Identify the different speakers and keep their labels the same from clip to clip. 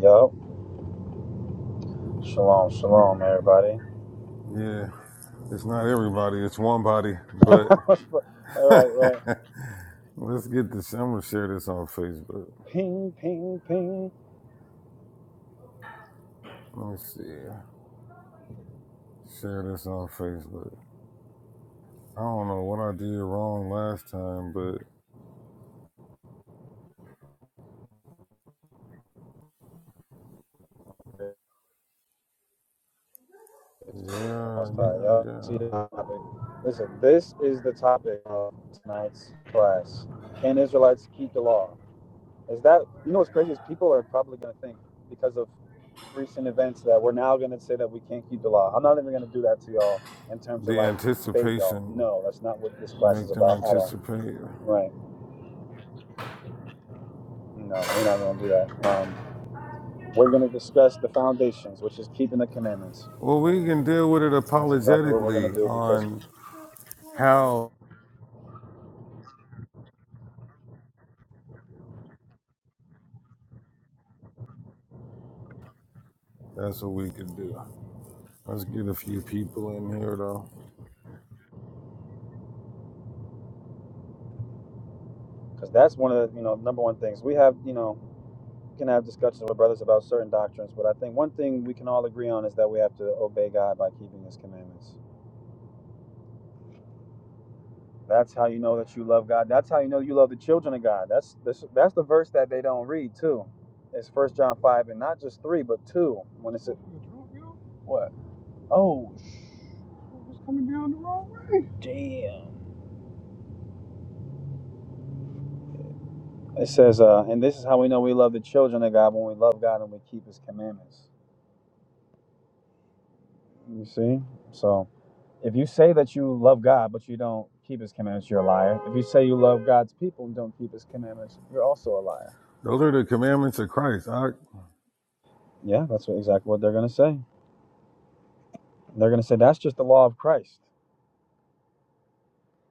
Speaker 1: Yup, shalom, shalom, everybody.
Speaker 2: Yeah, it's not everybody, it's one body, but
Speaker 1: All right, right.
Speaker 2: let's get this. I'm gonna share this on Facebook.
Speaker 1: Ping, ping, ping.
Speaker 2: Let me see. Share this on Facebook. I don't know what I did wrong last time, but yeah,
Speaker 1: Almost done.
Speaker 2: yeah,
Speaker 1: Y'all see the
Speaker 2: yeah.
Speaker 1: topic. Listen, this is the topic of tonight's class. Can Israelites keep the law? Is that, you know what's crazy is people are probably going to think because of recent events that we're now going to say that we can't keep the law. I'm not even going to do that to y'all in terms of
Speaker 2: The
Speaker 1: like bait y'all.
Speaker 2: anticipation,
Speaker 1: No, that's not what this class is
Speaker 2: make them
Speaker 1: about at all.
Speaker 2: anticipate.
Speaker 1: Right. No, we're not even going to do that. Um, We're going to discuss the foundations, which is keeping the commandments.
Speaker 2: Well, we can deal with it
Speaker 1: That's exactly what we're going to
Speaker 2: apologetically
Speaker 1: do because
Speaker 2: on how that's what we can do. Let's get a few people in here though.
Speaker 1: because that's one of the you know number one things we have. You know, can have discussions with brothers about certain doctrines, but I think one thing we can all agree on is that we have to obey God by keeping His commandments. That's how you know that you love God. That's how you know you love the children of God. That's that's, that's the verse that they don't read too. It's First John five and not just three, but two. When it's a, what? Oh, sh- it coming down the wrong way. Damn. It says, uh, and this is how we know we love the children of God when we love God and we keep his commandments. You see? So if you say that you love God but you don't keep his commandments, you're a liar. If you say you love God's people and don't keep his commandments, you're also a liar.
Speaker 2: Those are the commandments of Christ. I.
Speaker 1: Yeah, that's what, exactly what they're going to say. They're going to say that's just the law of Christ.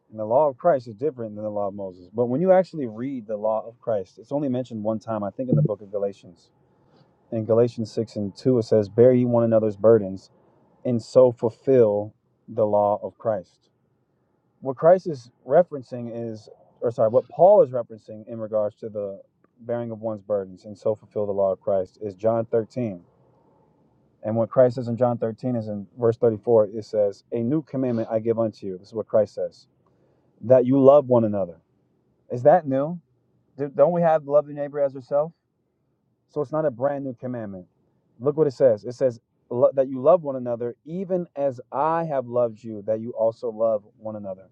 Speaker 1: And the law of Christ is different than the law of Moses. But when you actually read the law of Christ, it's only mentioned one time, I think, in the book of Galatians. In Galatians 6 and 2, it says, Bear ye one another's burdens and so fulfill the law of Christ. What Christ is referencing is, or sorry, what Paul is referencing in regards to the bearing of one's burdens and so fulfill the law of Christ is John 13. And what Christ says in John 13 is in verse 34, it says, A new commandment I give unto you. This is what Christ says, that you love one another. Is that new? Do- not we have love your neighbor as yourself? So it's not a brand new commandment. Look what it says. It says "Lo- that you love one another, even as I have loved you, that you also love one another.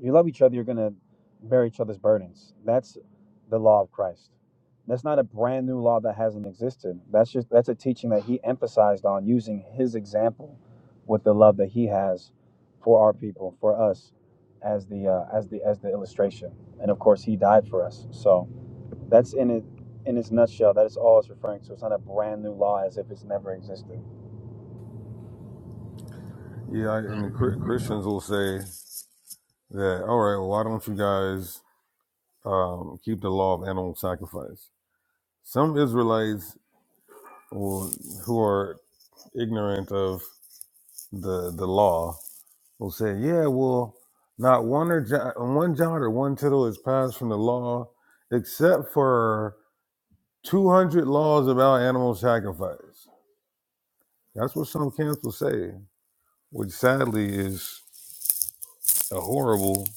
Speaker 1: You love each other, you're going to bear each other's burdens. That's the law of Christ. That's not a brand new law that hasn't existed. That's just that's a teaching that he emphasized on using his example with the love that he has for our people, for us as the uh, as the as the illustration. And of course, he died for us. So, that's in it in its nutshell. That is all it's referring to. It's not a brand new law as if it's never existed.
Speaker 2: Yeah, and the Christians will say that, all right, well, why don't you guys um, keep the law of animal sacrifice? Some Israelites will, who are ignorant of the the law will say, yeah, well, not one or jo- one jot or one tittle is passed from the law, except for two hundred laws about animal sacrifice. That's what some camps will say, which sadly is a horrible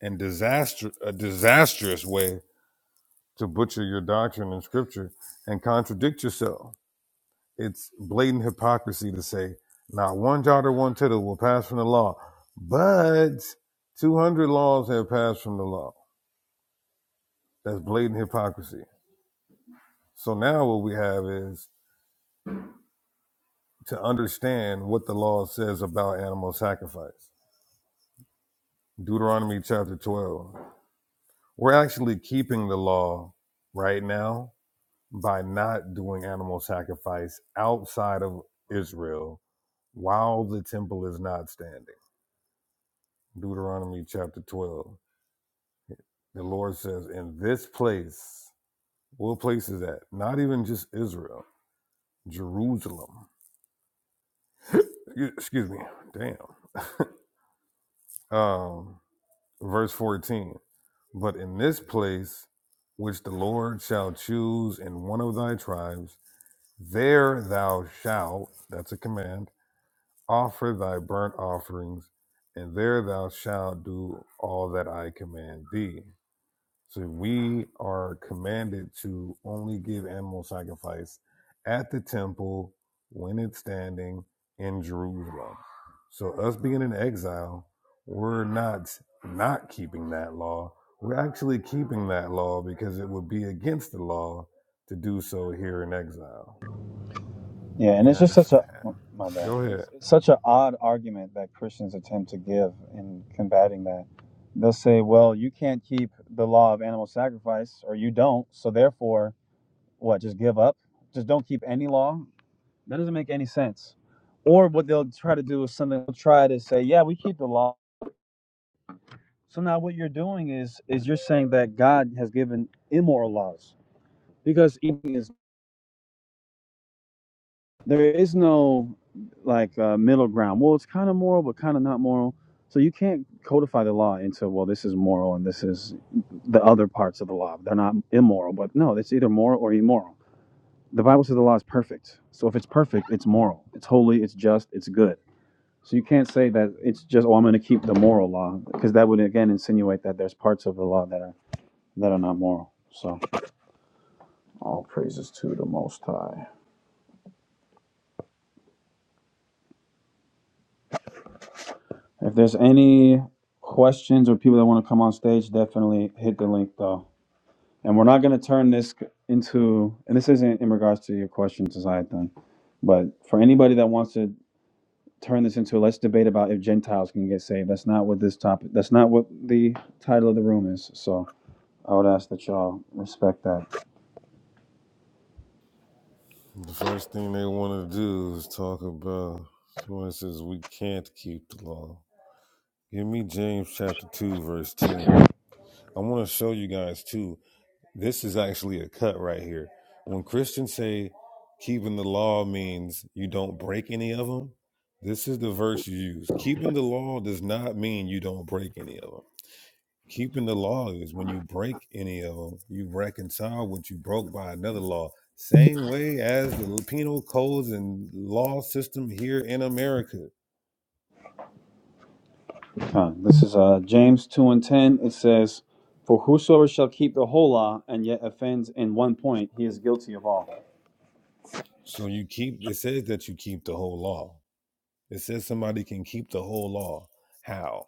Speaker 2: and disaster a disastrous way to butcher your doctrine in scripture and contradict yourself. It's blatant hypocrisy to say, not one jot or one tittle will pass from the law, but 200 laws have passed from the law. That's blatant hypocrisy. So now what we have is to understand what the law says about animal sacrifice. Deuteronomy chapter 12. We're actually keeping the law right now by not doing animal sacrifice outside of Israel while the temple is not standing. Deuteronomy chapter 12. The Lord says, In this place, what place is that? Not even just Israel, Jerusalem. E, Excuse me, damn. Um, verse 14. But in this place, which the Lord shall choose in one of thy tribes, there thou shalt, that's a command, offer thy burnt offerings, and there thou shalt do all that I command thee. So we are commanded to only give animal sacrifice at the temple when it's standing in Jerusalem. So us being in exile, we're not not keeping that law. We're actually keeping that law because it would be against the law to do so here in exile.
Speaker 1: Yeah, and
Speaker 2: Yeah,
Speaker 1: it's
Speaker 2: I
Speaker 1: just such a
Speaker 2: understand.
Speaker 1: oh, my bad.
Speaker 2: Go ahead.
Speaker 1: It's, it's such an odd argument that Christians attempt to give in combating that. They'll say, "Well, you can't keep the law of animal sacrifice, or you don't. So therefore, what? Just give up? Just don't keep any law? That doesn't make any sense." Or what they'll try to do is something. They'll try to say, "Yeah, we keep the law." So now what you're doing is is you're saying that God has given immoral laws because eating is there is no like uh, middle ground. Well, it's kind of moral, but kind of not moral. So you can't codify the law into well, this is moral and this is the other parts of the law. They're not immoral, but no, it's either moral or immoral. The Bible says the law is perfect. So if it's perfect, it's moral. It's holy. It's just. It's good. So you can't say that it's just oh, I'm going to keep the moral law because that would again insinuate that there's parts of the law that are that are not moral. So all praises to the Most High. If there's any questions or people that want to come on stage, definitely hit the link though. And we're not going to turn this into, and this isn't in regards to your question, Then, but for anybody that wants to turn this into, let's debate about if Gentiles can get saved. That's not what this topic, that's not what the title of the room is. So I would ask that y'all respect that.
Speaker 2: The first thing they want to do is talk about someone says we can't keep the law. Give me James chapter 2, verse 10. I want to show you guys too. This is actually a cut right here. When Christians say keeping the law means you don't break any of them, this is the verse you use. Keeping the law does not mean you don't break any of them. Keeping the law is when you break any of them, you reconcile what you broke by another law. Same way as the penal codes and law system here in America.
Speaker 1: Huh. This is uh, James 2 and 10. It says, For whosoever shall keep the whole law and yet offends in one point, he is guilty of all.
Speaker 2: So you keep, it says that you keep the whole law It says somebody can keep the whole law. How?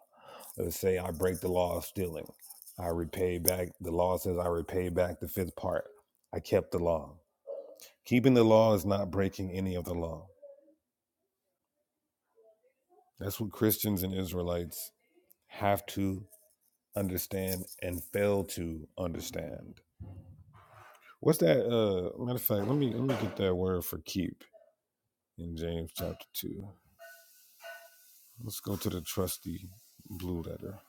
Speaker 2: Let's say I break the law of stealing. I repay back, the law says I repay back the fifth part. I kept the law. Keeping the law is not breaking any of the law. That's what Christians and Israelites have to understand and fail to understand. What's that? Uh, matter of fact, let me let me get that word for keep in James chapter two. Let's go to the trusty blue letter.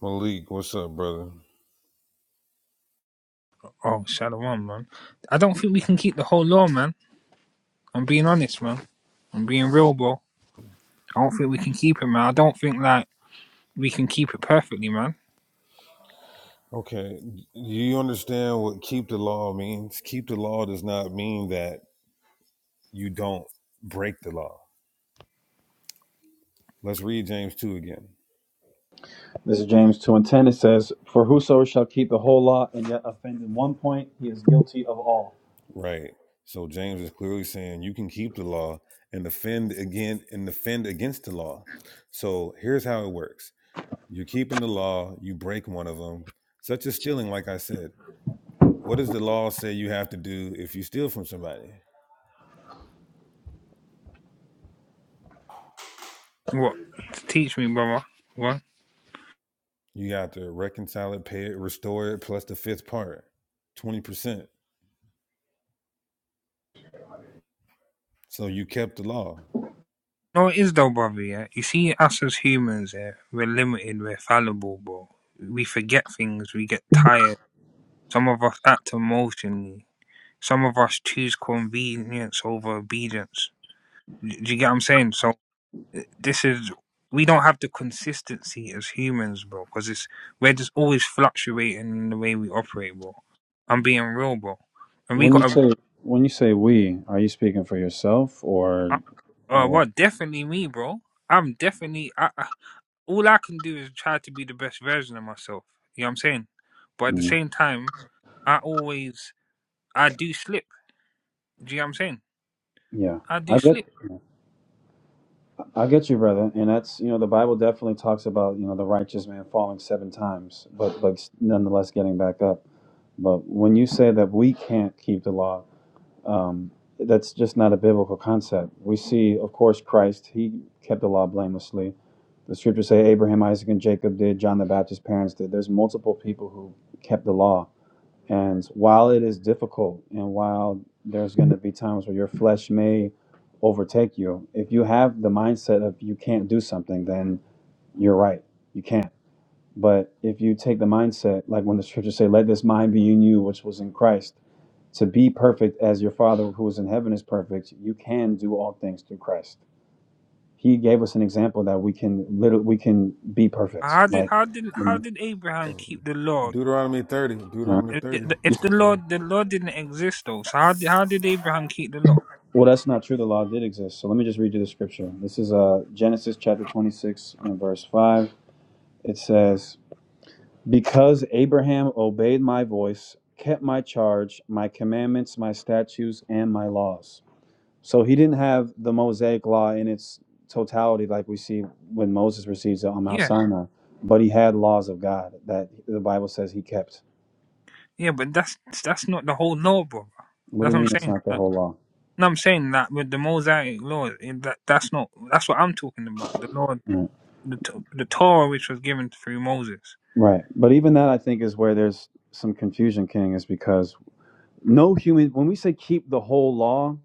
Speaker 2: Malik, what's up, brother?
Speaker 3: Oh, Shalom, man. I don't think we can keep the whole law, man. I'm being honest, man. I'm being real, bro. I don't think we can keep it, man. I don't think like we can keep it perfectly, man.
Speaker 2: Okay. Do you understand what keep the law means? Keep the law does not mean that you don't break the law. Let's read James 2 again.
Speaker 1: This is James 2 and 10. It says, For whoso shall keep the whole law and yet offend in one point, he is guilty of all.
Speaker 2: Right. So James is clearly saying you can keep the law and offend again and offend against the law. So here's how it works. You're keeping the law, you break one of them, such as stealing, like I said. What does the law say you have to do if you steal from somebody?
Speaker 3: What? Teach me, brother. What?
Speaker 2: You have to reconcile it, pay it, restore it, plus the fifth part, 20%. So you kept the law.
Speaker 3: No, it is though, brother. Yeah, you see, us as humans, yeah, we're limited, we're fallible, bro. We forget things, we get tired. Some of us act emotionally. Some of us choose convenience over obedience. D- Do you get what I'm saying? So this is we don't have the consistency as humans, bro, because it's we're just always fluctuating in the way we operate, bro. I'm being real, bro, and we
Speaker 1: When you
Speaker 3: gotta.
Speaker 1: say when you say we, are you speaking for yourself or
Speaker 3: I'm, uh,
Speaker 1: or what?
Speaker 3: well, definitely me, bro. I'm definitely. I, I, all I can do is try to be the best version of myself. You know what I'm saying? But at the
Speaker 1: Mm,
Speaker 3: same time, I always I do slip. Do you know what I'm saying?
Speaker 1: yeah.
Speaker 3: I do
Speaker 1: I get
Speaker 3: slip.
Speaker 1: I get you, brother. And that's you know, the Bible definitely talks about, you know, the righteous man falling seven times, but but nonetheless getting back up. But when you say that we can't keep the law, Um, that's just not a biblical concept. We see, of course, Christ, he kept the law blamelessly. The scriptures say Abraham, Isaac, and Jacob did, John the Baptist's parents did. There's multiple people who kept the law. And while it is difficult and while there's going to be times where your flesh may overtake you, if you have the mindset of you can't do something, then you're right. You can't. But if you take the mindset, like when the scriptures say, let this mind be in you, which was in Christ, to be perfect as your Father who is in heaven is perfect, you can do all things through Christ. He gave us an example that we can literally we can be perfect.
Speaker 3: How did how
Speaker 1: Like,
Speaker 3: did
Speaker 1: you
Speaker 3: how
Speaker 1: know,
Speaker 3: did Abraham keep the law
Speaker 2: Deuteronomy 30.
Speaker 1: uh,
Speaker 2: Deuteronomy
Speaker 3: If
Speaker 2: 30
Speaker 3: the if the
Speaker 2: as
Speaker 3: law
Speaker 2: well.
Speaker 3: the law didn't exist though, so how did, how did Abraham keep the law?
Speaker 1: well, that's not true. The law did exist. So let me just read you the scripture. This is uh, Genesis chapter 26 and verse 5. It says, "Because Abraham obeyed my voice, kept my charge, my commandments, my statutes, and my laws." So he didn't have the Mosaic law in its totality, like we see when Moses receives it on Mount
Speaker 3: Yeah,
Speaker 1: Sinai, but he had laws of God that the Bible says he kept.
Speaker 3: yeah, but that's that's not the whole law, brother.
Speaker 1: What do
Speaker 3: That's
Speaker 1: you
Speaker 3: what I'm
Speaker 1: mean it's
Speaker 3: saying.
Speaker 1: not the
Speaker 3: Uh,
Speaker 1: whole law?
Speaker 3: no, I'm saying that with the Mosaic law, it, that that's not that's what I'm talking about. The law,
Speaker 1: Right.
Speaker 3: the T- the Torah, which was given through Moses.
Speaker 1: Right. But even that, I think, is where there's some confusion, King, is because no human, when we say keep the whole law,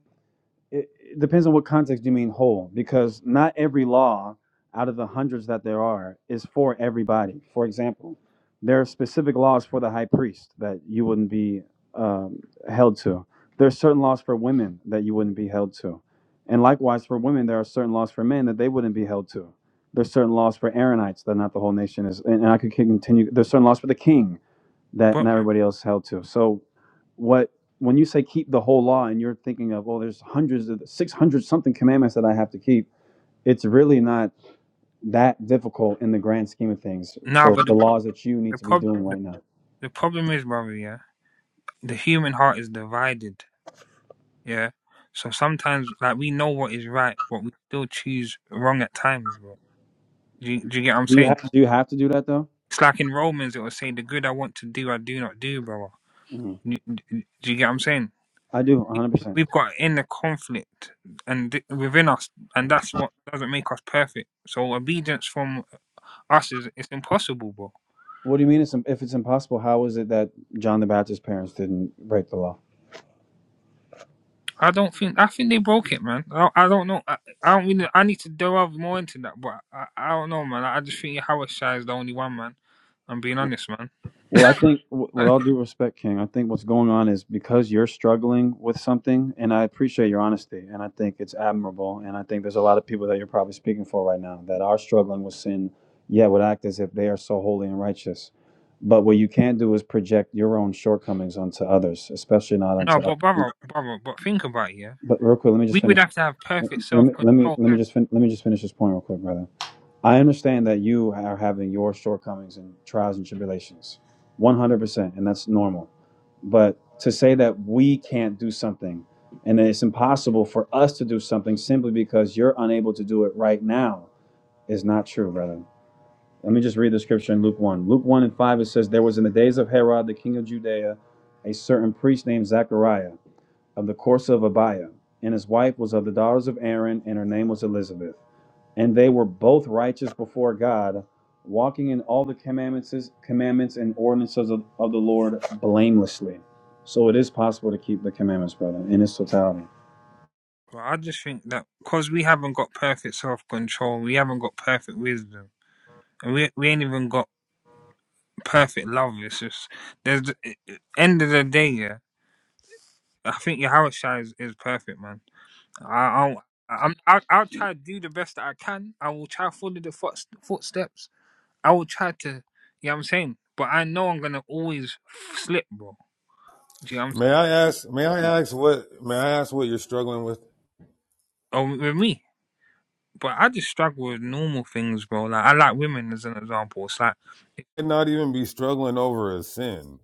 Speaker 1: it, it depends on what context you mean whole because not every law out of the hundreds that there are is for everybody for example there are specific laws for the high priest that you wouldn't be um, held to there are certain laws for women that you wouldn't be held to and likewise for women there are certain laws for men that they wouldn't be held to there's certain laws for Aaronites that not the whole nation is, and, and I could continue. There's certain laws for the king that
Speaker 3: But
Speaker 1: not everybody else held to. So, what when you say keep the whole law and you're thinking of oh, there's hundreds of six hundred something commandments that I have to keep. It's really not that difficult in the grand scheme of things
Speaker 3: nah,
Speaker 1: for
Speaker 3: but the
Speaker 1: the
Speaker 3: prob-
Speaker 1: laws that you need
Speaker 3: the
Speaker 1: to be
Speaker 3: prob-
Speaker 1: doing
Speaker 3: the,
Speaker 1: right now.
Speaker 3: the problem is, brother. Yeah, the human heart is divided. Yeah, so sometimes like we know what is right, but we still choose wrong at times, bro. Do you, do you get what I'm
Speaker 1: Do you
Speaker 3: saying?
Speaker 1: have do you have to do that though?
Speaker 3: It's like in Romans, it will say, The good I want to do, I do not do, brother.
Speaker 1: Mhm.
Speaker 3: Do you get what I'm saying?
Speaker 1: I do
Speaker 3: We-
Speaker 1: 100. percent
Speaker 3: We've got inner conflict and th- within us, and that's what doesn't make us perfect. So obedience from us is it's impossible, bro.
Speaker 1: What do you mean? It's, if it's impossible, how is it that John the Baptist's parents didn't break the law?
Speaker 3: I don't think I think they broke it, man. I, I don't know. I, I don't really. I need to delve more into that, but I, I don't know, man. I just think Hawashai is the only one, man. I'm being honest, man.
Speaker 1: Well, I think, w- with all due respect, King, I think what's going on is because you're struggling with something, and I appreciate your honesty, and I think it's admirable, and I think there's a lot of people that you're probably speaking for right now that are struggling with sin, yet would act as if they are so holy and righteous. But what you can't do is project your own shortcomings onto others, especially not
Speaker 3: No,
Speaker 1: onto other
Speaker 3: but brother,
Speaker 1: people.
Speaker 3: brother, but think about it, yeah.
Speaker 1: But real quick, let me
Speaker 3: We
Speaker 1: just
Speaker 3: would
Speaker 1: finish.
Speaker 3: have to have perfect
Speaker 1: Let
Speaker 3: self
Speaker 1: me let
Speaker 3: control
Speaker 1: me let me just fin- let me just finish this point real quick, brother. I understand that you are having your shortcomings and trials and tribulations, 100%, and that's normal. But to say that we can't do something and that it's impossible for us to do something simply because you're unable to do it right now is not true, brother. Let me just read the scripture in Luke 1. Luke 1 and 5, it says, There was in the days of Herod, the king of Judea, a certain priest named Zachariah of the course of Abiah, and his wife was of the daughters of Aaron, and her name was Elizabeth and they were both righteous before God, walking in all the commandments, commandments and ordinances of, of the Lord blamelessly. So it is possible to keep the commandments, brother, in its totality.
Speaker 3: But I just think that because we haven't got perfect self control, we haven't got perfect wisdom, and we we ain't even got perfect love. It's just there's the- end of the day. Yeah, I think your house is, is perfect, man. I I'll, I'm I'll, I'll try to do the best that I can. I will try to follow the foot, footsteps. I will try to. You know what I'm saying? But I know I'm gonna always slip, bro. Do you know what I'm
Speaker 2: May
Speaker 3: saying?
Speaker 2: I ask may I ask what may I ask what you're struggling with?
Speaker 3: Oh, with me. But I just struggle with normal things, bro. Like I like women as an example. It's like
Speaker 2: You Might not even be struggling over a sin.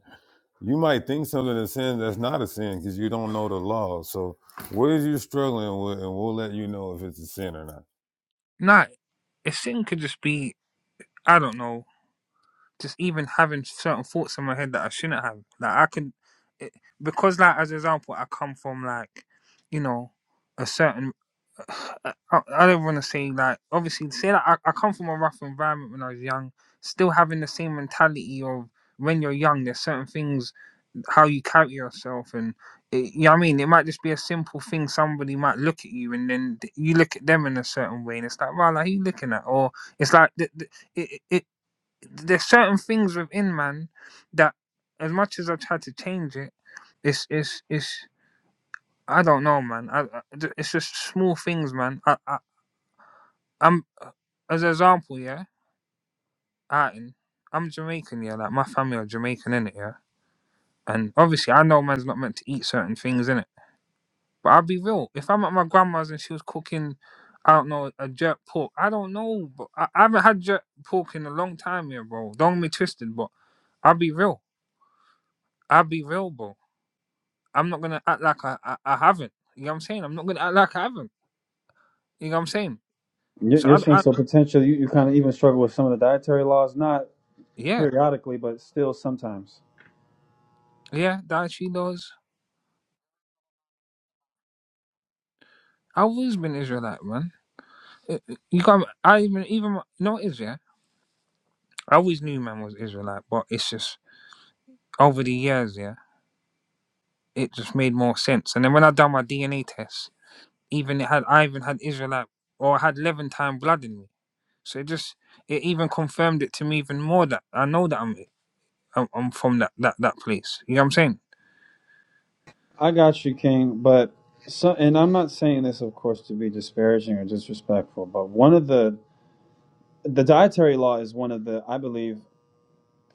Speaker 2: You might think something is a sin that's not a sin because you don't know the law. So what is you struggling with and we'll let you know if it's a sin or not.
Speaker 3: Nah, a sin could just be I don't know, just even having certain thoughts in my head that I shouldn't have. Like I can, it, because like as example, I come from like, you know, a certain. I, I don't want to say like obviously say that I, I come from a rough environment when I was young, still having the same mentality of when you're young. There's certain things how you carry yourself and it, you know what I mean it might just be a simple thing somebody might look at you and then th- you look at them in a certain way and it's like wow like who you looking at or it's like th- th- it, it, it, there's certain things within man that as much as I try to change it it's it's it's I don't know man I, I- th- it's just small things man I, I I'm as an example yeah Ireton, I'm Jamaican yeah like my family are Jamaican in it yeah and obviously I know man's not meant to eat certain things in it But I'll be real. If I'm at my grandma's and she was cooking, I don't know, a jerk pork. I don't know, but I, I haven't had jerk pork in a long time here, bro. Don't get me twisted, but I'll be real. I'll be real, bro. I'm not gonna act like I, I, I haven't. You know what I'm saying? I'm not gonna act like I haven't. You know what I'm saying?
Speaker 1: You're,
Speaker 3: So
Speaker 1: you're
Speaker 3: I,
Speaker 1: saying
Speaker 3: I
Speaker 1: so potentially you, you kind of even struggle with some of the dietary laws, not
Speaker 3: yeah,
Speaker 1: periodically, but still sometimes.
Speaker 3: yeah, that she does. I've always been Israelite, man. Uh, uh, You got, I even, even, my- you know what it is, yeah? I always knew man was Israelite, but it's just over the years, yeah, it just made more sense. And then when I done my DNA test, Even it had I even had Israelite or had Levantine blood in me. So it just it even confirmed it to me even more that I know that I'm I'm, I'm from that, that that place. You know what I'm saying?
Speaker 1: I got you, King, but so, and I'm not saying this, of course, to be disparaging or disrespectful, but one of the the dietary law is one of the I believe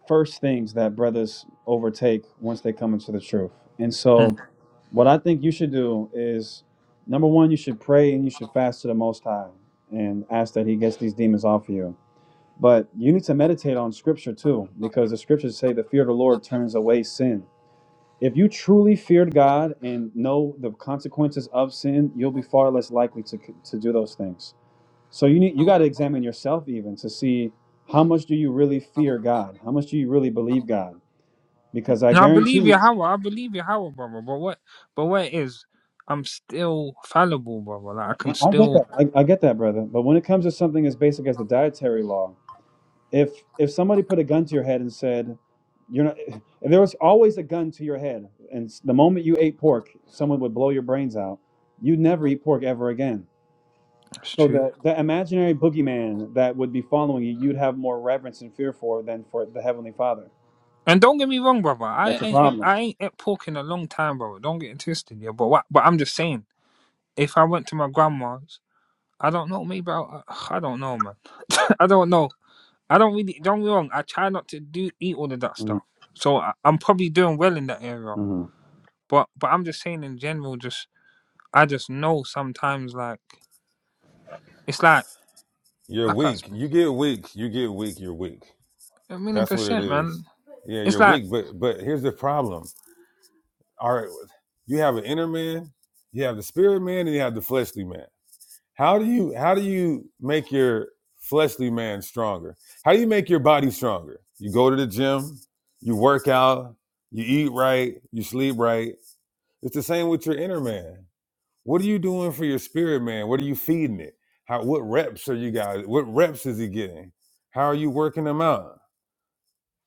Speaker 1: first things that brothers overtake once they come into the truth. And so,
Speaker 3: Mm.
Speaker 1: what I think you should do is number one, you should pray and you should fast to the Most High and ask that He gets these demons off of you. But you need to meditate on Scripture too, because the Scriptures say the fear of the Lord turns away sin. If you truly feared God and know the consequences of sin, you'll be far less likely to, to do those things. So you need you got to examine yourself even to see how much do you really fear God? How much do you really believe God? because I
Speaker 3: And I
Speaker 1: guarantee
Speaker 3: believe
Speaker 1: you,
Speaker 3: Yahweh. I believe Yahweh, brother. But what but what it is, I'm still fallible, brother. Like I can
Speaker 1: I, I get
Speaker 3: still.
Speaker 1: that. I, I get that, brother. But when it comes to something as basic as the dietary law, if if somebody put a gun to your head and said, "You're not," if there was always a gun to your head, and s- the moment you ate pork, someone would blow your brains out. You'd never eat pork ever again.
Speaker 3: That's
Speaker 1: So
Speaker 3: true.
Speaker 1: the the imaginary boogeyman that would be following you, you'd have more reverence and fear for than for the heavenly Father.
Speaker 3: And don't get me wrong, brother. I
Speaker 1: That's a
Speaker 3: ain't at-
Speaker 1: problem.
Speaker 3: I ain't at pork in a long time, brother. Don't get it twisted, yeah. But what? But I'm just saying, if I went to my grandma's, I don't know. Maybe I, I don't know, man. I don't know. I don't really don't get me wrong. I try not to do eat all of that
Speaker 1: Mhm,
Speaker 3: stuff, so I, I'm probably doing well in that area.
Speaker 1: mhm.
Speaker 3: But but I'm just saying in general, just I just know sometimes like it's like
Speaker 2: You're
Speaker 3: I can't
Speaker 2: weak.
Speaker 3: sp-
Speaker 2: You get weak. You get weak, you're weak.
Speaker 3: a million
Speaker 2: That's what it
Speaker 3: percent,
Speaker 2: is.
Speaker 3: man.
Speaker 2: Yeah,
Speaker 3: It's
Speaker 2: you're
Speaker 3: like
Speaker 2: weak, but but here's the problem. All right, you have an inner man, you have the spirit man, and you have the fleshly man. How do you how do you make your fleshly man stronger? How do you make your body stronger? You go to the gym, you work out, you eat right, you sleep right. It's the same with your inner man. What are you doing for your spirit man? What are you feeding it? How what reps are you guys? What reps is he getting? How are you working them out?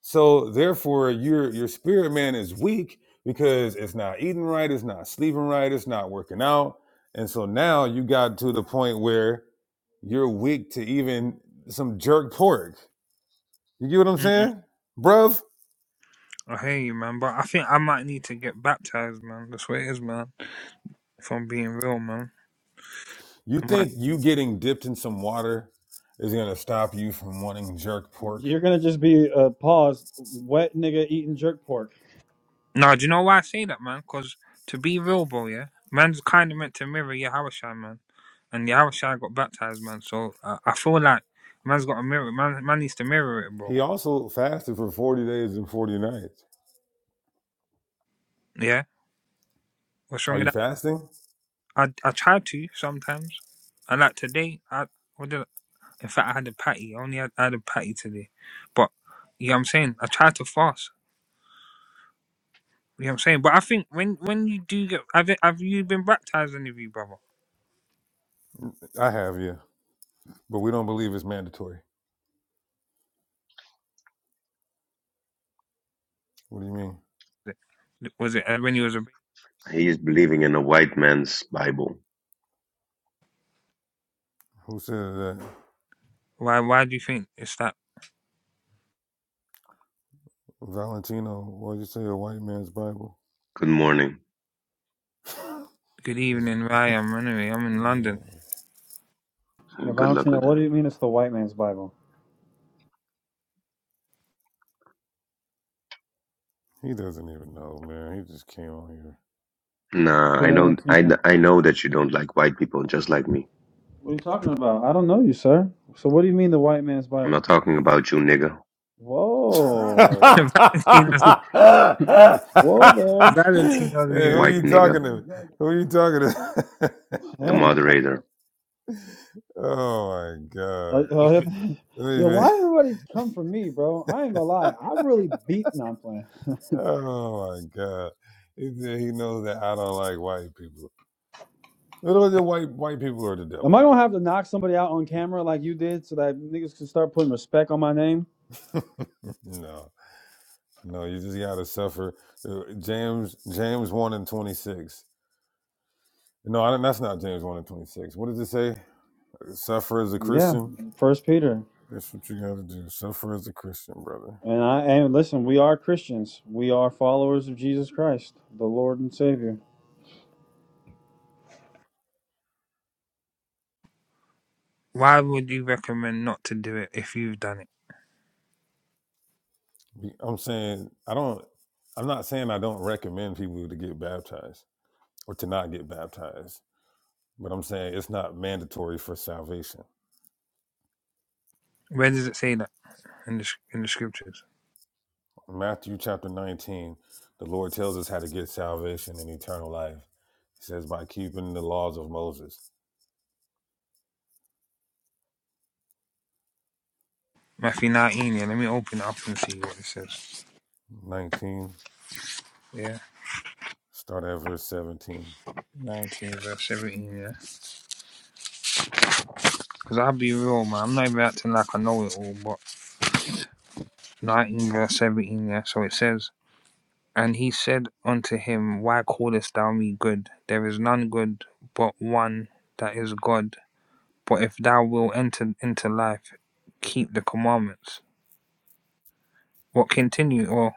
Speaker 2: So therefore, your your spirit man is weak because it's not eating right, it's not sleeping right, it's not working out, and so now you got to the point where you're weak to even some jerk pork. You get what I'm
Speaker 3: Mm-mm.
Speaker 2: saying, bruv?
Speaker 3: I hear you, man. But I think I might need to get baptized, man. That's what it is, man. If I'm being real, man.
Speaker 2: You
Speaker 3: I might.
Speaker 2: think you getting dipped in some water is gonna stop you from wanting jerk pork?
Speaker 1: You're gonna just be a uh, paused, wet nigga eating jerk pork.
Speaker 3: Nah, do you know why I say that, man? Because to be real, bro, yeah, man's kind of meant to mirror Yahushua, man. And Yahushua got baptized, man. So uh, I feel like man's got a mirror. Man, man needs to mirror it, bro.
Speaker 2: He also fasted for 40 days and 40 nights.
Speaker 3: Yeah, what's wrong
Speaker 2: Are
Speaker 3: with
Speaker 2: you
Speaker 3: that?
Speaker 2: fasting?
Speaker 3: I I try to sometimes. I like today. I what did I, in fact I had a patty. I only had, I had a patty today, but you know what I'm saying. I tried to fast. You know what I'm saying. But I think when when you do get, have it, have you been baptized, any of you, brother?
Speaker 2: I have, yeah, but we don't believe it's mandatory. What do you mean?
Speaker 3: Was it was it, uh, when you was a
Speaker 4: He is believing in a white man's Bible.
Speaker 2: Who said that?
Speaker 3: why? Why do you think it's that?
Speaker 2: Valentino, why'd you say a white man's Bible?
Speaker 4: Good morning
Speaker 3: Good
Speaker 2: It's-
Speaker 3: evening, Rai. I'm Renee. I'm in
Speaker 2: yeah,
Speaker 3: London.
Speaker 1: Yeah,
Speaker 4: and good luck
Speaker 1: Valentino,
Speaker 4: with
Speaker 1: what do
Speaker 4: that.
Speaker 1: you mean it's the white man's Bible?
Speaker 2: he doesn't even know, man. He just came on here.
Speaker 4: Nah,
Speaker 1: So,
Speaker 4: I know, I,
Speaker 1: Valentino,
Speaker 4: I know that you don't like white people just like me.
Speaker 1: what are you talking about? I don't know you, sir. So what do you mean the white man's
Speaker 4: I'm not
Speaker 1: Bible?
Speaker 4: talking about you, nigga.
Speaker 1: Whoa.
Speaker 3: Valentino's
Speaker 1: Whoa
Speaker 2: hey,
Speaker 3: Valentino's
Speaker 2: who
Speaker 3: here.
Speaker 4: White
Speaker 2: you
Speaker 4: nigga.
Speaker 2: talking to? Who you talking to?
Speaker 1: there.
Speaker 4: The
Speaker 1: Damn.
Speaker 4: moderator.
Speaker 2: oh my
Speaker 1: Like,
Speaker 2: god!
Speaker 1: uh,
Speaker 2: Wait a
Speaker 1: yeah,
Speaker 2: minute.
Speaker 1: why everybody come for me, bro? I ain't gonna lie. I really beat. No, I'm playing.
Speaker 2: Oh my god! He said he knows that I don't like white people. Little the white white people are the
Speaker 1: Am I
Speaker 2: devil.
Speaker 1: gonna have to knock somebody out on camera like you did so that niggas can start putting respect on my name?
Speaker 2: No, no, you just gotta suffer. Uh, James James one and twenty six. No, I, don't- that's not James 1 and 26. What does it say? Suffer as a
Speaker 1: Yeah,
Speaker 2: Christian.
Speaker 1: First Peter.
Speaker 2: That's what you got to do. Suffer as a Christian, brother.
Speaker 1: And I and listen, we are Christians. We are followers of Jesus Christ, the Lord and Savior.
Speaker 3: Why would you recommend not to do it if you've done it?
Speaker 2: Be- I'm saying, I don't, I'm not saying I don't recommend people to get baptized or to not get baptized, but I'm saying it's not mandatory for salvation.
Speaker 3: Where does it say that in the in the scriptures?
Speaker 2: Matthew chapter 19, the Lord tells us how to get salvation and eternal life. He says, by keeping the laws of Moses.
Speaker 3: Matthew 19, yeah. Let me open it up and see what it says.
Speaker 2: 19,
Speaker 3: Yeah,
Speaker 2: start at verse 17.
Speaker 3: 19 verse 17, yeah. Because I'll be real, man. I'm not even acting like I know it all, but 19 verse 17, yeah. So it says, And he said unto him, Why callest thou me good? There is none good but one that is God But if thou wilt enter into life, keep the commandments. What continue or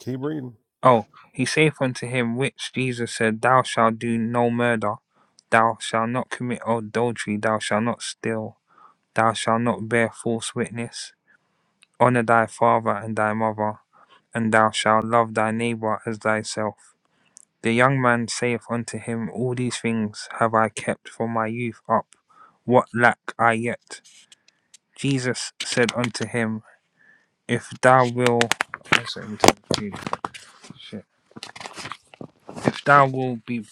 Speaker 2: Keep reading.
Speaker 3: oh, he saith unto him which Jesus said, Thou shalt do no murder, thou shalt not commit adultery, thou shalt not steal, thou shalt not bear false witness, honour thy father and thy mother, and thou shalt love thy neighbour as thyself. The young man saith unto him, All these things have I kept from my youth up. What lack I yet? Jesus said unto him, if thou will if thou will be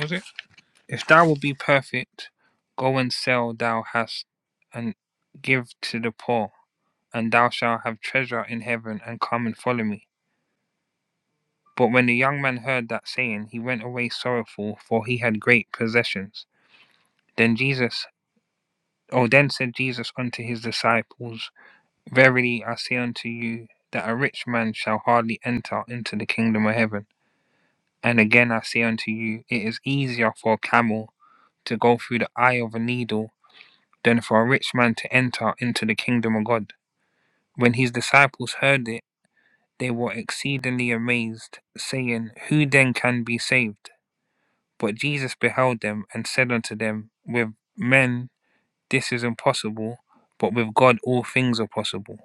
Speaker 3: was it if thou will be perfect go and sell thou hast and give to the poor and thou shalt have treasure in heaven and come and follow me but when the young man heard that saying he went away sorrowful for he had great possessions then jesus oh then said jesus unto his disciples verily i say unto you that a rich man shall hardly enter into the kingdom of heaven And again I say unto you, it is easier for a camel to go through the eye of a needle than for a rich man to enter into the kingdom of God. When his disciples heard it, they were exceedingly amazed, saying, Who then can be saved? But Jesus beheld them and said unto them, With men this is impossible, but with God all things are possible.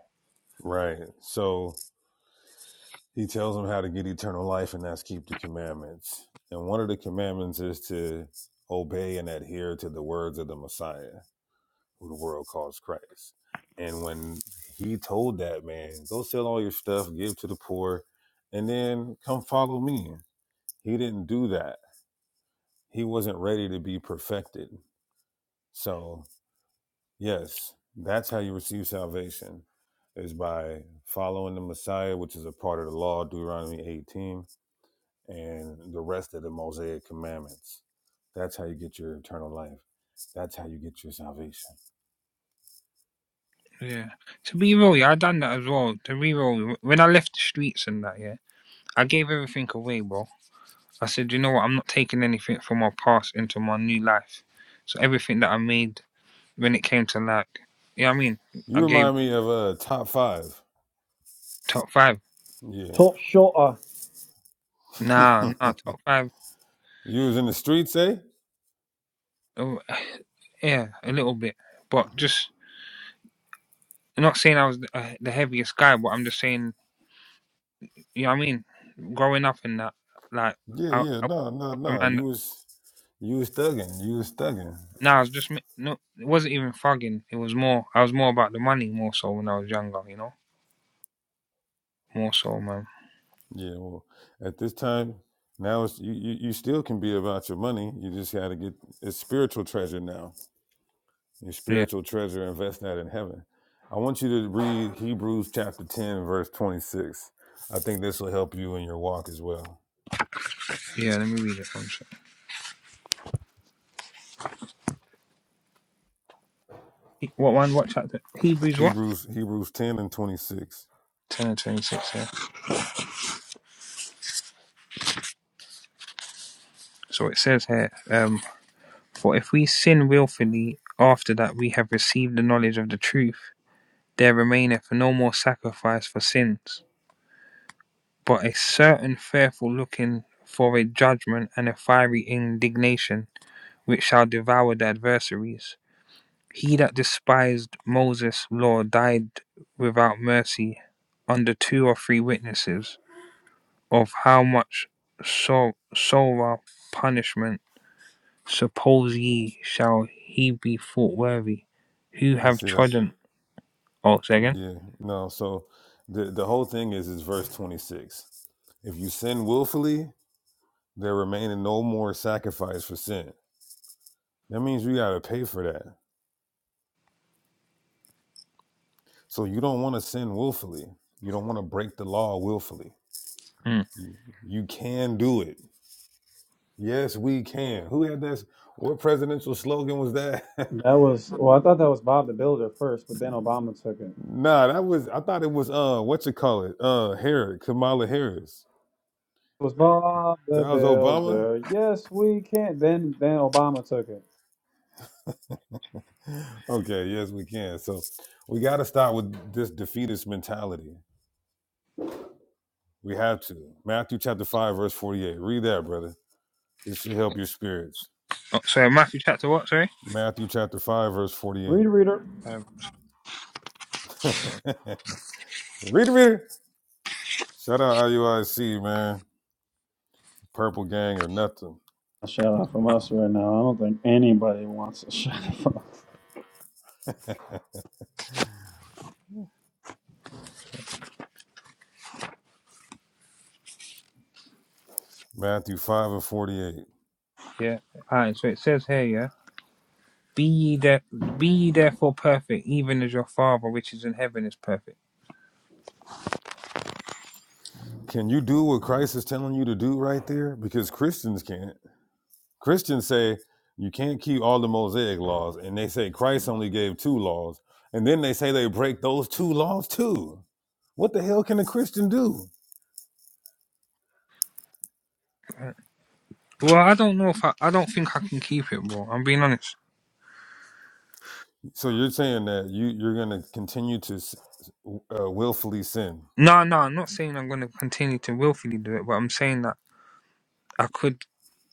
Speaker 2: Right. So, He tells them how to get eternal life, and that's keep the commandments. And one of the commandments is to obey and adhere to the words of the Messiah, who the world calls Christ. And when he told that man, go sell all your stuff, give to the poor, and then come follow me, he didn't do that. He wasn't ready to be perfected. So, yes, that's how you receive salvation is by following the Messiah, which is a part of the law, Deuteronomy 18 and the rest of the Mosaic commandments. That's how you get your eternal life. That's how you get your salvation.
Speaker 3: Yeah. To be real, yeah, I done that as well. To be real, when I left the streets and that, yeah, I gave everything away, bro. I said, you know what? I'm not taking anything from my past into my new life. So everything that I made when it came to like, you know what I mean?
Speaker 2: You
Speaker 3: I gave
Speaker 2: remind me of uh, top five.
Speaker 3: top five.
Speaker 2: Yeah.
Speaker 1: Top shorter.
Speaker 3: Nah, nah, top five.
Speaker 2: you was in the streets, eh?
Speaker 3: Oh, yeah, a little bit. But just, I'm not saying I was the, uh, the heaviest guy, but I'm just saying, you know what I mean? Growing up in that, like,
Speaker 2: Yeah,
Speaker 3: I,
Speaker 2: yeah.
Speaker 3: I
Speaker 2: No, no,
Speaker 3: was a
Speaker 2: no.
Speaker 3: man
Speaker 2: You
Speaker 3: that,
Speaker 2: was you was thugging. You was thugging.
Speaker 3: nah, I was just, ma- no, it wasn't even fugging. It was more, I was more about the money more so when I was younger, you know? More so, man.
Speaker 2: Yeah. Well, at this time now, it's, you, you you still can be about your money. You just got to get it's spiritual treasure now. your
Speaker 3: Yeah,
Speaker 2: spiritual treasure, invest that in heaven. I want you to read Hebrews chapter 10, verse 26. I think this will help you in your walk as well.
Speaker 3: yeah, let me read it. One What one? What chapter? Hebrews what?
Speaker 2: Hebrews Hebrews 10 and 26.
Speaker 3: Ten and twenty-six. Yeah. So it says here, um, for if we sin willfully after that we have received the knowledge of the truth, there remaineth no more sacrifice for sins, but a certain fearful looking for a judgment and a fiery indignation which shall devour the adversaries. He that despised Moses' law died without mercy under two or three witnesses. of how much sor- sorrow punishment suppose ye shall he be thought worthy who
Speaker 2: You
Speaker 3: have
Speaker 2: see that?
Speaker 3: trodden oh say again
Speaker 2: Yeah. No, so the the whole thing is is verse 26. If you sin willfully, there remaineth no more sacrifice for sin. That means you gotta pay for that. So you don't want to sin willfully. You don't want to break the law willfully.
Speaker 3: mm.
Speaker 2: You, you can do it. Yes, we can. Who had that? What presidential slogan was that?
Speaker 1: That was well. I thought that was Bob the Builder first, but then Obama took it. It
Speaker 2: nah, that was. I thought it was. Uh, what you call it? Uh, Harris, Kamala Harris.
Speaker 1: was Bob
Speaker 2: That
Speaker 1: the
Speaker 2: was Obama.
Speaker 1: Builder. Yes, we can. Then then Obama took it.
Speaker 2: Okay. Yes, we can. So we got to start with this defeatist mentality. We have to. Matthew chapter five verse forty eight. Read that, brother. This should help your spirits.
Speaker 3: oh, sorry matthew chapter what sorry
Speaker 2: Matthew chapter five verse forty
Speaker 1: Read reader.
Speaker 3: um,
Speaker 2: eight. read it, read it. Shout out IUIC, man. Purple Gang or nothing.
Speaker 1: A shout out from us right now. I don't think anybody wants a shout out from us.
Speaker 2: Matthew five and forty eight.
Speaker 3: yeah all right so it says here yeah be ye there be ye therefore perfect even as your father which is in heaven is perfect
Speaker 2: Can you do what Christ is telling you to do right there? Because Christians can't. Christians say you can't keep all the Mosaic laws, and they say Christ only gave two laws, and then they say they break those two laws too. What the hell can a Christian do?
Speaker 3: well i don't know if i i don't think i can keep it bro i'm being honest
Speaker 2: So you're saying that you you're gonna continue to uh, willfully sin?
Speaker 3: no no i'm not saying i'm going to continue to willfully do it but i'm saying that i could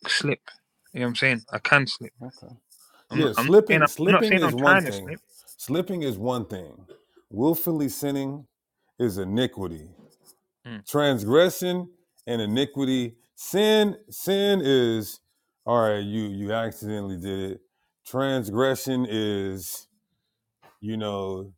Speaker 3: slip you know what i'm saying i can slip
Speaker 2: Okay.
Speaker 3: I'm not,
Speaker 2: Yeah,
Speaker 3: I'm not saying
Speaker 2: slipping
Speaker 3: I'm, I'm not
Speaker 2: slipping
Speaker 3: saying I'm
Speaker 2: is one
Speaker 3: trying to
Speaker 2: thing.
Speaker 3: slip.
Speaker 2: Slipping is one thing. Willfully sinning is iniquity.
Speaker 3: Mm.
Speaker 2: transgression and iniquity. Sin, sin is all right. You you accidentally did it. Transgression is you know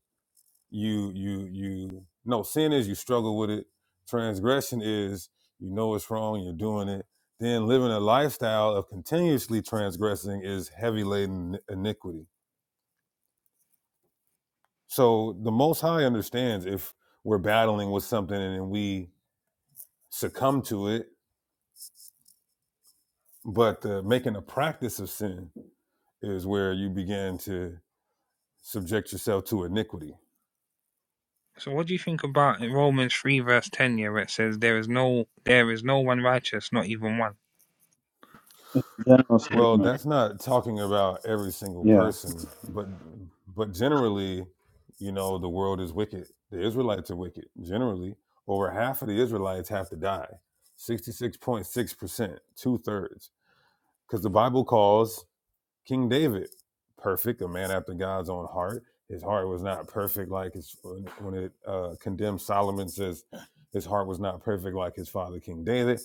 Speaker 2: you you you no sin is you struggle with it. Transgression is you know it's wrong. You're doing it. Then living a lifestyle of continuously transgressing is heavy laden iniquity. So the Most High understands if we're battling with something and we succumb to it But uh, making a practice of sin is where you begin to subject yourself to iniquity.
Speaker 3: So what do you think about Romans three verse ten here where it says there is no there is no one righteous, not even one.
Speaker 1: It's a general
Speaker 2: Well,
Speaker 1: statement.
Speaker 2: that's not talking about every single
Speaker 1: Yeah.
Speaker 2: person, but but generally, you know, the world is wicked. The Israelites are wicked. Generally, over half of the Israelites have to die. 66.6%, two thirds. Because the Bible calls King David, perfect, a man after God's own heart. His heart was not perfect like his when it uh, condemns Solomon says his heart was not perfect like his father King David.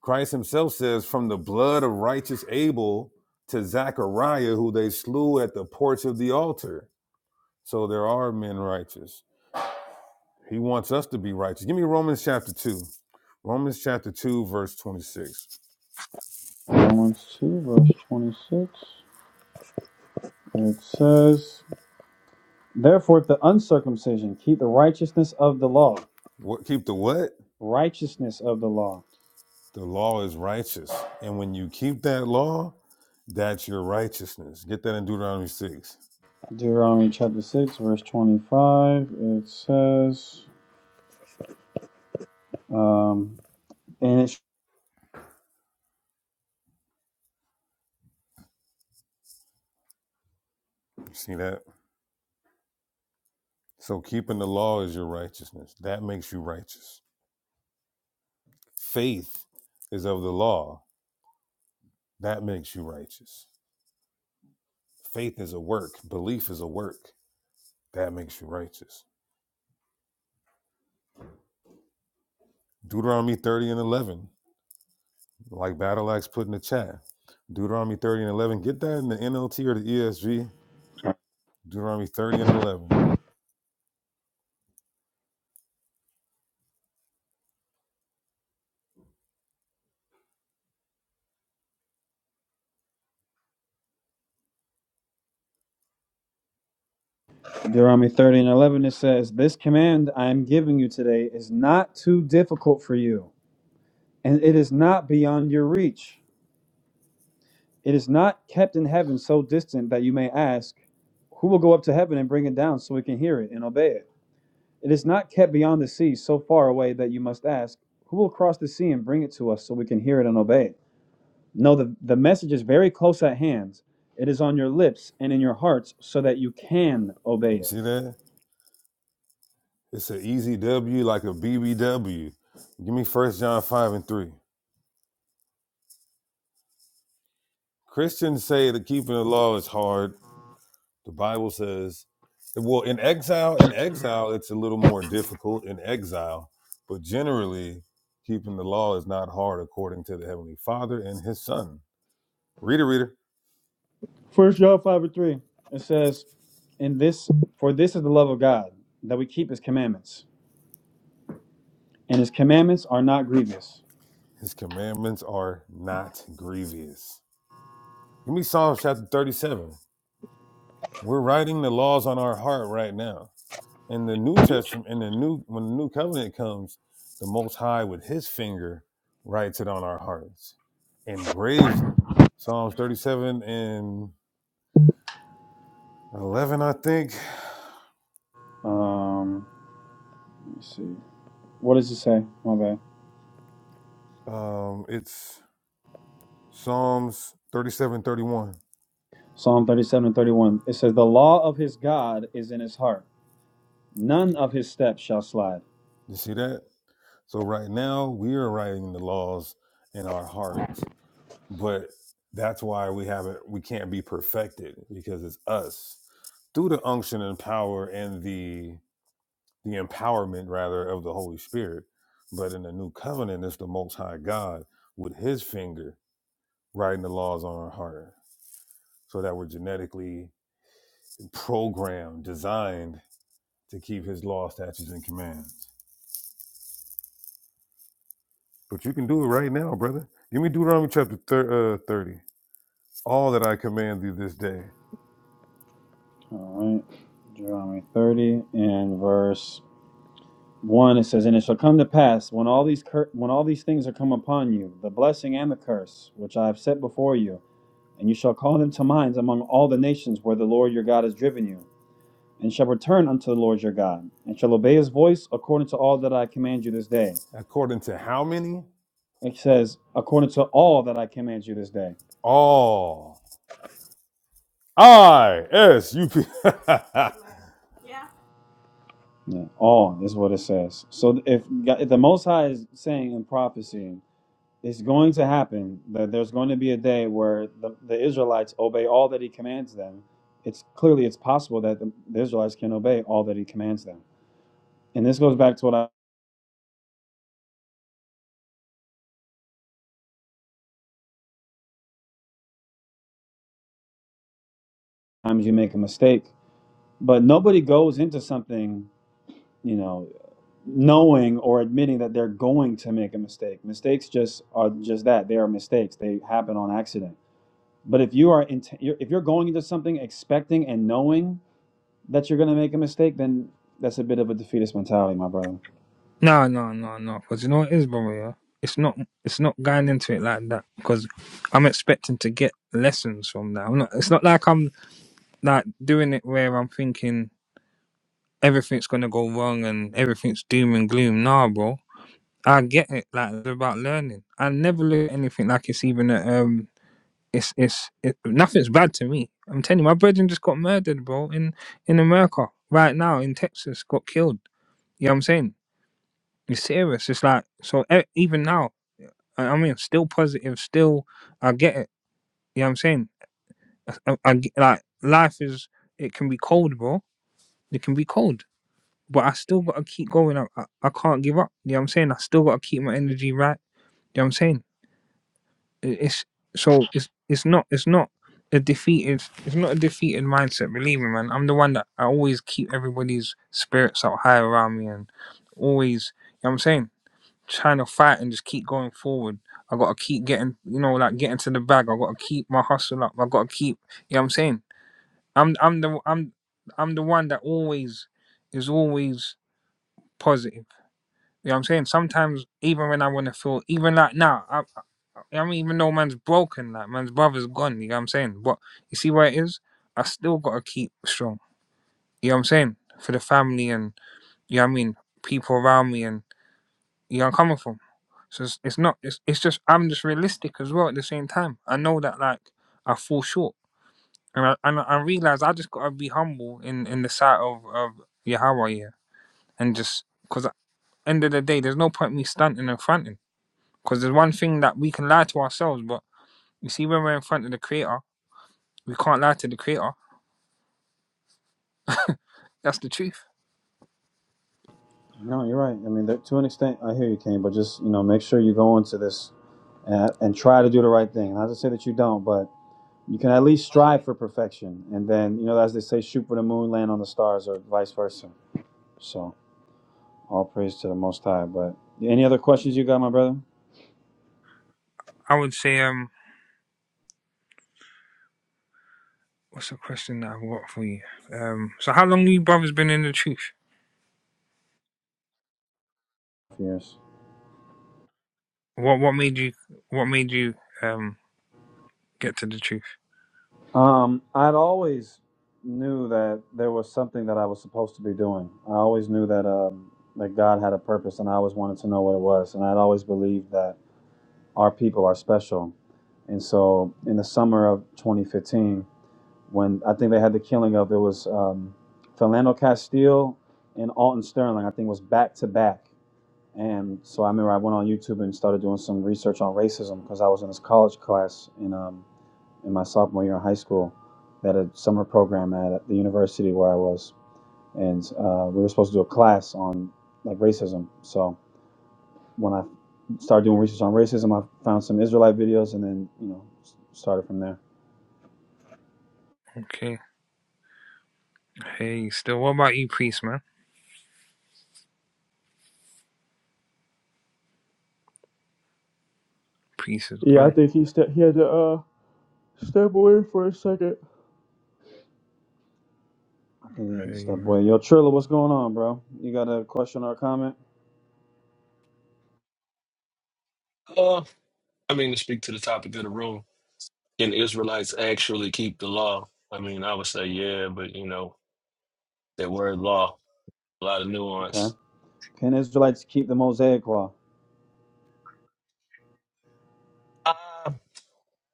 Speaker 2: Christ himself says, from the blood of righteous Abel to Zachariah, who they slew at the porch of the altar. So there are men righteous. He wants us to be righteous. Give me Romans chapter 2. Romans chapter 2, verse 26.
Speaker 1: Romans two verse twenty six. It says, "Therefore, if the uncircumcision keep the righteousness of the law,
Speaker 2: What keep the what?
Speaker 1: righteousness of the law."
Speaker 2: The law is righteous. And when you keep that law, That's your righteousness. Get that in Deuteronomy 6.
Speaker 1: Deuteronomy chapter 6, verse 25, it says, Um, and it's
Speaker 2: You see that? So keeping the law is your righteousness. That makes you righteous. Faith is of the law. That makes you righteous. Faith is a work. Belief is a work. That makes you righteous. Deuteronomy 30 and 11, like Battle Axe put in the chat. Deuteronomy 30 and 11. Get that in the NLT or the ESV. Deuteronomy 30 and 11.
Speaker 1: Deuteronomy 30 and 11, it says, This command I am giving you today is not too difficult for you, and it is not beyond your reach. It is not kept in heaven so distant that you may ask, Who will go up to heaven and bring it down so we can hear it and obey it? It is not kept beyond the sea so far away that you must ask, Who will cross the sea and bring it to us so we can hear it and obey it? No, the, the message is very close at hand. It is on your lips and in your hearts so that you can obey
Speaker 2: You
Speaker 1: it.
Speaker 2: see that? It's an easy W like a BBW. Give me First John 5 and 3. Christians say that keeping the law is hard. The Bible says, well, in exile, in exile, it's a little more difficult in exile, but generally, keeping the law is not hard according to the Heavenly Father and His Son. Reader, reader,
Speaker 1: First John five and three. It says, "In this, for this is the love of God, that we keep His commandments, and His commandments are not grievous."
Speaker 2: His commandments are not grievous. Give me Psalms chapter 37. We're writing the laws on our heart right now. in the New Testament, in the new when the new covenant comes, the Most High with His finger writes it on our hearts, engraves it. Psalms thirty-seven and eleven, I think.
Speaker 1: Um, let me see. What does it say? My bad.
Speaker 2: Um, it's Psalms thirty-seven, thirty-one.
Speaker 1: Psalm thirty-seven and thirty-one. It says, "The law of His God is in His heart; none of His steps shall slide."
Speaker 2: You see that? So right now we are writing the laws in our hearts, but that's why we haven't. We can't be perfected because it's us through the unction and power and the the empowerment rather of the Holy Spirit. But in the new covenant, it's the Most High God with His finger writing the laws on our heart, so that we're genetically programmed, designed to keep His law, statutes, and commands. But you can do it right now, brother. Give me Deuteronomy chapter thir- uh, thirty. All that I command thee this day,
Speaker 1: All right. Deuteronomy thirty and verse one. It says, "And it shall come to pass when all these cur- when all these things are come upon you, the blessing and the curse which I have set before you." And you shall call them to mind among all the nations where the Lord your God has driven you, and shall return unto the Lord your God, and shall obey his voice according to all that I command you this day.
Speaker 2: according to how many?
Speaker 1: It says, according to all that I command you this day.
Speaker 2: All. I S U P.
Speaker 1: Yeah, all is what it says. So if, God- if the Most High is saying in prophecy, it's going to happen that there's going to be a day where the, the Israelites obey all that he commands them. It's clearly it's possible that the, the Israelites can obey all that he commands them. And this goes back to what I, times you make a mistake but nobody goes into something you know knowing or admitting that they're going to make a mistake mistakes just are just that they are mistakes they happen on accident but if you are int- you're- if you're going into something expecting and knowing that you're going to make a mistake then that's a bit of a defeatist mentality my brother
Speaker 3: No, no, no, no. Because you know what it is, brother. Yeah? It's not it's not going into it like that. Because I'm expecting to get lessons from that. I'm not. It's not like I'm like doing it where I'm thinking everything's gonna go wrong and everything's doom and gloom. Nah, bro. I get it. Like it's about learning. I never look at anything like it's even a um It's it's it, nothing's bad to me. I'm telling you, my brethren just got murdered, bro, in in America right now in Texas, got killed. You know what I'm saying? It's serious. It's like so e- even now. I I mean, still positive. Still, I get it. You know what I'm saying? I, I, I get- like life is. It can be cold, bro. It can be cold, but I still gotta keep going. I, I, I can't give up. You know what I'm saying? I still gotta keep my energy right. You know what I'm saying? It's so it's it's not it's not a defeated it's not a defeated mindset. Believe me, man. I'm the one that I always keep everybody's spirits up high around me and always you know what I'm saying trying to fight and just keep going forward. I gotta keep getting you know like getting to the bag. I gotta keep my hustle up. I gotta keep you know what I'm saying. I'm I'm the I'm I'm the one that always is always positive. You know what I'm saying? Sometimes, even when I want to feel, even like now, I, I, I mean, even though man's broken, like man's brother's gone, you know what I'm saying? But you see where it is? I still got to keep strong, you know what I'm saying? For the family and, you know what I mean? People around me and, you know, I'm coming from. So it's, it's not, it's, it's just, I'm just realistic as well at the same time. I know that, like, I fall short. And I, and I I realize I just got to be humble in, in the sight of, of Yahweh, yeah. And just, because at the end of the day, there's no point me stunting and fronting. Because there's one thing that we can lie to ourselves, but you see, when we're in front of the creator, we can't lie to the creator. That's the truth.
Speaker 1: no you're right i mean there, to an extent i hear you kane but just you know make sure you go into this and, and try to do the right thing not to say that you don't but you can at least strive for perfection. And then, you know, as they say, shoot for the moon, land on the stars, or vice versa. So, all praise to the Most High. But any other questions you got, my brother?
Speaker 3: I would say, um, what's the question that I've got for you? Um, so how long have you brothers been in the truth?
Speaker 1: Yes.
Speaker 3: What what made you what made you um get to the truth?
Speaker 1: Um, I'd always knew that there was something that I was supposed to be doing. I always knew that um, that God had a purpose, and I always wanted to know what it was. And I'd always believed that our people are special. And so, in the summer of 2015. when I think they had the killing of it was um, Philando Castile and Alton Sterling. I think was back to back, and so I remember I went on YouTube and started doing some research on racism because I was in this college class in um, in my sophomore year in high school. They a summer program at the university where I was, and uh, we were supposed to do a class on like racism. So when I started doing research on racism, I found some Israelite videos, and then you know started from there.
Speaker 3: Okay. Hey, still. What about you, priest man? Priest is
Speaker 1: Yeah, I
Speaker 3: gone.
Speaker 1: think he st- he had to. Uh, Step away for a second. Yeah, just
Speaker 3: Hey
Speaker 1: that
Speaker 3: man.
Speaker 1: boy. Yo, Trilla, what's going on, bro? You got a question or a comment?
Speaker 5: Uh, I mean, to speak to the topic of the room, can Israelites actually keep the law? I mean, I would say yeah, but you know, that word law, a lot of
Speaker 1: Okay.
Speaker 5: nuance.
Speaker 1: Can Israelites keep the Mosaic law?
Speaker 5: Uh,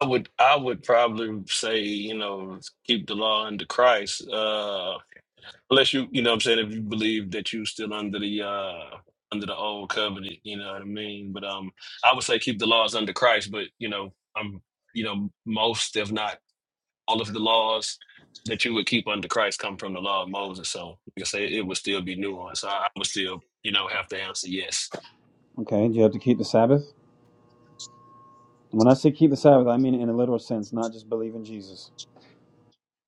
Speaker 5: I would, I would probably say, you know, keep the law under Christ. Uh, unless you, you know, what I'm saying if you believe that you still under the uh under the old covenant, you know what I mean. But um, I would say keep the laws under Christ. But you know, I'm, you know, most if not all of the laws that you would keep under Christ come from the law of Moses. So you can say it would still be nuanced. I, I would still, you know, have to answer yes.
Speaker 1: Okay. Do you have to keep the Sabbath? When I say keep the Sabbath, I mean it in a literal sense, not just believe in Jesus.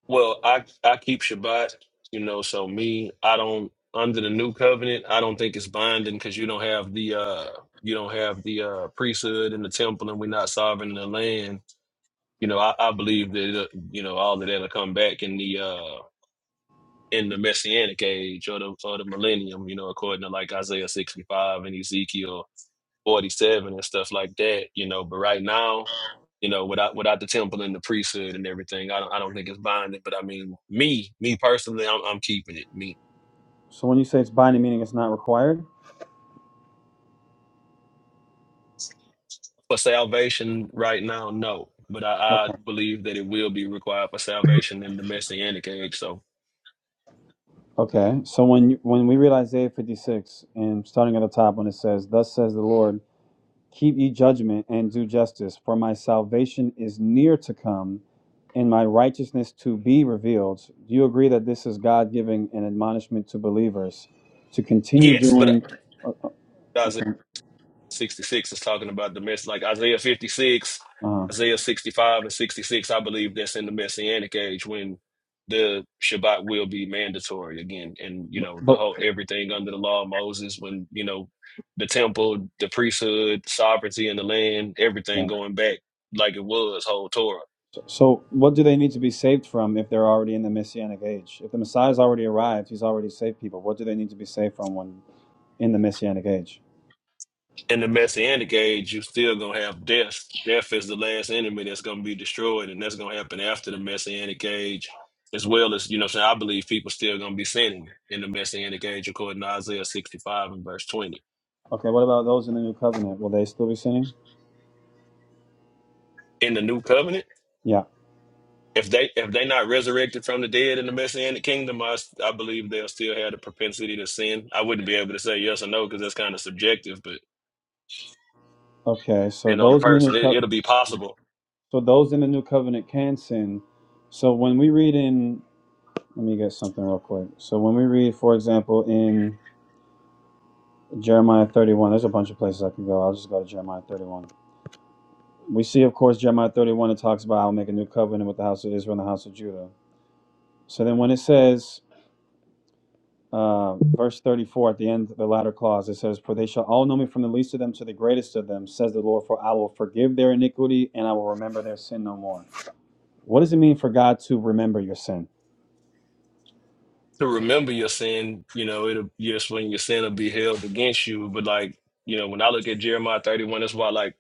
Speaker 5: Well, I I keep Shabbat, you know, so me, I don't under the new covenant, I don't think it's binding because you don't have the uh you don't have the uh priesthood in the temple and we're not sovereign in the land. You know, I, I believe that it you know, all of that'll come back in the uh in the messianic age or the or the millennium, you know, according to like Isaiah sixty five and Ezekiel 47 and stuff like that, you know. But right now, you know, without without the temple and the priesthood and everything, I don't I don't think it's binding. But I mean, me me personally, I'm I'm keeping it. Me
Speaker 1: So when you say it's binding, meaning it's not required.
Speaker 5: for salvation right now, no. But I, I
Speaker 1: Okay.
Speaker 5: believe that it will be required for salvation in the Messianic age. So
Speaker 1: Okay. So when you, when we read Isaiah 56 and starting at the top when it says, "Thus says the Lord." Keep ye judgment and do justice, for my salvation is near to come, and my righteousness to be revealed. Do you agree that this is God giving an admonishment to believers to continue
Speaker 5: yes, but.
Speaker 1: doing? uh, uh,
Speaker 5: Guys,
Speaker 1: Okay.
Speaker 5: 66 is talking about the mess like Isaiah 56,
Speaker 1: Uh,
Speaker 5: Isaiah 65 and 66. I believe that's in the messianic age when the Shabbat will be mandatory again. And, you
Speaker 1: but,
Speaker 5: know, the
Speaker 1: but
Speaker 5: whole everything under the law of Moses, when, you know, the temple, the priesthood, sovereignty in the land, everything
Speaker 1: yeah.
Speaker 5: going back like it was, whole Torah
Speaker 1: so, so, what do they need to be saved from if they're already in the Messianic age? If the Messiah's already arrived, he's already saved people. What do they need to be saved from when in the Messianic age?
Speaker 5: in the messianic age, you still gonna have death. Death is the last enemy that's gonna be destroyed, and that's gonna happen after the messianic age, as well as you know. So I believe people still gonna be sinning in the messianic age, according to Isaiah sixty five and verse twenty.
Speaker 1: Okay. What about those in the New Covenant? Will they still be sinning?
Speaker 5: In the new covenant,
Speaker 1: Yeah.
Speaker 5: if they if they not resurrected from the dead in the messianic kingdom, I s- I believe they'll still have the propensity to sin. I wouldn't be able to say yes or no because that's kind of subjective, but
Speaker 1: Okay. So
Speaker 5: depending on the
Speaker 1: those in the New
Speaker 5: person, it,
Speaker 1: Covenant.
Speaker 5: it'll be possible
Speaker 1: So those in the new covenant can sin. So when we read in, let me get something real quick. So when we read, for example, in Jeremiah 31, there's a bunch of places I can go. I'll just go to Jeremiah 31. We see, of course, Jeremiah 31, it talks about I'll make a new covenant with the house of Israel and the house of Judah. So then when it says, uh, verse 34 at the end, the latter clause, it says, For they shall all know me from the least of them to the greatest of them, says the Lord, for I will forgive their iniquity and I will remember their sin no more. What does it mean for God to remember your sin?
Speaker 5: to remember your sin, you know, it'll yes, when your sin will be held against you. But like, you know, when I look at Jeremiah 31, that's why like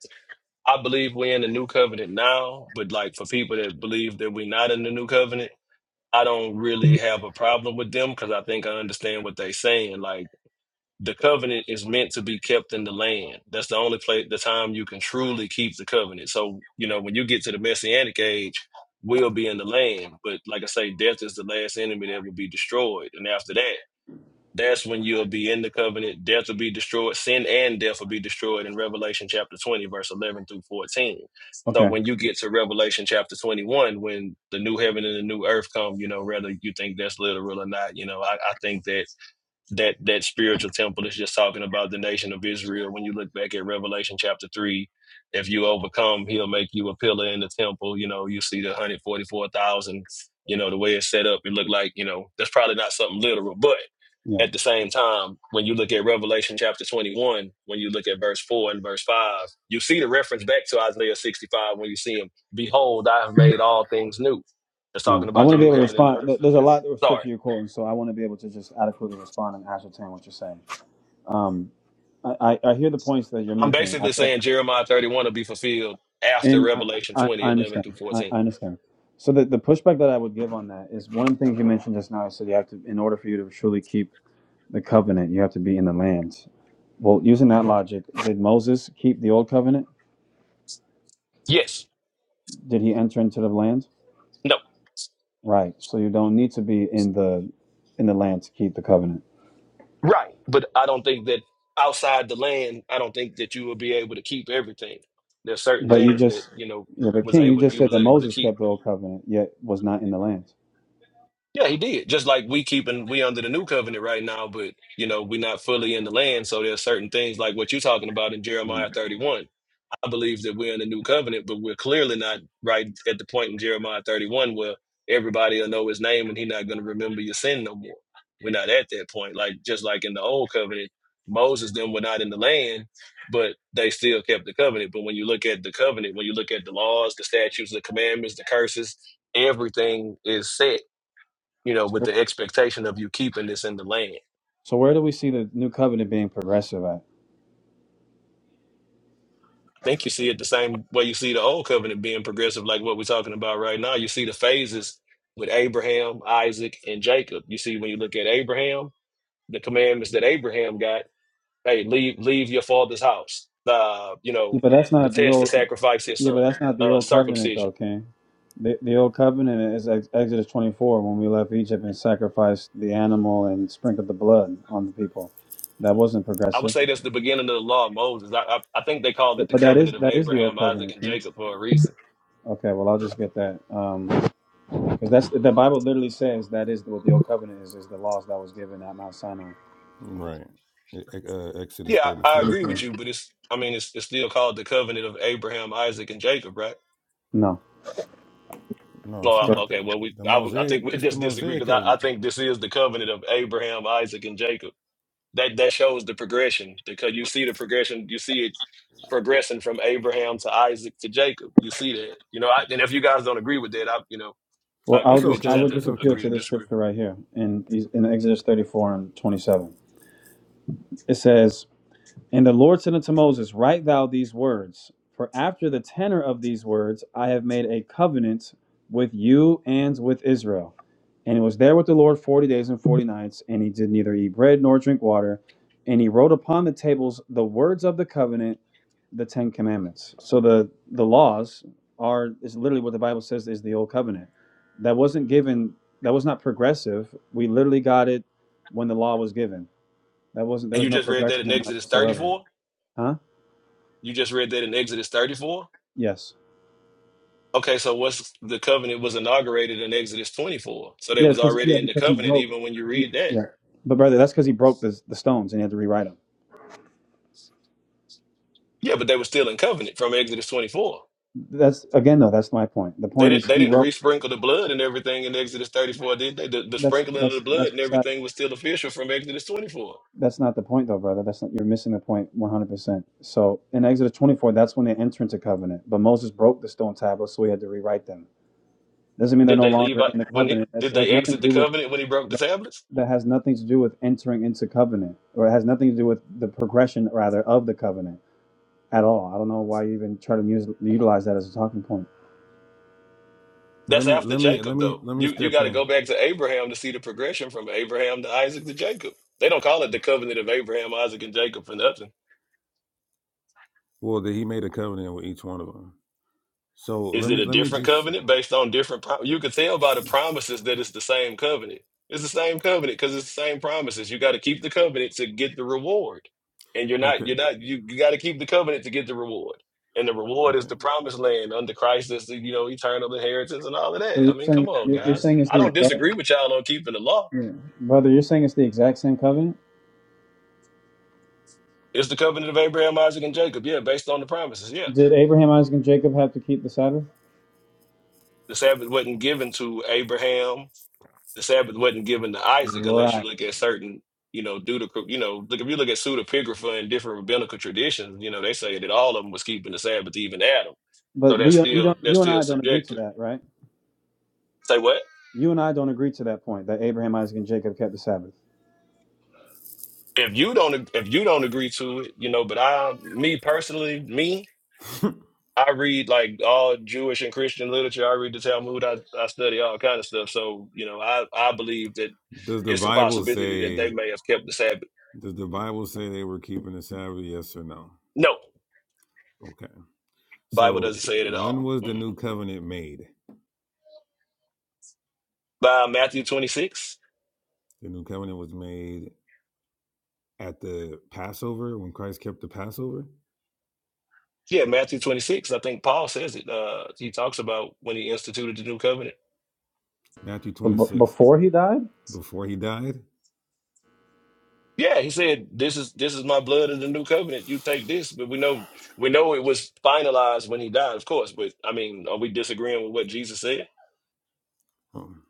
Speaker 5: I believe we're in the new covenant now, but like for people that believe that we're not in the new covenant, I don't really have a problem with them because I think I understand what they're saying. Like the covenant is meant to be kept in the land. That's the only place the time you can truly keep the covenant. So, you know, when you get to the messianic age, we will be in the land. But like I say, death is the last enemy that will be destroyed. And after that, that's when you'll be in the covenant. Death will be destroyed. Sin and death will be destroyed in Revelation chapter 20, verse 11 through 14. So
Speaker 1: Okay.
Speaker 5: when you get to Revelation chapter 21, when the new heaven and the new earth come, you know, whether you think that's literal or not, you know, I, I think that that that spiritual temple is just talking about the nation of Israel. When you look back at Revelation chapter three, if you overcome, he'll make you a pillar in the temple. You know, you see the one hundred forty four thousand. You know, the way it's set up, it looked like you know that's probably not something literal, but
Speaker 1: Yeah.
Speaker 5: at the same time, when you look at Revelation chapter twenty one, when you look at verse four and verse five, you see the reference back to Isaiah sixty five when you see him. Behold, I have made all things new. It's
Speaker 1: Uh,
Speaker 5: talking
Speaker 1: I
Speaker 5: about
Speaker 1: want
Speaker 5: the
Speaker 1: to be
Speaker 5: new
Speaker 1: able to
Speaker 5: heaven and the
Speaker 1: respond. There-
Speaker 5: earth.
Speaker 1: There's a lot of
Speaker 5: Sorry.
Speaker 1: scripture you're quoting, so I want to be able to just adequately respond and ascertain what you're saying. Um, I, I, I hear the points that you're
Speaker 5: I'm
Speaker 1: making, I,
Speaker 5: basically saying Jeremiah 31 will be fulfilled after
Speaker 1: and I,
Speaker 5: Revelation
Speaker 1: I,
Speaker 5: 20,
Speaker 1: I
Speaker 5: 11
Speaker 1: understand.
Speaker 5: through
Speaker 1: I,
Speaker 5: 14.
Speaker 1: I understand. So the, the pushback that I would give on that is one of the things you mentioned just now. I said you have to, in order for you to truly keep the covenant, you have to be in the land. Well, using that logic, did Moses keep the old covenant?
Speaker 5: Yes.
Speaker 1: Did he enter into the land?
Speaker 5: No.
Speaker 1: Right. So you don't need to be in the in the land to keep the covenant
Speaker 5: Right. But I don't think that outside the land, I don't think that you will be able to keep everything. There's certain
Speaker 1: But you
Speaker 5: things that,
Speaker 1: just,
Speaker 5: you know,
Speaker 1: yeah, but
Speaker 5: was
Speaker 1: King, you
Speaker 5: able
Speaker 1: just
Speaker 5: you
Speaker 1: said
Speaker 5: was
Speaker 1: that
Speaker 5: able to
Speaker 1: Moses
Speaker 5: keep.
Speaker 1: kept the old covenant, yet was not in the land.
Speaker 5: Yeah, he did. Just like we keeping we under the new covenant right now, but you know, we're not fully in the land. So there's certain things like what you're talking about in Jeremiah
Speaker 1: Mhm.
Speaker 5: 31. I believe that we're in a new covenant, but we're clearly not right at the point in Jeremiah 31 where everybody will know his name and he's not going to remember your sin no more. We're not at that point. Like just like in the old covenant, Moses them were not in the land, but they still kept the covenant. But when you look at the covenant, when you look at the laws, the statutes, the commandments, the curses, everything is set, you know, with
Speaker 1: So,
Speaker 5: the expectation of you keeping this in the land.
Speaker 1: so where do we see the new covenant being progressive at?
Speaker 5: think you see it the same way you see the old covenant being progressive, like what we're talking about right now. You see the phases with Abraham, Isaac, and Jacob. You see when you look at Abraham, the commandments that Abraham got: hey, leave leave your father's house. Uh, you
Speaker 1: Yeah,
Speaker 5: know,
Speaker 1: but that's
Speaker 5: the
Speaker 1: not the
Speaker 5: test to
Speaker 1: old.
Speaker 5: sacrifice his
Speaker 1: Yeah, but
Speaker 5: son,
Speaker 1: that's not the
Speaker 5: uh,
Speaker 1: old covenant, though,
Speaker 5: circumcision.
Speaker 1: King. The, the old covenant is ex- Exodus 24 when we left Egypt and sacrificed the animal and sprinkled the blood on the people. That wasn't
Speaker 5: I would
Speaker 1: progressive,
Speaker 5: say that's the beginning of the law of Moses. I, I, I think they called it
Speaker 1: but,
Speaker 5: the
Speaker 1: but that is
Speaker 5: covenant of
Speaker 1: that is the old
Speaker 5: Abraham, Isaac,
Speaker 1: covenant,
Speaker 5: and
Speaker 1: King.
Speaker 5: Jacob for a reason.
Speaker 1: Okay, well I'll just get that because that's the Bible literally says that is what the old covenant is is the laws that was given at Mount Sinai.
Speaker 2: Right. E- e- uh, Exodus
Speaker 5: Yeah, I, I
Speaker 2: thirty-four.
Speaker 5: agree with you, but it's I mean it's it's still called the covenant of Abraham, Isaac, and Jacob, right?
Speaker 1: No.
Speaker 2: No, it's
Speaker 5: Oh,
Speaker 1: So,
Speaker 2: not
Speaker 5: okay.
Speaker 2: the
Speaker 5: Well, we
Speaker 2: the
Speaker 5: I, would- I
Speaker 2: mosaic.
Speaker 5: think we
Speaker 2: It's the
Speaker 5: just disagree
Speaker 2: mosaic
Speaker 5: because I, I
Speaker 2: covenant.
Speaker 5: think this is the covenant of Abraham, Isaac, and Jacob. That that shows the progression because you see the progression. You see it progressing from Abraham to Isaac to Jacob. You see that, you know. I, and if you guys don't agree with that, I you know,
Speaker 1: well,
Speaker 5: I, you
Speaker 1: I'll
Speaker 5: know,
Speaker 2: It's
Speaker 5: we
Speaker 1: just I
Speaker 5: just
Speaker 2: okay.
Speaker 5: have
Speaker 1: will
Speaker 5: to
Speaker 2: It's
Speaker 1: just appeal
Speaker 2: okay.
Speaker 5: agree
Speaker 1: to
Speaker 5: to
Speaker 1: this
Speaker 5: disagree.
Speaker 1: scripture right here in in Exodus 34 and 27. It says. And the Lord said unto Moses, Write thou these words, for after the tenor of these words I have made a covenant with you and with Israel. And he was there with the Lord forty days and forty nights, and he did neither eat bread nor drink water. And he wrote upon the tables the words of the covenant, the Ten Commandments. So the, the laws are is literally what the Bible says is the old covenant. That wasn't given that was not progressive. We literally got it when the law was given. That wasn't there
Speaker 5: And
Speaker 1: was
Speaker 5: you
Speaker 1: no
Speaker 5: just read that
Speaker 1: progression
Speaker 5: in
Speaker 1: in that
Speaker 5: Exodus thirty
Speaker 1: whatsoever.
Speaker 5: four.
Speaker 1: Huh?
Speaker 5: You just read that in Exodus thirty four.
Speaker 1: Yes.
Speaker 5: Okay, so what's the covenant was inaugurated in Exodus twenty four. So they
Speaker 1: Yeah, it's
Speaker 5: was
Speaker 1: 'cause- yeah,
Speaker 5: already in the
Speaker 1: because he
Speaker 5: covenant
Speaker 1: broke.
Speaker 5: even when you read that.
Speaker 1: Yeah. But brother, that's because he broke the the stones and he had to rewrite them.
Speaker 5: Yeah, but they were still in covenant from Exodus twenty four.
Speaker 1: That's again though. That's my point. The
Speaker 5: They
Speaker 1: point is
Speaker 5: didn't they
Speaker 1: he
Speaker 5: didn't
Speaker 1: wrote.
Speaker 5: resprinkle the blood and everything in Exodus 34, did they? The, the
Speaker 1: That's
Speaker 5: sprinkling of
Speaker 1: that's
Speaker 5: the blood
Speaker 1: that's
Speaker 5: and
Speaker 1: beside,
Speaker 5: everything was still official from Exodus 24.
Speaker 1: that's not the point though, brother. That's not you're missing the point one hundred percent. So in Exodus twenty four, that's when they enter into covenant. But Moses broke the stone tablets, so he had to rewrite them. Doesn't mean they're
Speaker 5: Did
Speaker 1: no
Speaker 5: they leave
Speaker 1: longer in the
Speaker 5: out when he,
Speaker 1: covenant. That's
Speaker 5: did
Speaker 1: has
Speaker 5: they
Speaker 1: nothing
Speaker 5: exit
Speaker 1: to
Speaker 5: the
Speaker 1: do with
Speaker 5: covenant when he broke the
Speaker 1: that,
Speaker 5: tablets?
Speaker 1: that has nothing to do with entering into covenant, or it has nothing to do with the progression rather of the covenant at all. I don't know why you even try to use utilize that as a talking point.
Speaker 2: Let
Speaker 5: That's
Speaker 2: me
Speaker 5: after
Speaker 2: let me let
Speaker 5: Jacob
Speaker 2: me
Speaker 5: though.
Speaker 2: let me
Speaker 5: You you
Speaker 2: step
Speaker 5: got to
Speaker 2: in.
Speaker 5: go back to Abraham to see the progression from Abraham to Isaac to Jacob. They don't call it the covenant of Abraham, Isaac, and Jacob for nothing.
Speaker 2: Well, that he made a covenant with each one of them. So
Speaker 5: Is
Speaker 2: let
Speaker 5: it
Speaker 2: me
Speaker 5: a
Speaker 2: let me
Speaker 5: different
Speaker 2: just
Speaker 5: covenant based on different? Prom- you can tell by the promises that it's the same covenant. It's the same covenant because it's the same promises. You got to keep the covenant to get the reward, and you're not.
Speaker 2: okay
Speaker 5: You're not. You, you got to keep the covenant to get the reward, and the reward is
Speaker 2: okay
Speaker 5: the promised land under Christ. That's the, you know eternal inheritance and all of that.
Speaker 1: So you're
Speaker 5: I mean,
Speaker 1: saying
Speaker 5: come on,
Speaker 1: you're, you're
Speaker 5: guys.
Speaker 2: okay.
Speaker 1: saying it's
Speaker 5: I
Speaker 1: the
Speaker 5: don't disagree
Speaker 1: exact
Speaker 5: with y'all on keeping the law.
Speaker 1: yeah. brother. You're saying it's the exact same covenant.
Speaker 5: It's the covenant of Abraham, Isaac, and Jacob. Yeah, based on the promises. Yeah,
Speaker 1: Did Abraham, Isaac, and Jacob have to keep the Sabbath?
Speaker 5: the Sabbath wasn't given to Abraham the Sabbath wasn't given to Isaac unless you
Speaker 1: Right.
Speaker 5: look at certain, you know, deuteroc you know, look if you look at pseudepigrapha and different rabbinical traditions, you know, they say that all of them was keeping the Sabbath, even Adam. So
Speaker 1: But we
Speaker 5: that's
Speaker 1: don't- you
Speaker 5: still
Speaker 1: don't
Speaker 5: that's
Speaker 1: you and
Speaker 5: still
Speaker 1: I don't agree to
Speaker 5: subjective.
Speaker 1: that, right?
Speaker 5: Say what?
Speaker 1: You and I don't agree to that point that Abraham, Isaac, and Jacob kept the Sabbath.
Speaker 5: If you don't ag- if you don't agree to it, you know, but I me personally, me, I read like all Jewish and Christian literature. I read the Talmud. I, I study all kind of stuff. So, you know, I, I believe that
Speaker 2: does the
Speaker 5: it's a
Speaker 2: Bible
Speaker 5: possibility that
Speaker 2: say
Speaker 5: they may have kept the Sabbath.
Speaker 2: does the Bible say they were keeping the Sabbath? Yes or no?
Speaker 5: No,
Speaker 2: Okay.
Speaker 5: Bible doesn't
Speaker 2: So
Speaker 5: say it at
Speaker 2: when
Speaker 5: all.
Speaker 2: was the new covenant made?
Speaker 5: by Matthew 26.
Speaker 2: The new covenant was made at the Passover when Christ kept the Passover.
Speaker 5: Yeah, Matthew 26. I think Paul says it. Uh, he talks about when he instituted the new covenant.
Speaker 2: Matthew
Speaker 1: So
Speaker 2: twenty
Speaker 1: b-
Speaker 2: six
Speaker 1: before he died,
Speaker 2: before he died.
Speaker 5: Yeah, he said, "This is this is my blood of the new covenant. You take this." But we know we know it was finalized when he died, of course. But I mean, are we disagreeing with what Jesus said?
Speaker 2: Um,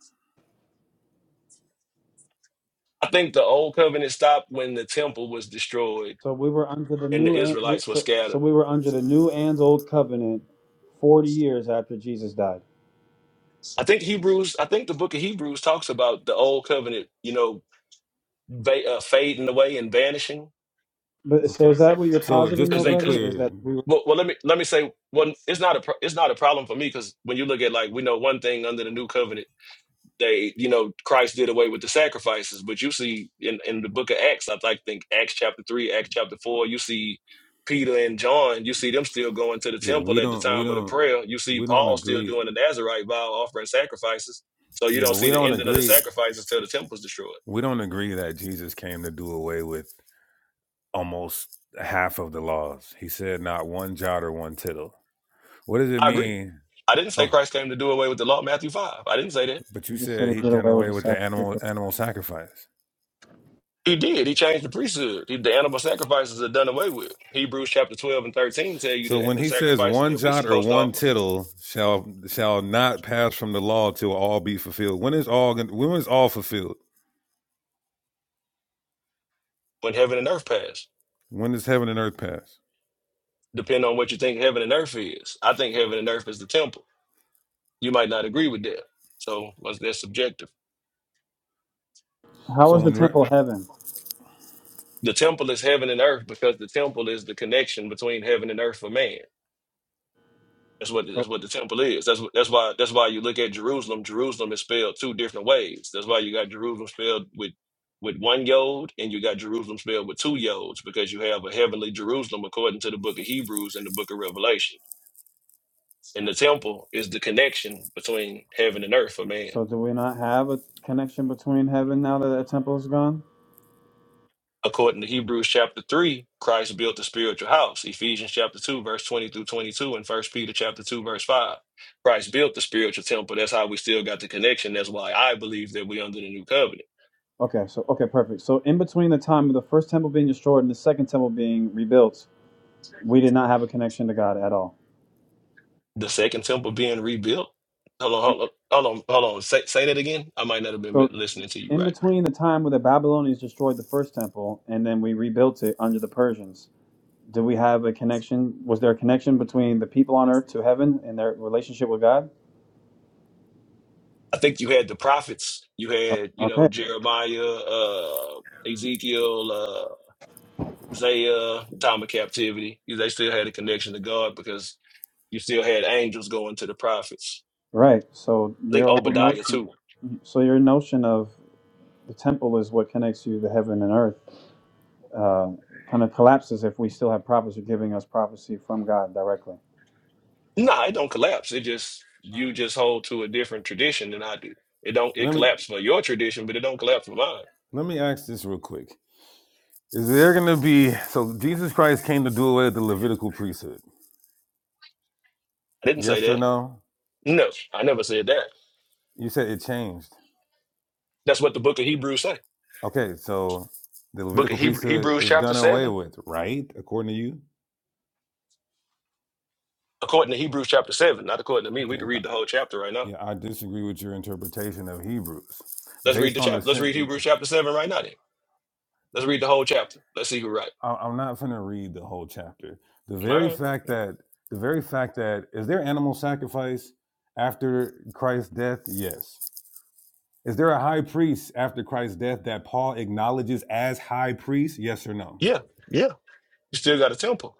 Speaker 5: I think the old covenant stopped when the temple was destroyed
Speaker 1: so we were under the
Speaker 5: and the
Speaker 1: new and we-
Speaker 5: Israelites were
Speaker 1: so, so
Speaker 5: scattered.
Speaker 1: we were under the new and old covenant forty years after Jesus died.
Speaker 5: I think Hebrews. I think the book of Hebrews talks about the old covenant, you know, va- uh, fading away and vanishing
Speaker 1: But
Speaker 2: Okay.
Speaker 1: so is that what you're
Speaker 2: So
Speaker 1: positing,
Speaker 2: just to
Speaker 1: though,
Speaker 5: because
Speaker 2: be
Speaker 1: brother? Is
Speaker 2: clear,
Speaker 1: that we were
Speaker 5: Well, well, let me let me say one. It's not a pro- it's not a problem for me because when you look at like we know one thing under the new covenant, they you know Christ did away with the sacrifices, but you see in in the book of Acts, I like, think Acts chapter three, Acts chapter four, you see Peter and John, you see them still going to the
Speaker 2: yeah,
Speaker 5: temple
Speaker 2: we
Speaker 5: at the
Speaker 2: don't we
Speaker 5: time of the
Speaker 2: don't
Speaker 5: prayer. You see
Speaker 2: we don't
Speaker 5: Paul still
Speaker 2: agree.
Speaker 5: doing the Nazarite vow, offering sacrifices. So you
Speaker 2: Yeah,
Speaker 5: don't
Speaker 2: but
Speaker 5: see
Speaker 2: we
Speaker 5: the
Speaker 2: don't
Speaker 5: ending of the
Speaker 2: agree
Speaker 5: sacrifices till the temple's destroyed.
Speaker 2: we don't agree that Jesus came to do away with almost half of the laws. He said not one jot or one tittle. What does it
Speaker 5: I agree.
Speaker 2: mean?
Speaker 5: I didn't say
Speaker 2: Oh,
Speaker 5: Christ came to do away with the law, Matthew five. I didn't say that.
Speaker 2: but you
Speaker 1: He just said
Speaker 2: said he
Speaker 1: he did
Speaker 2: done
Speaker 1: away with
Speaker 2: away
Speaker 1: the
Speaker 2: with the animal
Speaker 1: sacrificial.
Speaker 2: animal sacrifice.
Speaker 5: He did. He changed the priesthood. He, the animal sacrifices are done away with. Hebrews chapter 12 and 13 tell you
Speaker 2: So
Speaker 5: that
Speaker 2: when
Speaker 5: the
Speaker 2: he says
Speaker 5: sacrifices
Speaker 2: one
Speaker 5: that we're
Speaker 2: jot or
Speaker 5: supposed to
Speaker 2: one
Speaker 5: offer
Speaker 2: tittle shall shall not pass from the law till all be fulfilled. When is all gon- when is all fulfilled?
Speaker 5: when heaven and earth pass.
Speaker 2: When does heaven and earth pass?
Speaker 5: Depend on what you think heaven and earth is. I think heaven and earth is the temple. You might not agree with that. So was that subjective?
Speaker 1: How
Speaker 2: So
Speaker 1: was the
Speaker 2: when re-
Speaker 1: temple heaven?
Speaker 5: The temple is heaven and earth because the temple is the connection between heaven and earth for man. That's what
Speaker 1: So,
Speaker 5: that's what the temple is. That's wh- that's why that's why you look at Jerusalem. Jerusalem is spelled two different ways. That's why you got Jerusalem spelled with with one yod, and you got Jerusalem spelled with two yods, because you have a heavenly Jerusalem according to the Book of Hebrews and the Book of Revelation. And the temple is the connection between heaven and earth for man.
Speaker 1: so do we not have a connection between heaven now that the temple is gone?
Speaker 5: According to Hebrews chapter 3, Christ built the spiritual house. Ephesians chapter 2, verse 20 through 22, and First Peter chapter 2, verse 5. Christ built the spiritual temple. That's how we still got the connection. That's why I believe that we're under the new covenant.
Speaker 1: Okay, so okay, perfect. So in between the time of the first temple being destroyed and the second temple being rebuilt, we did not have a connection to God at all.
Speaker 5: The second temple being rebuilt. Hold on, hold on, hold on, hold on. Say, say that again. I might not have been
Speaker 1: So
Speaker 5: listening to you
Speaker 1: in
Speaker 5: right.
Speaker 1: between the time where the Babylonians destroyed the first temple and then we rebuilt it under the Persians, do we have a connection? Was there a connection between the people on earth to heaven and their relationship with God?
Speaker 5: I think you had the prophets. You had, you know,
Speaker 1: Okay,
Speaker 5: Jeremiah, uh, Ezekiel, uh, Isaiah, time of captivity. They still had a connection to God because You still had angels going to the prophets.
Speaker 1: right. So
Speaker 5: I think
Speaker 1: your whole
Speaker 5: Obadiah
Speaker 1: notion
Speaker 5: too.
Speaker 1: So your notion of the temple is what connects you to heaven and earth uh, kind of collapses if we still have prophets who are giving us prophecy from God directly.
Speaker 5: Nah, it don't collapse. It just you just hold to a different tradition than I do. It don't it
Speaker 2: let me
Speaker 5: collapse for your tradition, but it don't collapse for mine.
Speaker 2: Let me ask this real quick. Is there going to be, so Jesus Christ came to do away with the Levitical priesthood?
Speaker 5: I didn't say
Speaker 2: Yes or
Speaker 5: that.
Speaker 2: no?
Speaker 5: No, I never said that.
Speaker 2: You said it changed.
Speaker 5: That's what the book of Hebrews say.
Speaker 2: Okay, so the
Speaker 5: Book
Speaker 2: Levitical
Speaker 5: of Hebrew,
Speaker 2: priesthood
Speaker 5: Hebrews
Speaker 2: is
Speaker 5: chapter
Speaker 2: done away
Speaker 5: seven.
Speaker 2: with, right? According to you?
Speaker 5: According to Hebrews chapter seven, not according to me. We
Speaker 2: Okay,
Speaker 5: can read
Speaker 2: but-
Speaker 5: the whole chapter right now.
Speaker 2: yeah, I disagree with your interpretation of Hebrews.
Speaker 5: Let's read
Speaker 2: Based
Speaker 5: the
Speaker 2: on the,
Speaker 5: chapter. Let's read
Speaker 2: sim-
Speaker 5: Hebrews chapter seven right now. Then let's read the whole chapter. Let's see who right.
Speaker 2: I- I'm not going to read the whole chapter. The
Speaker 5: All
Speaker 2: very
Speaker 5: right.
Speaker 2: fact that, the very fact that, is there animal sacrifice after Christ's death? Yes. Is there a high priest after Christ's death that Paul acknowledges as high priest? Yes or no?
Speaker 5: Yeah, yeah. You still got a temple.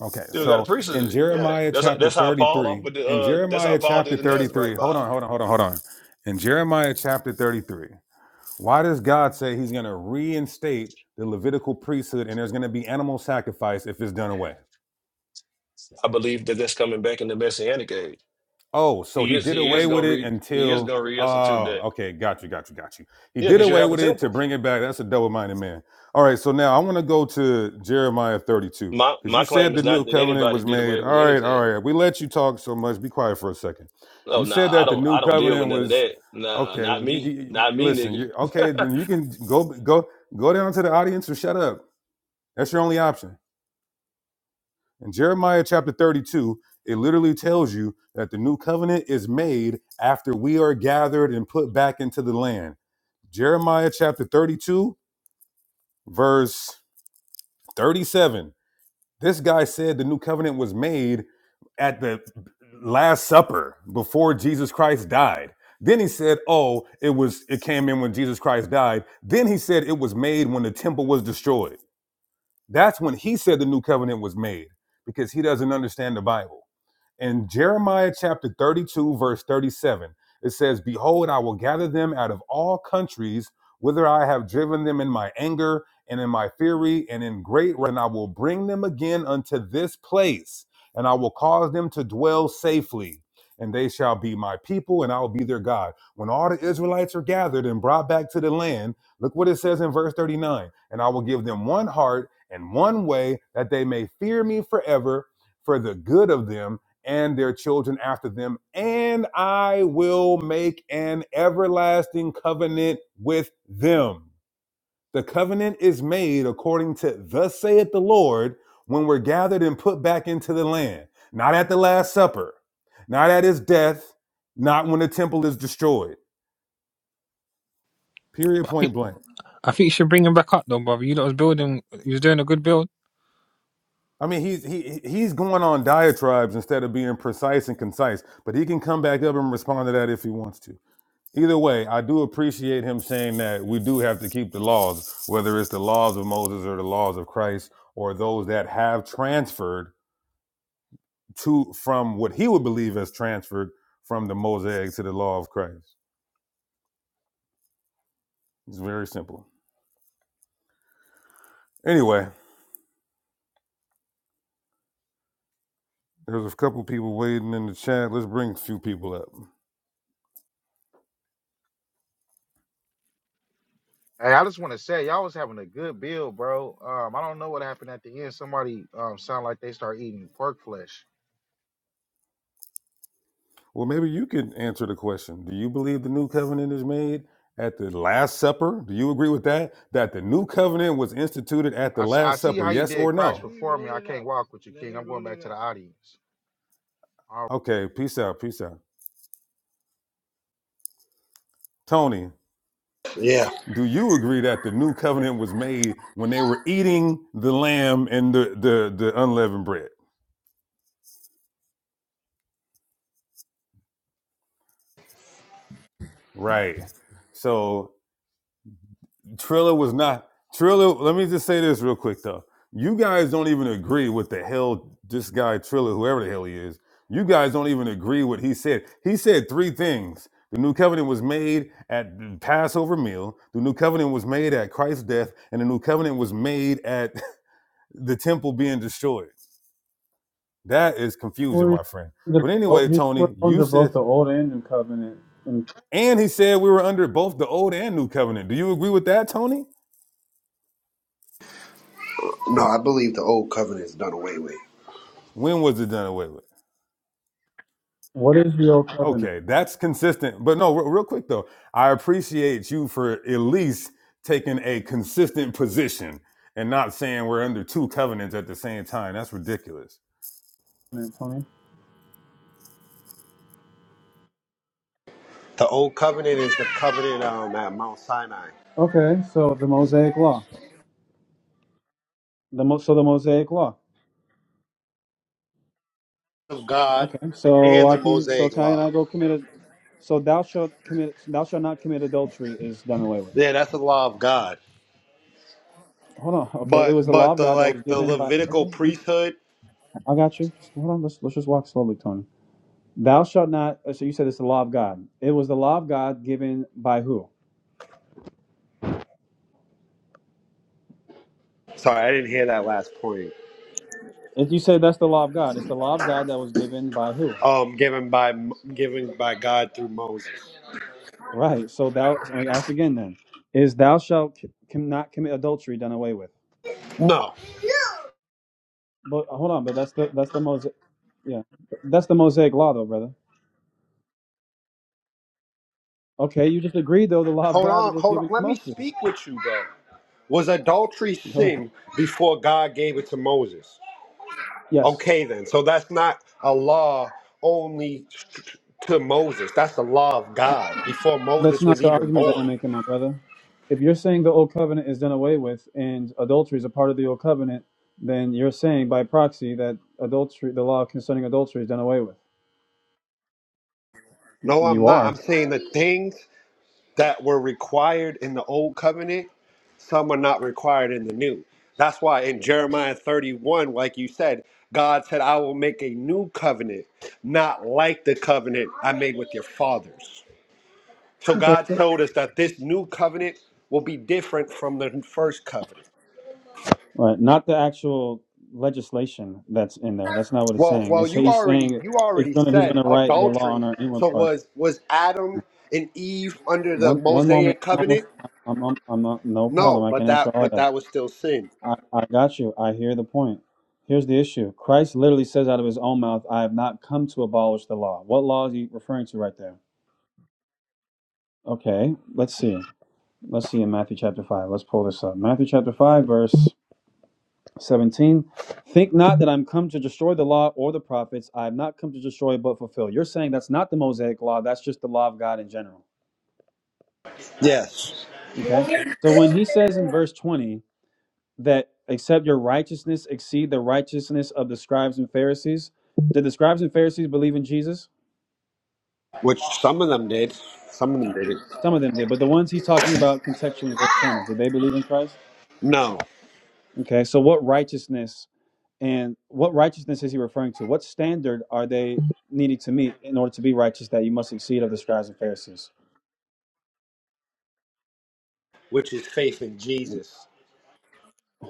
Speaker 2: Okay,
Speaker 5: Still got a
Speaker 2: so
Speaker 5: priest of
Speaker 2: in
Speaker 5: it. Yeah,
Speaker 2: Jeremiah
Speaker 5: that's how,
Speaker 2: chapter
Speaker 5: that's how Paul
Speaker 2: 33,
Speaker 5: offered the.
Speaker 2: in
Speaker 5: Uh, that's how
Speaker 2: Jeremiah
Speaker 5: Paul
Speaker 2: chapter
Speaker 5: did the Nazarite
Speaker 2: 33, hold
Speaker 5: vow.
Speaker 2: on, hold on, hold on, hold on. In Jeremiah chapter 33, why does God say he's going to reinstate the Levitical priesthood and there's going to be animal sacrifice if it's done away?
Speaker 5: I believe that that's coming back in the Messianic age.
Speaker 2: Oh, so
Speaker 5: He
Speaker 2: he
Speaker 5: is
Speaker 2: did
Speaker 5: he is
Speaker 2: away with
Speaker 5: gonna
Speaker 2: it
Speaker 5: re he is
Speaker 2: until
Speaker 5: gonna reinstitute
Speaker 2: oh,
Speaker 5: that.
Speaker 2: okay, got you, got you, got you. He
Speaker 5: Yeah,
Speaker 2: did
Speaker 5: because you
Speaker 2: away
Speaker 5: have a
Speaker 2: with it to
Speaker 5: temple.
Speaker 2: bring it back. That's a double-minded man. All right, so now I want to go to Jeremiah 32
Speaker 5: My
Speaker 2: because you
Speaker 5: my
Speaker 2: said
Speaker 5: claim
Speaker 2: the
Speaker 5: is
Speaker 2: new
Speaker 5: not that
Speaker 2: covenant
Speaker 5: anybody
Speaker 2: was
Speaker 5: did
Speaker 2: made.
Speaker 5: away with
Speaker 2: All right, all
Speaker 5: anything.
Speaker 2: right. We let you talk so much. Be quiet for a second.
Speaker 5: Oh
Speaker 2: You said
Speaker 5: nah, I
Speaker 2: that the
Speaker 5: don't
Speaker 2: new
Speaker 5: I don't deal
Speaker 2: covenant
Speaker 5: with none of
Speaker 2: was
Speaker 5: that. Nah,
Speaker 2: okay.
Speaker 5: not
Speaker 2: Well, you,
Speaker 5: me,
Speaker 2: you, you-
Speaker 5: not me,
Speaker 2: listen, you,
Speaker 5: nigga.
Speaker 2: okay, then you can go go go down to the audience or shut up. That's your only option. In Jeremiah chapter 32, it literally tells you that the new covenant is made after we are gathered and put back into the land. Jeremiah chapter 32, verse 37. This guy said the new covenant was made at the last supper before Jesus Christ died. Then he said, "Oh, it was it came in when Jesus Christ died." Then he said it was made when the temple was destroyed. That's when he said the new covenant was made because he doesn't understand the Bible. in Jeremiah chapter 32, verse 37, it says, Behold, I will gather them out of all countries whither I have driven them in my anger and in my fury and in great wrath, and I will bring them again unto this place, and I will cause them to dwell safely. And they shall be my people, and I will be their God. When all the Israelites are gathered and brought back to the land, look what it says in verse 39 And I will give them one heart and one way, that they may fear me forever, for the good of them, and their children after them, and I will make an everlasting covenant with them. The covenant is made according to thus saith the Lord when we're gathered and put back into the land, not at the Last Supper, not at his death, not when the temple is destroyed. Period point blank.
Speaker 3: I think you should bring him back up though, brother. You lot was building. You was doing a good build.
Speaker 2: I mean, he's he he's going on diatribes instead of being precise and concise, but he can come back up and respond to that if he wants to. Either way, I do appreciate him saying that we do have to keep the laws, whether it's the laws of Moses or the laws of Christ or those that have transferred to from what he would believe as transferred from the Mosaic to the law of Christ. It's very simple. Anyway, there's a couple people waiting in the chat. Let's bring a few people up.
Speaker 6: Hey, I just want to say y'all was having a good build, bro. Um, I don't know what happened at the end. Somebody um sound like they start eating pork flesh.
Speaker 2: Well, maybe you could answer the question. Do you believe the new covenant is made at the Last Supper? Do you agree with that? That the new covenant was instituted at the
Speaker 6: I, s- I
Speaker 2: Last
Speaker 6: see
Speaker 2: Supper,
Speaker 6: how you
Speaker 2: yes
Speaker 6: did
Speaker 2: or
Speaker 6: Christ
Speaker 2: no?
Speaker 6: Let it before me. roll I it can't out. walk with you, Let King. it I'm going roll back it to the out. audience. All
Speaker 2: Okay, peace out, peace out. Tony,
Speaker 7: Yeah.
Speaker 2: do you agree that the new covenant was made when they were eating the lamb and the the, the unleavened bread? Right. So Trilla was not Trilla. Let me just say this real quick though. You guys don't even agree with the hell this guy Trilla, whoever the hell he is. You guys don't even agree what he said. He said three things. The new covenant was made at the Passover meal. The new covenant was made at Christ's death, and the new covenant was made at. the temple being destroyed. That is confusion,
Speaker 1: Well, he's
Speaker 2: my friend.
Speaker 1: under
Speaker 2: But
Speaker 1: oh,
Speaker 2: anyway,
Speaker 1: he's
Speaker 2: Tony, you
Speaker 1: under
Speaker 2: said,
Speaker 1: both the old and new covenant. And
Speaker 2: and he said we were under both the old and new covenant. Do you agree with that, Tony?
Speaker 7: No, I believe the old covenant is done away with.
Speaker 2: When was it done away with?
Speaker 1: what is the old covenant,
Speaker 2: Okay, that's consistent. But no, re- real quick though, I appreciate you for at least taking a consistent position and not saying we're under two covenants at the same time. That's ridiculous.
Speaker 1: Tony?
Speaker 7: The old covenant is the covenant um, at Mount Sinai
Speaker 1: Okay, so the Mosaic law. The mo- so the Mosaic law.
Speaker 7: of God
Speaker 1: Okay, so
Speaker 7: and the
Speaker 1: I can so
Speaker 7: Mosaic
Speaker 1: can I
Speaker 7: law.
Speaker 1: go commit a, so thou shalt commit thou shalt not commit adultery is done away with.
Speaker 7: Yeah, that's the law of God.
Speaker 1: Hold on. Okay, it
Speaker 7: But
Speaker 1: was the law
Speaker 7: but
Speaker 1: of
Speaker 7: the
Speaker 1: God that was
Speaker 7: like the
Speaker 1: given by.
Speaker 7: Levitical
Speaker 1: Okay,
Speaker 7: priesthood.
Speaker 1: I got you. Just hold on. Let's let's just walk slowly, Tony. Thou shalt not. uh, So you said it's the law of God. It was the law of God given by who?
Speaker 7: Sorry, I didn't hear that last point.
Speaker 1: If you say that's the law of God, it's the law of God that was given by who?
Speaker 7: Um, given by given by God through Moses.
Speaker 1: Right. So thou. So I ask again then. Is thou shalt c- com- not commit adultery done away with?
Speaker 7: No,
Speaker 1: But uh, hold on. But that's the that's the mosaic. Yeah, that's the mosaic law though, brother. Okay, you just agreed though the law of
Speaker 7: hold
Speaker 1: God
Speaker 7: on,
Speaker 1: was
Speaker 7: hold on.
Speaker 1: given to
Speaker 7: Let me
Speaker 1: Moses.
Speaker 7: speak with you, bro. Was adultery
Speaker 1: Go ahead.
Speaker 7: sin before God gave it to Moses?
Speaker 1: Yes.
Speaker 7: Okay, then. So that's not a law only to Moses. That's the law of God before
Speaker 1: That's
Speaker 7: Moses was
Speaker 1: not the
Speaker 7: even
Speaker 1: argument that I'm
Speaker 7: born.
Speaker 1: making, my brother. If you're saying the old covenant is done away with and adultery is a part of the old covenant, then you're saying by proxy that adultery, the law concerning adultery, is done away with. Y-
Speaker 7: No, I'm
Speaker 1: You
Speaker 7: not. I'm
Speaker 1: are.
Speaker 7: saying the things that were required in the old covenant, some are not required in the new. That's why in Jeremiah 31, like you said, God said, I will make a new covenant, not like the covenant I made with your fathers. So
Speaker 1: Okay.
Speaker 7: God showed us that this new covenant will be different from the first covenant.
Speaker 1: Right. Not the actual legislation that's in there. That's not what it's
Speaker 7: Well,
Speaker 1: saying.
Speaker 7: well,
Speaker 1: It's,
Speaker 7: you
Speaker 1: he's
Speaker 7: already
Speaker 1: saying
Speaker 7: you
Speaker 1: it's
Speaker 7: already
Speaker 1: gonna. He's
Speaker 7: said
Speaker 1: gonna write the law on
Speaker 7: adultery.
Speaker 1: our inward
Speaker 7: So
Speaker 1: parts.
Speaker 7: was was Adam and Eve under the
Speaker 1: One one moment.
Speaker 7: Mosaic
Speaker 1: I'm
Speaker 7: covenant?
Speaker 1: almost. I'm. I'm. I'm not, no problem.
Speaker 7: No,
Speaker 1: I
Speaker 7: but
Speaker 1: can answer
Speaker 7: that
Speaker 1: all
Speaker 7: but
Speaker 1: that.
Speaker 7: that was still sin.
Speaker 1: I, I got you. I hear the point. Here's the issue. Christ literally says out of his own mouth, I have not come to abolish the law. What law is he referring to right there? Okay, let's see. Let's see in Matthew chapter 5. Let's pull this up. Matthew chapter 5, verse 17. Think not that I'm come to destroy the law or the prophets. I have not come to destroy but fulfill. You're saying that's not the Mosaic law, that's just the law of God in general.
Speaker 7: Yes,
Speaker 1: Okay? So when he says in verse 20, that except your righteousness exceed the righteousness of the scribes and Pharisees. Did the scribes and Pharisees believe in Jesus?
Speaker 7: which some of them did. Some of them didn't.
Speaker 1: Some of them did, but the ones he's talking about contextually in verse 20, did they believe in Christ?
Speaker 7: No,
Speaker 1: Okay, so what righteousness and what righteousness is he referring to? What standard are they needing to meet in order to be righteous that you must exceed of the scribes and Pharisees?
Speaker 7: which is faith in Jesus.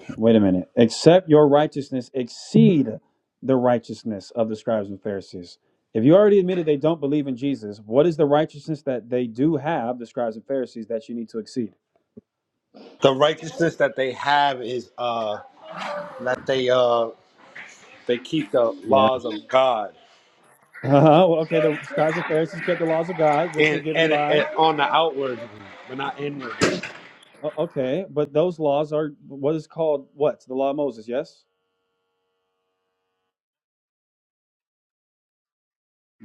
Speaker 1: Wait a minute. Except your righteousness exceed the righteousness of the scribes and Pharisees. If you already admitted they don't believe in Jesus, what is the righteousness that they do have, the scribes and Pharisees, that you need to exceed?
Speaker 7: The righteousness that they have is uh that they uh they keep the
Speaker 1: Yeah.
Speaker 7: laws of God
Speaker 1: uh Well, okay, the scribes and Pharisees kept the laws of God, which were
Speaker 7: and
Speaker 1: given
Speaker 7: and, and
Speaker 1: by.
Speaker 7: on the outward but not inward.
Speaker 1: o- Okay, but those laws are what is called what? The law of Moses, yes?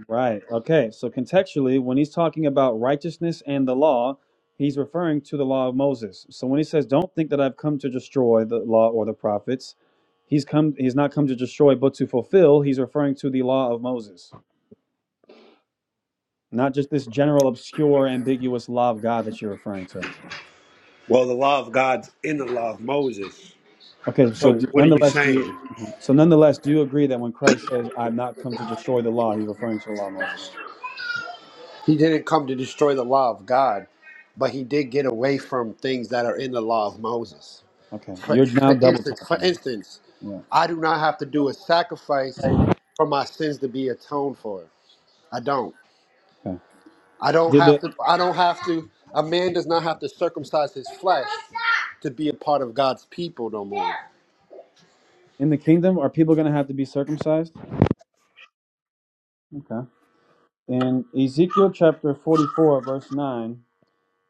Speaker 1: Right. Okay. So contextually, when he's talking about righteousness and the law, he's referring to the law of Moses. So when he says, "Don't think that I've come to destroy the law or the prophets," he's come. He's not come to destroy, but to fulfill. He's referring to the law of Moses, not just this general, obscure, ambiguous law of God that you're referring to.
Speaker 7: Well, the law of God's in the law of Moses.
Speaker 1: Okay. So
Speaker 7: So
Speaker 1: do,
Speaker 7: what are you
Speaker 1: nonetheless, do you?
Speaker 7: saying?
Speaker 1: mhm. So nonetheless, do you agree that when Christ says, "I've not come to destroy the law," he's referring to the law of Moses?
Speaker 7: He didn't come to destroy the law of God, but he did get away from things that are in the law of Moses.
Speaker 1: Okay.
Speaker 7: For,
Speaker 1: You're now
Speaker 7: for
Speaker 1: double
Speaker 7: instance, for
Speaker 1: talking.
Speaker 7: instance,
Speaker 1: Yeah.
Speaker 7: I do not have to do a sacrifice for my sins to be atoned for. I don't.
Speaker 1: Okay.
Speaker 7: I don't
Speaker 1: Did
Speaker 7: have
Speaker 1: the
Speaker 7: to. I don't have to. A man does not have to circumcise his flesh to be a part of God's people no more.
Speaker 1: In the kingdom, are people going to have to be circumcised? Okay. In Ezekiel chapter 44, verse 9,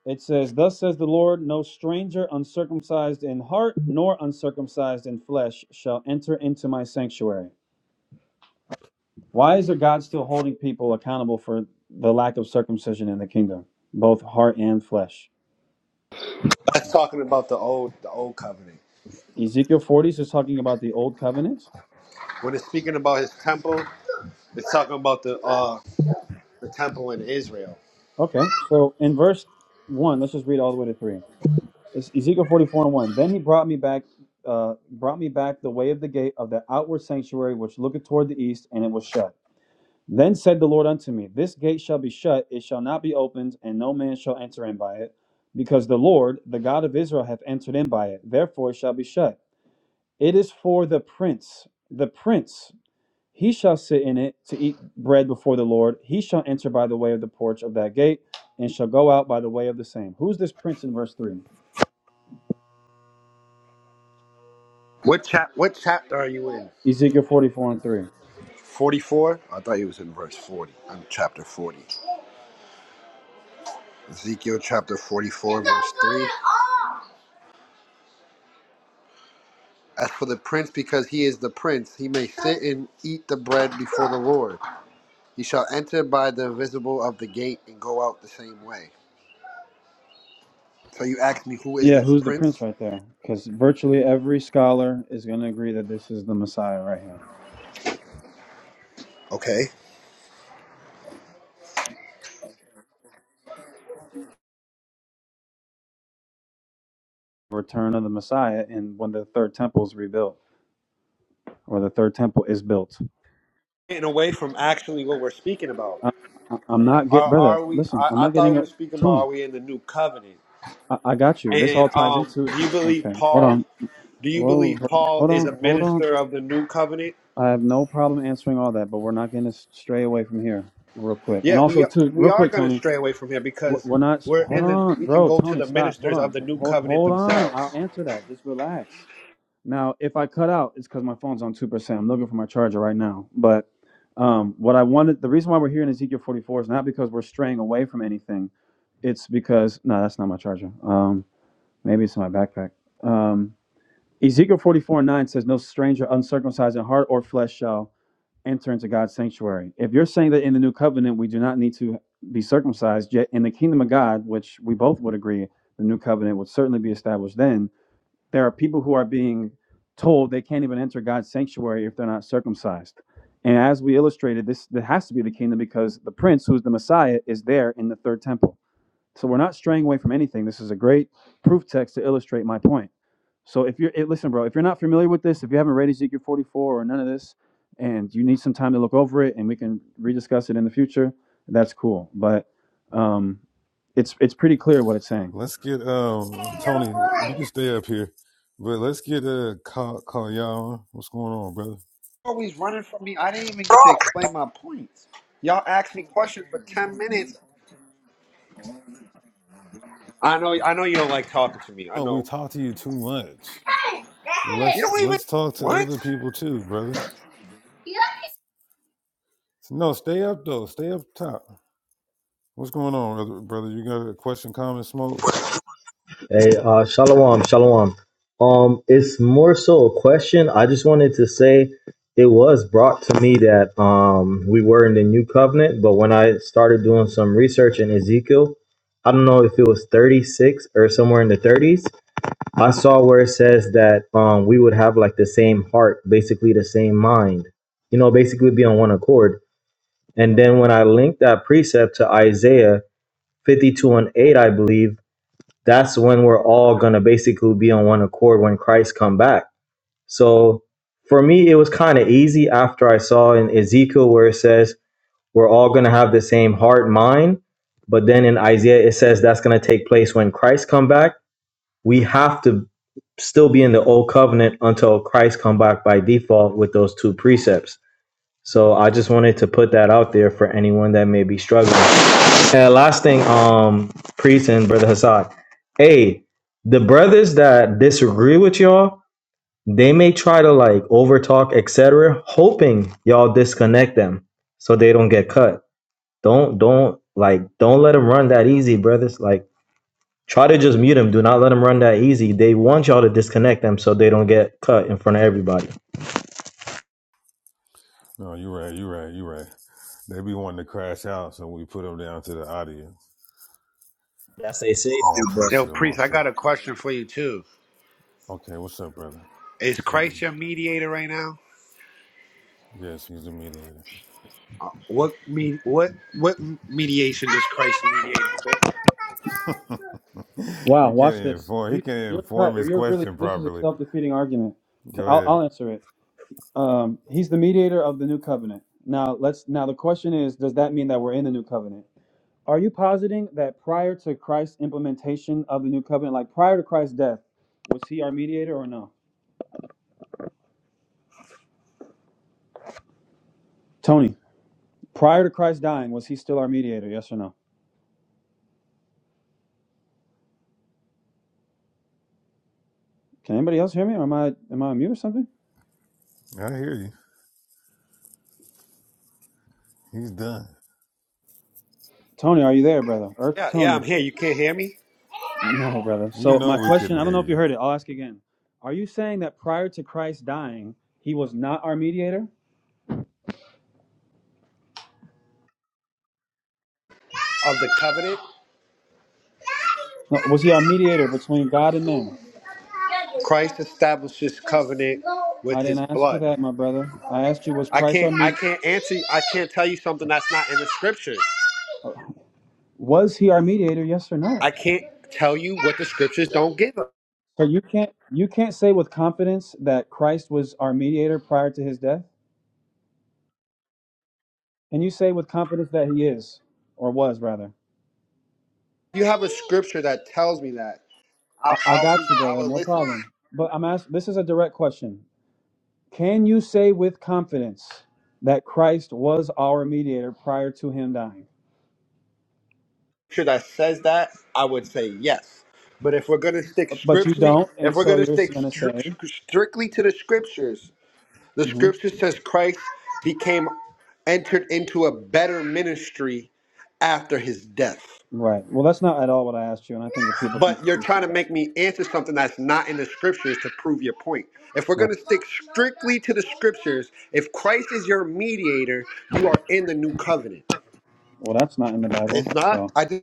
Speaker 1: it says, Thus says the Lord, no stranger uncircumcised in heart nor uncircumcised in flesh shall enter into my sanctuary. Why is there God still holding people accountable for the lack of circumcision in the kingdom, both heart and flesh?
Speaker 7: That's talking about the old, the old covenant.
Speaker 1: Ezekiel 40 is talking about the old covenant.
Speaker 7: When it's speaking about his temple, it's talking about the uh, the temple in Israel.
Speaker 1: Okay. So in verse 1, let's just read all the way to 3. It's Ezekiel 44 and 1. Then he brought me back, uh, brought me back the way of the gate of the outward sanctuary, which looketh toward the east, and it was shut. Then said the Lord unto me, This gate shall be shut, it shall not be opened, and no man shall enter in by it, because the Lord, the God of Israel, hath entered in by it. Therefore it shall be shut. It is for the prince, the prince. He shall sit in it to eat bread before the Lord. He shall enter by the way of the porch of that gate, and shall go out by the way of the same. Who's this prince in verse 3?
Speaker 7: What chap? What chapter are you in?
Speaker 1: Ezekiel 44 and 3.
Speaker 7: 44? I thought he was in verse 40. I'm chapter 40. Ezekiel chapter 44, verse 3. As for the prince, because he is the prince, he may sit and eat the bread before the Lord. He shall enter by the visible of the gate and go out the same way. So you asked me, who is
Speaker 1: Yeah,
Speaker 7: this
Speaker 1: who's the prince
Speaker 7: prince?
Speaker 1: right there? Because virtually every scholar is going to agree that this is the Messiah right here.
Speaker 7: Okay.
Speaker 1: Return of the Messiah, and when the third temple is rebuilt, or the third temple is built.
Speaker 7: Getting away from actually what we're speaking about.
Speaker 1: I, I, I'm not get
Speaker 7: Are,
Speaker 1: brother.
Speaker 7: are we?
Speaker 1: Listen,
Speaker 7: I,
Speaker 1: I'm
Speaker 7: I
Speaker 1: not
Speaker 7: thought
Speaker 1: getting
Speaker 7: we
Speaker 1: a
Speaker 7: were speaking about
Speaker 1: tuner.
Speaker 7: are we in the new covenant?
Speaker 1: I, I got you. This
Speaker 7: And
Speaker 1: all ties
Speaker 7: um,
Speaker 1: into.
Speaker 7: do you believe
Speaker 1: Okay, hold
Speaker 7: Paul?
Speaker 1: on.
Speaker 7: Do you
Speaker 1: Whoa,
Speaker 7: believe
Speaker 1: ho-
Speaker 7: Paul
Speaker 1: hold
Speaker 7: is a
Speaker 1: on, hold on.
Speaker 7: minister of the new covenant?
Speaker 1: I have no problem answering all that, but we're not going to stray away from here real quick. And
Speaker 7: Yeah, we
Speaker 1: also,
Speaker 7: are-
Speaker 1: too,
Speaker 7: we
Speaker 1: real
Speaker 7: are
Speaker 1: quick,
Speaker 7: going to
Speaker 1: Tony.
Speaker 7: stray away from here
Speaker 1: We're
Speaker 7: because
Speaker 1: we're not.
Speaker 7: we're
Speaker 1: Hold
Speaker 7: in the
Speaker 1: on,
Speaker 7: we can
Speaker 1: bro.
Speaker 7: go to
Speaker 1: Tony,
Speaker 7: the
Speaker 1: stop. Hold
Speaker 7: ministers of
Speaker 1: on.
Speaker 7: the new
Speaker 1: Hold
Speaker 7: covenant
Speaker 1: hold on.
Speaker 7: themselves.
Speaker 1: I'll answer that. Just relax. Now, if I cut out, it's because my phone's on two percent. I'm looking for my charger right now. But um, what I wanted, the reason why we're here in Ezekiel 44 is not because we're straying away from anything. It's because no, that's not my charger. Um, maybe it's in my backpack. Um, Ezekiel 44 and 9 says, "No stranger uncircumcised in heart or flesh shall." enter into God's sanctuary. If you're saying that in the new covenant we do not need to be circumcised, yet in the kingdom of God, which we both would agree, the new covenant would certainly be established then, there are people who are being told they can't even enter God's sanctuary if they're not circumcised. And as we illustrated, this that has to be the kingdom because the prince, who's the Messiah, is there in the third temple. So we're not straying away from anything. This is a great proof text to illustrate my point. So if you're, eh, listen, bro, if you're not familiar with this, if you haven't read Ezekiel 44 or none of this, and you need some time to look over it, and we can rediscuss it in the future, that's cool. But um, it's it's pretty clear what it's saying.
Speaker 2: Let's get um Tony. You can stay up here, but let's get uh call call y'all. What's going on, brother?
Speaker 7: Always running from me. I didn't even get to explain my points. Y'all asked me questions for ten minutes. I know. I know you don't like talking to me. I
Speaker 2: No, we
Speaker 7: know.
Speaker 2: talk to you too much.
Speaker 7: You
Speaker 2: Let's
Speaker 7: don't even
Speaker 2: let's talk to
Speaker 7: what?
Speaker 2: other people too, brother. No, stay up though. Stay up top. What's going on, brother? brother? You got a question, comment, smoke?
Speaker 8: Hey, uh, shalom, shalom. Um, it's more so a question. I just wanted to say it was brought to me that um we were in the new covenant, but when I started doing some research in Ezekiel, I don't know if it was 36 or somewhere in the 30s, I saw where it says that um we would have like the same heart, basically the same mind. You know, basically be on one accord. And then when I linked that precept to Isaiah 52 and 8, I believe that's when we're all going to basically be on one accord when Christ come back. So for me, it was kind of easy after I saw in Ezekiel where it says we're all going to have the same heart mind. But then in Isaiah, it says that's going to take place when Christ come back. We have to still be in the old covenant until Christ come back by default with those two precepts. So I just wanted to put that out there for anyone that may be struggling and last thing, um, priest and brother Hassad. Hey, the brothers that disagree with y'all, they may try to like overtalk, etc., hoping y'all disconnect them so they don't get cut. Don't don't like don't let them run that easy, brothers. Like try to just mute them. Do not let them run that easy. They want y'all to disconnect them so they don't get cut in front of everybody.
Speaker 2: No, you right. You right. You right. They be wanting to crash out, so we put them down to the audience.
Speaker 8: That's their safety,
Speaker 2: All
Speaker 8: bro.
Speaker 2: praise to
Speaker 7: Yo,
Speaker 2: the
Speaker 7: priest,
Speaker 2: Most
Speaker 7: I
Speaker 2: High.
Speaker 7: got a question for you too.
Speaker 2: Okay, what's up, brother?
Speaker 7: Is Christ
Speaker 2: Mm,
Speaker 7: your mediator right now?
Speaker 2: Yes, he's the mediator.
Speaker 7: Uh, What me? What what mediation is Christ mediating?
Speaker 1: Wow,
Speaker 2: you can't
Speaker 1: watch
Speaker 2: even
Speaker 1: this.
Speaker 2: inform. He
Speaker 1: He's,
Speaker 2: can't
Speaker 1: you're
Speaker 2: even
Speaker 1: cut.
Speaker 2: form his
Speaker 1: You're really.
Speaker 2: question
Speaker 1: This is a
Speaker 2: properly.
Speaker 1: self-defeating argument. Okay,
Speaker 2: Go
Speaker 1: I'll,
Speaker 2: ahead.
Speaker 1: I'll answer it. Um, he's the mediator of the new covenant. Now let's. Now the question is, does that mean that we're in the new covenant? Are you positing that prior to Christ's implementation of the new covenant, like prior to Christ's death, was he our mediator or no? Tony, prior to Christ dying, was he still our mediator? Yes or no? Can anybody else hear me? Or am I am I on mute or something?
Speaker 2: I hear you. He's done.
Speaker 1: Tony, are you there, brother? Earth to
Speaker 7: Yeah, yeah,
Speaker 1: Tony.
Speaker 7: I'm here. You can't hear me?
Speaker 1: No, brother.
Speaker 2: You
Speaker 1: So
Speaker 2: know
Speaker 1: my
Speaker 2: we
Speaker 1: question,
Speaker 2: couldn't
Speaker 1: I don't know
Speaker 2: hear
Speaker 1: if you
Speaker 2: you.
Speaker 1: heard it. I'll ask again. Are you saying that prior to Christ dying, he was not our mediator?
Speaker 7: Of the covenant?
Speaker 1: No, was he our mediator between God and men?
Speaker 7: Christ establishes covenant
Speaker 1: I
Speaker 7: with his
Speaker 1: didn't ask you
Speaker 7: blood.
Speaker 1: that, my brother. I asked you, was
Speaker 7: I
Speaker 1: Christ our
Speaker 7: can't I
Speaker 1: me?
Speaker 7: can't answer you. I can't tell you something that's not in the scriptures.
Speaker 1: Was he our mediator? Yes or
Speaker 7: I
Speaker 1: no?
Speaker 7: can't tell you what the scriptures don't give us.
Speaker 1: So you can't you can't say with confidence that Christ was our mediator prior to his death? Can you say with confidence that he is or was rather?
Speaker 7: You have a scripture that tells me that.
Speaker 1: I,
Speaker 7: I'll,
Speaker 1: I
Speaker 7: I'll be
Speaker 1: got you,
Speaker 7: I
Speaker 1: brother,
Speaker 7: will
Speaker 1: no
Speaker 7: listen.
Speaker 1: problem. But I'm asking this is a direct question. Can you say with confidence that Christ was our mediator prior to him dying?
Speaker 7: scripture that says that, I would say yes. But if we're gonna stick
Speaker 1: But, but you
Speaker 7: scripturally,
Speaker 1: don't,
Speaker 7: if
Speaker 1: and
Speaker 7: we're
Speaker 1: so
Speaker 7: gonna
Speaker 1: you're
Speaker 7: stick
Speaker 1: going to say,
Speaker 7: stri- strictly to the scriptures, the
Speaker 1: Mhm.
Speaker 7: scripture says Christ became entered into a better ministry after his death.
Speaker 1: right. Well, that's not at all what I asked you, and I think that people can
Speaker 7: But you're
Speaker 1: clearly see
Speaker 7: trying to
Speaker 1: that.
Speaker 7: make me answer something that's not in the scriptures to prove your point. If we're
Speaker 1: Right.
Speaker 7: gonna stick strictly to the scriptures, if Christ is your mediator, you are in the new covenant.
Speaker 1: Well, that's not in the Bible,
Speaker 7: It's not.
Speaker 1: so
Speaker 7: I just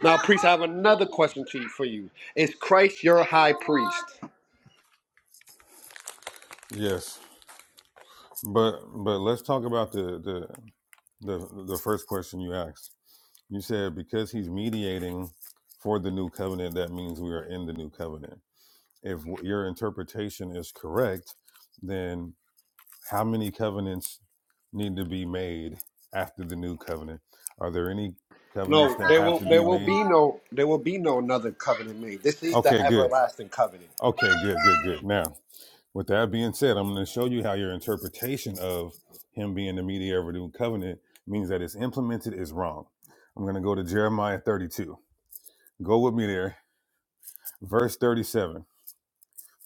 Speaker 7: Now, priest, I have another question to you, for you. Is Christ your high priest?
Speaker 2: Yes. But but let's talk about the the the, the first question you asked. You said because he's mediating for the new covenant, that means we are in the new covenant. If w- your interpretation is correct, then how many covenants need to be made after the new covenant? Are there any covenants
Speaker 7: No,
Speaker 2: that
Speaker 7: there
Speaker 2: have
Speaker 7: will
Speaker 2: to
Speaker 7: there
Speaker 2: be
Speaker 7: will
Speaker 2: made?
Speaker 7: be no there will be no another covenant made. This is the
Speaker 2: Okay, good.
Speaker 7: everlasting covenant.
Speaker 2: Okay, good, good, good. Now With that being said, I'm going to show you how your interpretation of him being the mediator of a new covenant means that it's implemented is wrong. I'm going to go to Jeremiah 32. Go with me there. Verse 37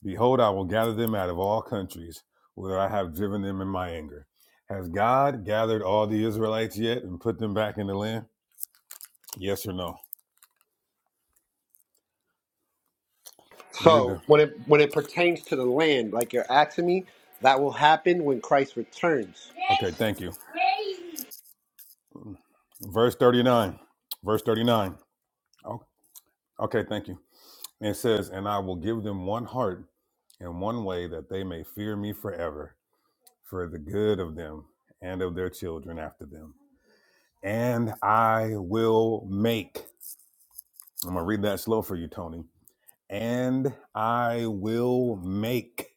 Speaker 2: Behold, I will gather them out of all countries whither I have driven them in my anger. Has God gathered all the Israelites yet and put them back in the land? Yes or no? You're
Speaker 7: So
Speaker 2: done.
Speaker 7: when it when it pertains to the land, like you're asking me, that will happen when Christ returns.
Speaker 2: Okay, thank you. Verse 39. Verse 39. Oh, okay, thank you. It says, And I will give them one heart and one way that they may fear me forever for the good of them and of their children after them. And I will make, I'm going to read that slow for you, Tony. And I will make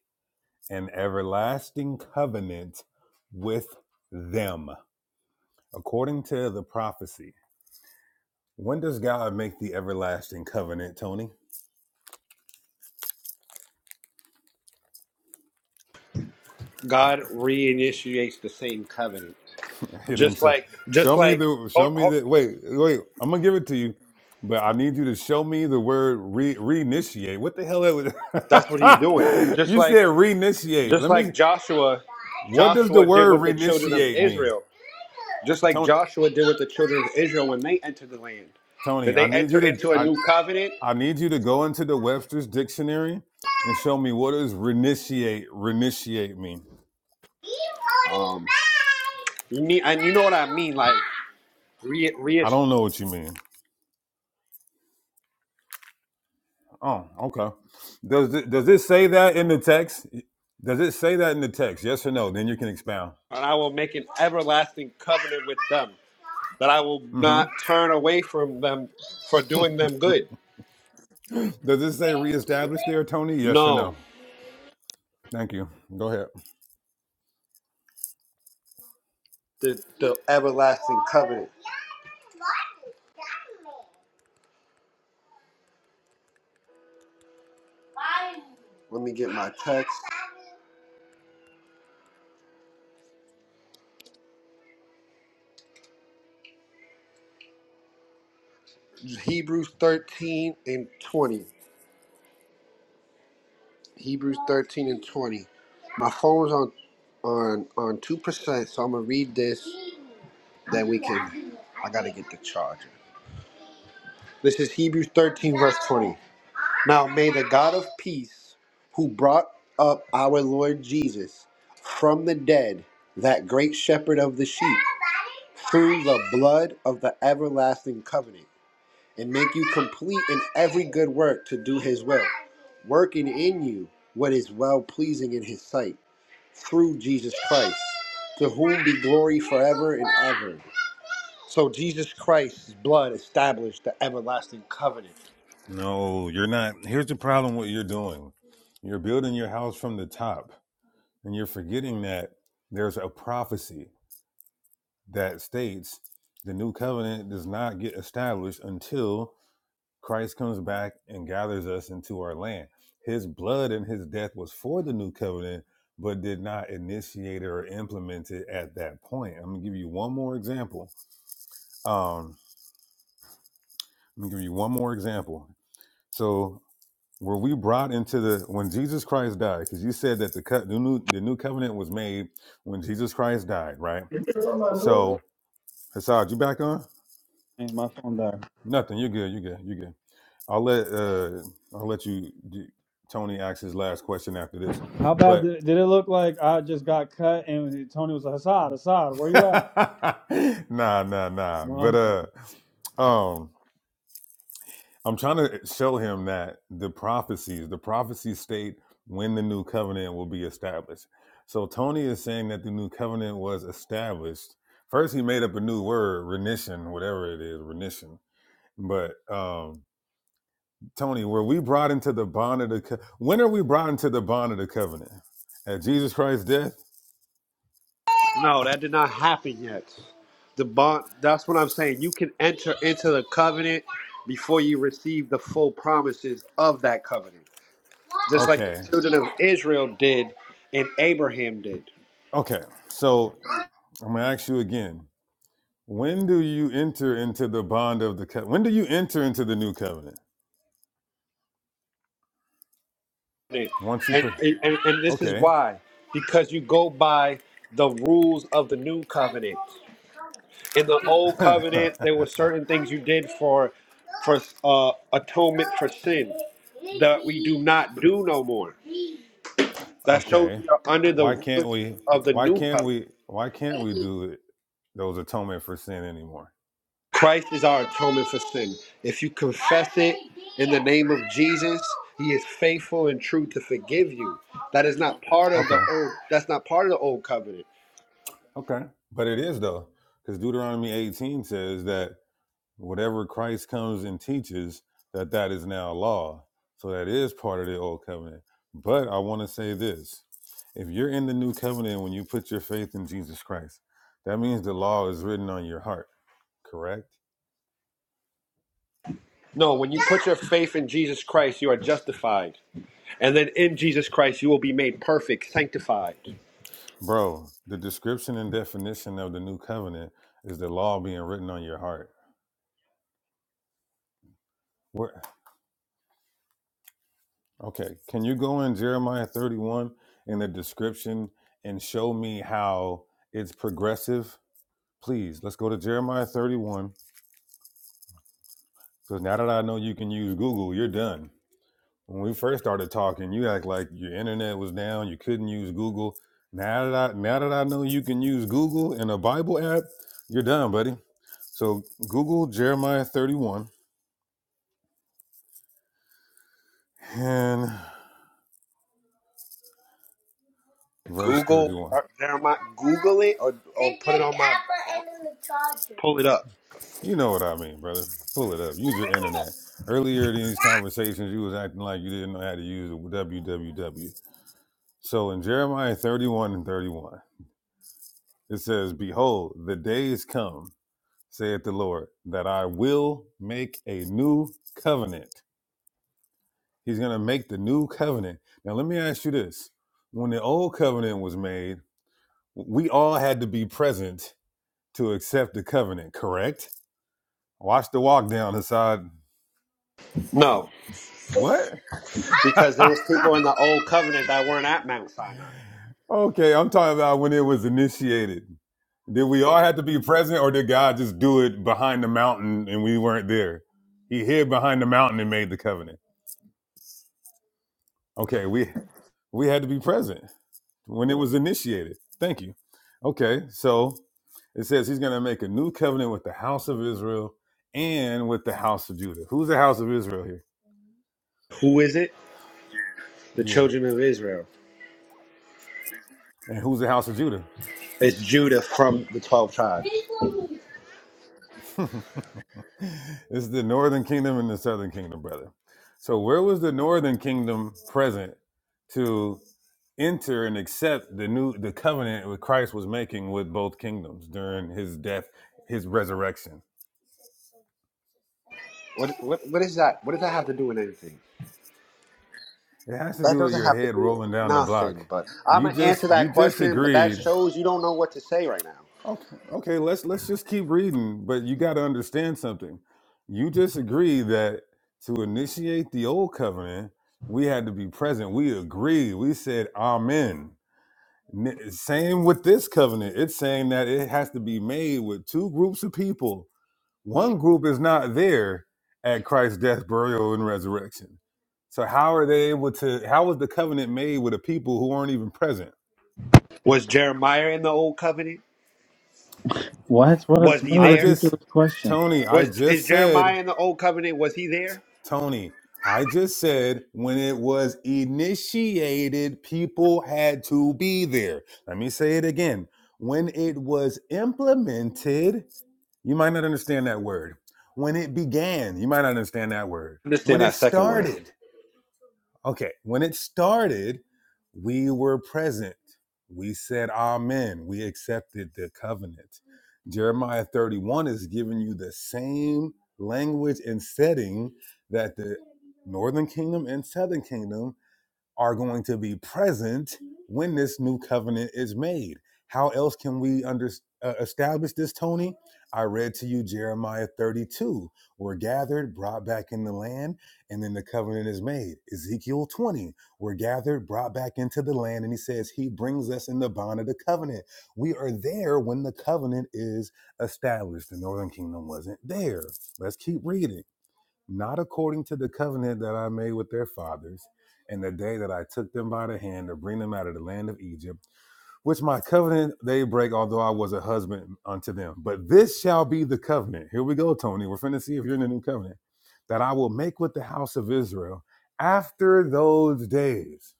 Speaker 2: an everlasting covenant with them according to the prophecy. When does God make the everlasting covenant, Tony?
Speaker 7: God reinitiates the same covenant,
Speaker 2: He didn't
Speaker 7: just
Speaker 2: say,
Speaker 7: like just
Speaker 2: "Show me
Speaker 7: like
Speaker 2: the, show
Speaker 7: hold,
Speaker 2: me
Speaker 7: hold,
Speaker 2: the." Wait, wait. I'm gonna give it to you, but I need you to show me the word re reinitiate. What the hell? That
Speaker 7: that's what He's doing.
Speaker 2: was?
Speaker 7: Just
Speaker 2: you
Speaker 7: like
Speaker 2: said reinitiate.
Speaker 7: just
Speaker 2: Let me.
Speaker 7: like Joshua,
Speaker 2: What does the
Speaker 7: Joshua did
Speaker 2: word
Speaker 7: with the children of
Speaker 2: reinitiate mean,
Speaker 7: Israel. Just like
Speaker 2: Tony?
Speaker 7: Joshua did with the children of Israel when they entered the land.
Speaker 2: Tony,
Speaker 7: Did
Speaker 2: I
Speaker 7: they
Speaker 2: need
Speaker 7: enter
Speaker 2: you to.
Speaker 7: into a
Speaker 2: I
Speaker 7: new covenant?
Speaker 2: I need you to go into the Webster's dictionary and show me what does reinitiate reinitiate mean.
Speaker 7: Um, you need, and you know what I mean, like re, re, and
Speaker 2: I don't know what you mean. Oh, okay. Does it, does it say that in the text? Does it say that in the text? Yes or no? Then you can expound.
Speaker 7: I will make an everlasting covenant with them, that I will not
Speaker 2: Mm-hmm.
Speaker 7: turn away from them for doing them good.
Speaker 2: Does it say reestablish there, Tony? Yes or
Speaker 7: No,
Speaker 2: no? Thank you. Go ahead.
Speaker 7: the the everlasting covenant. Let me get my text. Hebrews 13 and 20. Hebrews 13 and 20. My phone's on on on 2%, so I'm going to read this then we can I got to get the charger. This is Hebrews 13 verse 20. Now may the God of peace who brought up our Lord Jesus from the dead, that great shepherd of the sheep, through the blood of the everlasting covenant and make you complete in every good work to do his will, working in you what is well pleasing in his sight through Jesus Christ, to whom be glory forever and ever. So Jesus Christ's blood established the everlasting covenant.
Speaker 2: No, you're not. Here's the problem what you're doing. You're building your house from the top, and you're forgetting that there's a prophecy that states the new covenant does not get established until Christ comes back and gathers us into our land. His blood and his death was for the new covenant, but did not initiate it or implement it at that point. I'm gonna give you one more example. Um, Let me give you one more example. So were we brought into the when Jesus Christ died? Because you said that the cut the new the new covenant was made when Jesus Christ died, right? So Hassad, you back on?
Speaker 1: and my phone died.
Speaker 2: Nothing. You're good. You're good. You're good. I'll let uh I'll let you do, Tony ask his last question after this.
Speaker 1: How bad
Speaker 2: But
Speaker 1: did, did it look like I just got cut and Tony was like, Assad, Assad, where you at?
Speaker 2: nah, nah, nah. But
Speaker 1: Well,
Speaker 2: uh um I'm trying to show him that the prophecies, the prophecies state when the new covenant will be established. So Tony is saying that the new covenant was established. First, he made up a new word, renition, whatever it is, renition. But um, Tony, were we brought into the bond of the co- when are we brought into the bond of the covenant? At Jesus Christ's death?
Speaker 7: No, that did not happen yet. The bond that's what I'm saying. You can enter into the covenant before you receive the full promises of that covenant. Just like the
Speaker 2: Okay.
Speaker 7: children of Israel did and Abraham did.
Speaker 2: Okay. So I'm gonna ask you again. When do you enter into the bond of the co- when do you enter into the new covenant? Once you
Speaker 7: And,
Speaker 2: put
Speaker 7: and, and this is
Speaker 2: okay.
Speaker 7: why because you go by the rules of the new covenant. In the old covenant, there were certain things you did for for uh, atonement for sin that we do not do no more. That shows
Speaker 2: okay.
Speaker 7: we are under the
Speaker 2: Why can't
Speaker 7: rulership
Speaker 2: we
Speaker 7: of the
Speaker 2: why
Speaker 7: new
Speaker 2: can't
Speaker 7: covenant.
Speaker 2: we why can't we do it, those atonement for sin anymore?
Speaker 7: Christ is our atonement for sin. If you confess it in the name of Jesus, he is faithful and true to forgive you. That is not part of the
Speaker 2: Okay.
Speaker 7: old that's not part of the old covenant.
Speaker 2: Okay. But it is though, because Deuteronomy 18 says that whatever Christ comes and teaches, that that is now law. So that is part of the old covenant. But I want to say this. If you're in the new covenant when you put your faith in Jesus Christ, that means the law is written on your heart, correct?
Speaker 7: No, when you put your faith in Jesus Christ, you are justified. And then in Jesus Christ, you will be made perfect, sanctified.
Speaker 2: Bro, the description and definition of the new covenant is the law being written on your heart. Where okay, can you go in Jeremiah 31 in the description and show me how it's progressive? Please, let's go to Jeremiah 31. Because now that I know you can use Google, you're done. When we first started talking, you act like your internet was down, you couldn't use Google. Now that I now that I know you can use Google in a Bible app, you're done, buddy. So Google Jeremiah 31 and verse
Speaker 7: Google,
Speaker 2: 31.
Speaker 7: uh, Jeremiah, Google it or, or put it on my. Pull it up.
Speaker 2: You know what I mean, brother. Pull it up. Use your internet. Earlier in these conversations, you was acting like you didn't know how to use the www. So in Jeremiah 31 and 31, it says, Behold, the days come, saith the Lord, that I will make a new covenant. He's going to make the new covenant. Now, let me ask you this. When the old covenant was made, we all had to be present to accept the covenant, correct? Watch the walk down, Hassad.
Speaker 7: No,
Speaker 2: What?
Speaker 7: because there was people in the old covenant that weren't at Mount Sinai.
Speaker 2: okay, I'm talking about when it was initiated. Did we all have to be present, or did God just do it behind the mountain and we weren't there? He hid behind the mountain and made the covenant. Okay, we we had to be present when it was initiated. Thank you. Okay, so it says he's going to make a new covenant with the house of Israel and with the house of Judah. Who's the house of Israel here?
Speaker 7: Who is it? The
Speaker 2: Yeah,
Speaker 7: children of Israel.
Speaker 2: and who's the house of Judah?
Speaker 7: It's Judah from the twelve tribes.
Speaker 2: it's the northern kingdom and the southern kingdom, brother. So where was the northern kingdom present to enter and accept the new the covenant that Christ was making with both kingdoms during his death, his resurrection?
Speaker 7: What, what, what is that? What does that have to do with anything?
Speaker 2: It has to
Speaker 7: That
Speaker 2: do with
Speaker 7: doesn't
Speaker 2: your
Speaker 7: have to
Speaker 2: head
Speaker 7: do with
Speaker 2: rolling down the
Speaker 7: nothing,
Speaker 2: block.
Speaker 7: but I'm
Speaker 2: You
Speaker 7: gonna answer
Speaker 2: just you
Speaker 7: that
Speaker 2: just
Speaker 7: question. But that
Speaker 2: agreed
Speaker 7: shows you don't know what to say right now.
Speaker 2: Okay, okay, let's let's just keep reading, but you got to understand something. You just agree that to initiate the old covenant, we had to be present. We agreed. We said amen. N- Same with this covenant. It's saying that it has to be made with two groups of people. One group is not there at Christ's death, burial, and resurrection. So how are they able to how was the covenant made with a people who weren't even present?
Speaker 7: Was Jeremiah in the old covenant?
Speaker 1: what? What a,
Speaker 7: Was
Speaker 1: what
Speaker 7: he
Speaker 1: a
Speaker 2: I
Speaker 7: there?
Speaker 2: just
Speaker 1: ridiculous question.
Speaker 2: Tony, I
Speaker 7: Was is
Speaker 2: just said
Speaker 7: Jeremiah in the old covenant? Was he there?
Speaker 2: Tony, I just said when it was initiated, people had to be there. Let me say it again. When it was implemented, you might not understand that word. When it began, you might not understand that word. When
Speaker 7: Understand
Speaker 2: it
Speaker 7: that second word.
Speaker 2: started, Okay, when it started, we were present. We said amen. We accepted the covenant. Jeremiah 31 is giving you the same language and setting that the northern kingdom and southern kingdom are going to be present when this new covenant is made. How else can we under, uh, establish this, Tony? I read to you Jeremiah 32. We're gathered, brought back in the land, and then the covenant is made. Ezekiel 20. We're gathered, brought back into the land, and he says, He brings us in the bond of the covenant. We are there when the covenant is established. The northern kingdom wasn't there. Let's keep reading not according to the covenant that I made with their fathers, and the day that I took them by the hand to bring them out of the land of Egypt, which my covenant they break, although I was a husband unto them. But this shall be the covenant. Here we go, Tony. We're finna see if you're in the new covenant that I will make with the house of Israel after those days.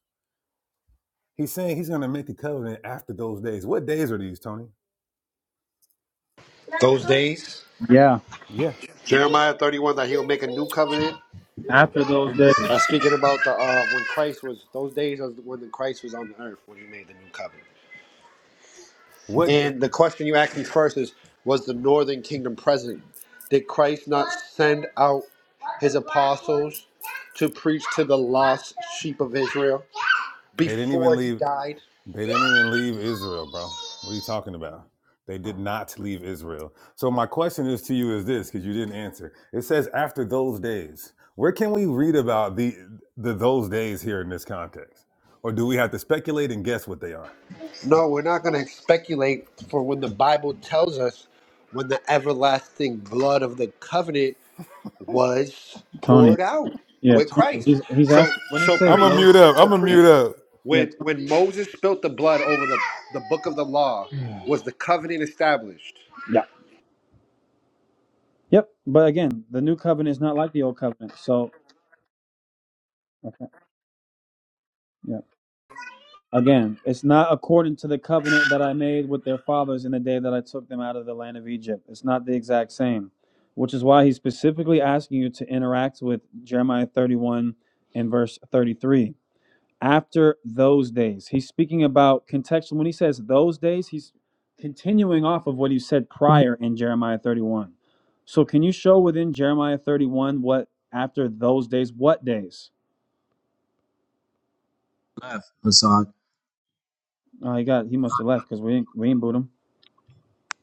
Speaker 2: He's saying he's gonna make a covenant after those days. What days are these, Tony?
Speaker 7: Those days,
Speaker 1: Yeah.
Speaker 2: Yeah.
Speaker 7: Jeremiah 31, that he'll make a new covenant.
Speaker 1: After those days,
Speaker 7: That's speaking about the uh, when Christ was. Those days was when Christ was on the earth when he made the new covenant.
Speaker 2: What
Speaker 7: And the question you asked me first is Was the northern kingdom present? Did Christ not send out his apostles to preach to the lost sheep of Israel
Speaker 2: they didn't even
Speaker 7: before he
Speaker 2: leave.
Speaker 7: died?
Speaker 2: They didn't even leave Israel, bro. What are you talking about? They did not leave Israel. So my question is to you is this, because you didn't answer. It says after those days. Where can we read about the the those days here in this context? Or do we have to speculate and guess what they are?
Speaker 7: No, we're not going to speculate for when the Bible tells us when the everlasting blood of the covenant was
Speaker 1: Tony.
Speaker 7: poured out
Speaker 1: Yeah,
Speaker 7: with
Speaker 1: Tony.
Speaker 7: Christ.
Speaker 1: He's he's
Speaker 7: So
Speaker 1: asking when it
Speaker 7: so
Speaker 1: says
Speaker 2: I'm a
Speaker 7: priest,
Speaker 1: those.
Speaker 2: mute up.
Speaker 7: so
Speaker 2: I'm a mute
Speaker 7: priest,
Speaker 2: up.
Speaker 1: Yeah.
Speaker 7: when
Speaker 1: Tony,
Speaker 7: when Moses spilt the blood over the, the book of the law, was the covenant established?
Speaker 1: yeah. Yep. But again, the new covenant is not like the old covenant. So, okay. Yeah. Again, it's not according to the covenant that I made with their fathers in the day that I took them out of the land of Egypt. It's not the exact same, which is why he's specifically asking you to interact with Jeremiah 31 and verse 33. After those days, he's speaking about contextual. When he says those days, he's continuing off of what he said prior in Jeremiah 31. So, can you show within Jeremiah 31 what after those days, what days?
Speaker 8: Hassan.
Speaker 1: Oh, he got he must have left because we didn't, we didn't boot him.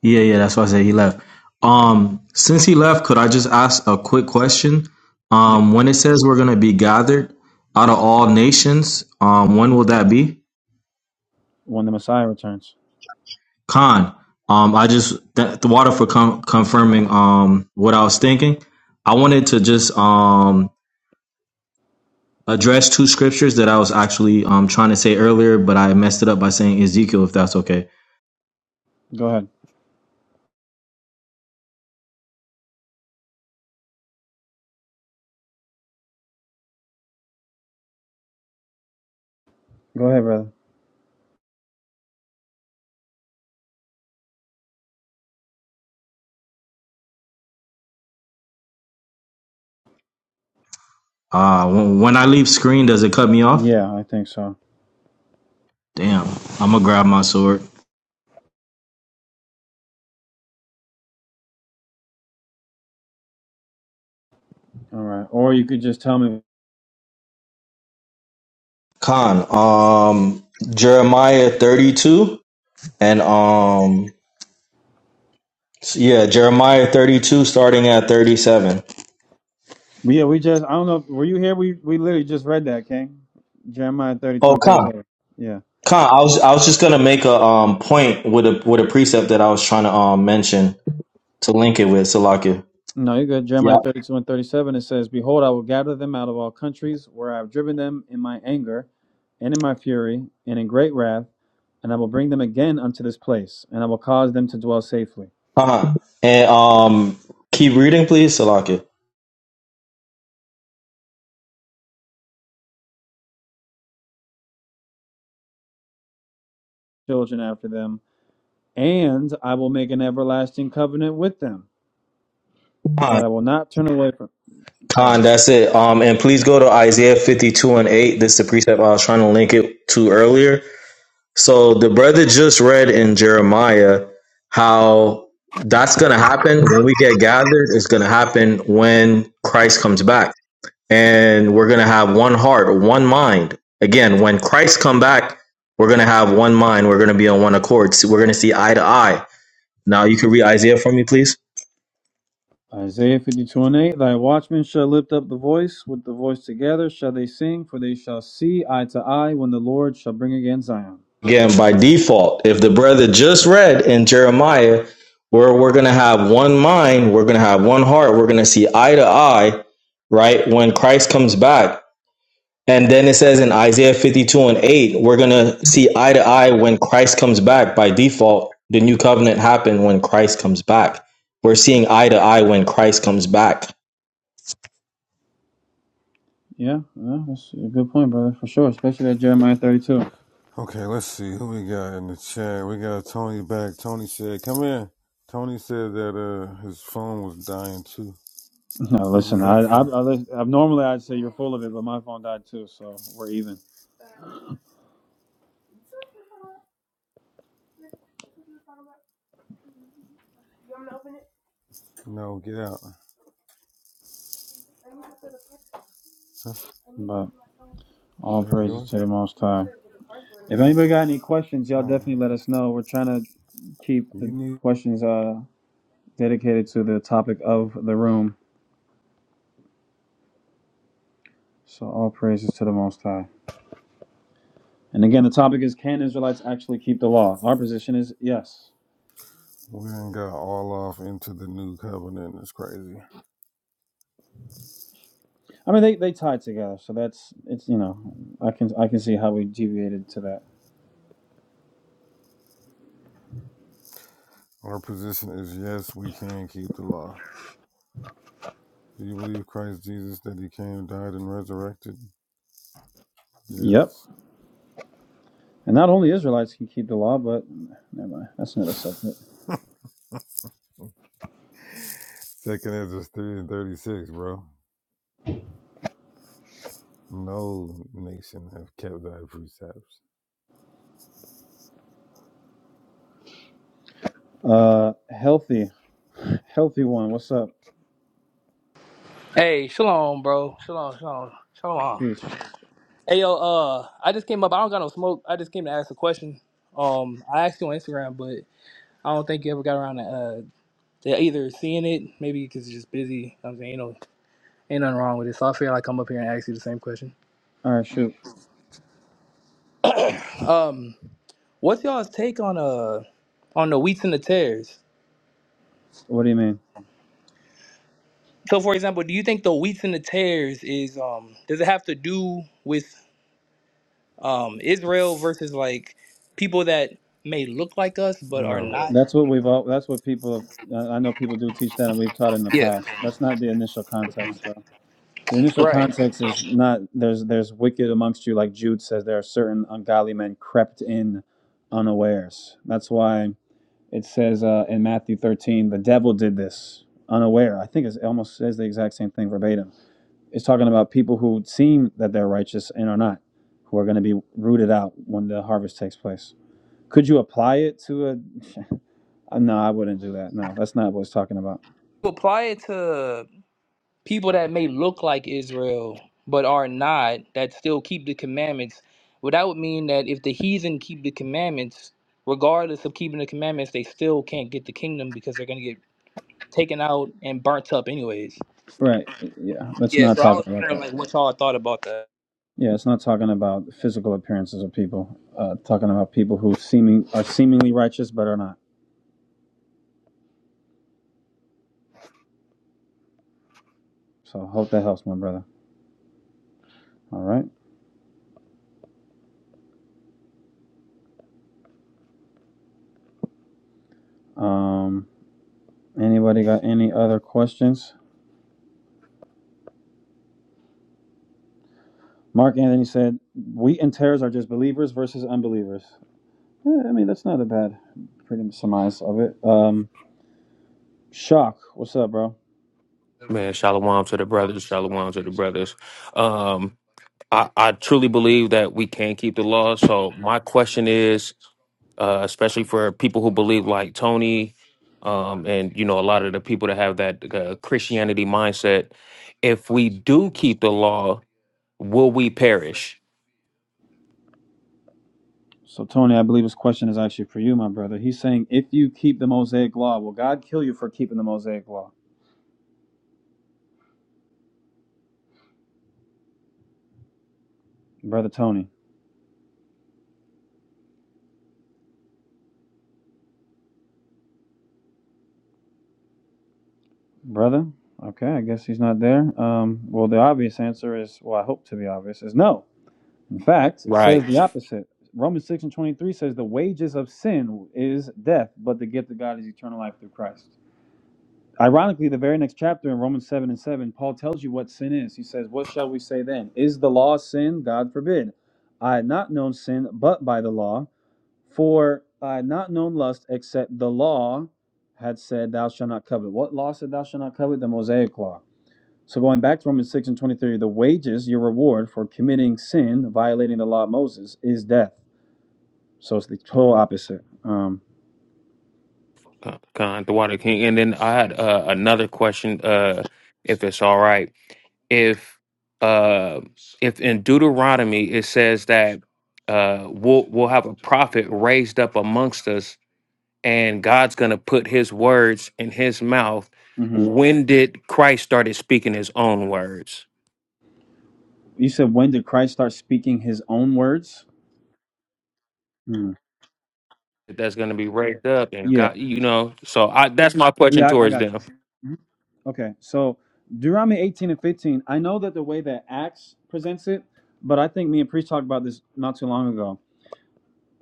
Speaker 8: Yeah, yeah, that's why I said he left. Um, since he left, could I just ask a quick question? Um, when it says we're gonna be gathered out of all nations, um, when will that be?
Speaker 1: when the Messiah returns.
Speaker 8: Khan, um, I just th- the water for com- confirming um what I was thinking. I wanted to just um address two scriptures that I was actually um trying to say earlier, but I messed it up by saying Ezekiel. If that's okay.
Speaker 1: Go ahead. Go ahead, brother.
Speaker 8: Uh, when when I leave screen, does it cut me off?
Speaker 1: Yeah, I think so.
Speaker 8: Damn, I'm gonna grab my sword.
Speaker 1: All right. Or you could just tell me.
Speaker 8: Con, um, Jeremiah 32 and um, yeah, Jeremiah 32 starting at 37.
Speaker 1: yeah, we just, I don't know. Were you here? We we literally just read that, King. Jeremiah 32
Speaker 8: Oh,
Speaker 1: and
Speaker 8: Con,
Speaker 1: 37. Yeah.
Speaker 8: Con, I was I was just gonna make a um point with a with a precept that I was trying to um mention to link it with Salakia.
Speaker 1: No, you're good. Jeremiah
Speaker 8: Yeah,
Speaker 1: 32 and 37, it says, Behold, I will gather them out of all countries where I have driven them in my anger and in my fury and in great wrath, and I will bring them again unto this place, and I will cause them to dwell safely,
Speaker 8: Con, and um, keep reading, please, Salakia.
Speaker 1: children after them, and I will make an everlasting covenant with them that
Speaker 8: Con,
Speaker 1: I will not turn away from. Go ahead.
Speaker 8: Con, that's it. Um, and please go to Isaiah 52 and 8. This is the precept I was trying to link it to earlier. So the brother just read in Jeremiah how that's going to happen when we get gathered. It's going to happen when Christ comes back, and we're going to have one heart, one mind. Again, when Christ come back, we're going to have one mind. We're going to be on one accord. So We're going to see eye to eye. Now you can read Isaiah for me, please.
Speaker 1: Isaiah 52 and 8 Thy watchmen shall lift up the voice, with the voice together shall they sing, for they shall see eye to eye when the Lord shall bring again Zion.
Speaker 8: Again, by default, if the brother just read in Jeremiah, where we're going to have one mind, we're going to have one heart, we're going to see eye to eye, right? When Christ comes back. And then it says in Isaiah 52 and 8, we're going to see eye to eye when Christ comes back. By default, the new covenant happened when Christ comes back. We're seeing eye to eye when Christ comes back.
Speaker 1: Yeah, yeah, that's a good point, brother, for sure, especially that Jeremiah 32.
Speaker 2: Okay, let's see who we got in the chat. We got Tony back. Tony said, "Come in." Tony said that uh his phone was dying too.
Speaker 1: Now,
Speaker 2: Who's
Speaker 1: listen,
Speaker 2: is
Speaker 1: I,
Speaker 2: that
Speaker 1: I,
Speaker 2: for?
Speaker 1: I, lis- I normally I'd say you're full of it, but my phone died too, so we're even.
Speaker 2: No, get out.
Speaker 1: But all
Speaker 2: That's
Speaker 1: praises
Speaker 2: yours?
Speaker 1: to the Most High. If anybody got any questions, y'all
Speaker 2: Oh.
Speaker 1: definitely let us know. We're trying to keep
Speaker 2: You
Speaker 1: the
Speaker 2: need
Speaker 1: questions uh dedicated to the topic of the room So all praises to the Most High. And again, the topic is can Israelites actually keep the law? Our position is yes.
Speaker 2: we done got all off into the new covenant. It's crazy.
Speaker 1: I mean, they, they tie together, so that's it's you know I can I can see how we deviated to that.
Speaker 2: Our position is yes, we can keep the law. Do you believe Christ Jesus that he came, died, and resurrected?
Speaker 1: Yep.
Speaker 2: Yes.
Speaker 1: And not only Israelites can keep the law, but never mind. That's another subject.
Speaker 2: Second Ezra 3 and 36, bro. No nation have kept thy precepts.
Speaker 1: Uh, healthy, healthy one. What's up?
Speaker 9: Hey, shalom, bro. Shalom, shalom, shalom.
Speaker 1: Peace.
Speaker 9: Hey, yo, uh, I just came up. I don't got no smoke. I just came to ask a question. Um, I asked you on Instagram, but I don't think you ever got around to, uh, to either seeing it, maybe because you're just busy. I'm saying, ain't no ain't nothing wrong with it. So I feel like I'm up here and ask you the same question.
Speaker 1: All right, shoot.
Speaker 9: Um, what's y'all's take on uh on the wheats and the tares?
Speaker 1: What do you mean?
Speaker 9: So, for example, do you think the wheats and the tares is um does it have to do with um Israel versus like people that may look like us but are
Speaker 2: No.
Speaker 9: not. Mm.
Speaker 1: That's what we've all. That's what people have. I I know people do teach that, and we've taught in the
Speaker 9: Yeah,
Speaker 1: past. That's not the initial context, though. The initial
Speaker 9: right.
Speaker 1: context is not there's there's wicked amongst you, like Jude says, there are certain ungodly men crept in unawares. That's why it says uh, in Matthew 13, the devil did this unaware. I think it's, it almost says the exact same thing verbatim. It's talking about people who seem that they're righteous and are not, who are going to be rooted out when the harvest takes place. Could you apply it to a? uh, No, I wouldn't do that. No, that's not what it's talking about.
Speaker 9: Apply it to people that may look like Israel but are not that still keep the commandments. Well, that would mean that if the heathen keep the commandments, regardless of keeping the commandments, they still can't get the kingdom because they're gonna get taken out and burnt up anyways.
Speaker 1: Right? Yeah, let's
Speaker 9: Yeah,
Speaker 1: not
Speaker 9: so I
Speaker 1: talk
Speaker 9: was
Speaker 1: about that.
Speaker 9: wondering like what y'all thought about that.
Speaker 1: Yeah, it's not talking about physical appearances of people. Uh, talking about people who seeming are seemingly righteous but are not. So hope that helps, my brother. All right. Um, anybody got any other questions? Mark Anthony said, "Wheat and tares are just believers versus unbelievers." Yeah, I mean, that's not a bad, pretty much surmise of it. Um, Shock, what's up, bro?
Speaker 10: Man, shalom to the brothers, shalom to the brothers. Um, I, I truly believe that we can keep the law. So my question is, uh, especially for people who believe like Tony, um, and you know a lot of the people that have that uh, Christianity mindset, if we do keep the law, will we perish?
Speaker 1: So Tony, I believe his question is actually for you, my brother. He's saying, "If you keep the Mosaic Law, will God kill you for keeping the Mosaic Law?" Brother Tony. Brother? Okay, I guess he's not there. Um, well, the obvious answer is, well, I hope to be obvious, is no. In fact, it says
Speaker 10: Right.
Speaker 1: the opposite. Romans 6 and 23 says the wages of sin is death, but the gift of God is eternal life through Christ. Ironically, the very next chapter in Romans 7 and 7, Paul tells you what sin is. He says, What shall we say then? Is the law sin? God forbid. I had not known sin but by the law, for I had not known lust except the law had said, Thou shalt not covet. What law said, Thou shalt not covet? The Mosaic law. So going back to Romans 6 and 23, the wages, your reward for committing sin, violating the law of Moses, is death. So it's the total opposite. Um,
Speaker 10: Con, Con, the Water King. And then I had uh, another question, uh, if it's all right. If uh, if in Deuteronomy it says that uh, we'll we'll have a prophet raised up amongst us, and God's going to put His words in His mouth.
Speaker 1: mhm.
Speaker 10: When did Christ started speaking His own words?
Speaker 1: You said, when did Christ start speaking his own words? Mm.
Speaker 10: That's going to be raised up, and
Speaker 1: Yeah.
Speaker 10: God, you know. So I, that's my question
Speaker 1: Yeah, I, I
Speaker 10: towards
Speaker 1: got
Speaker 10: them.
Speaker 1: you. Mhm. Okay. So Deuteronomy 18 and 15, I know that the way that Acts presents it, but I think me and Priest talked about this not too long ago.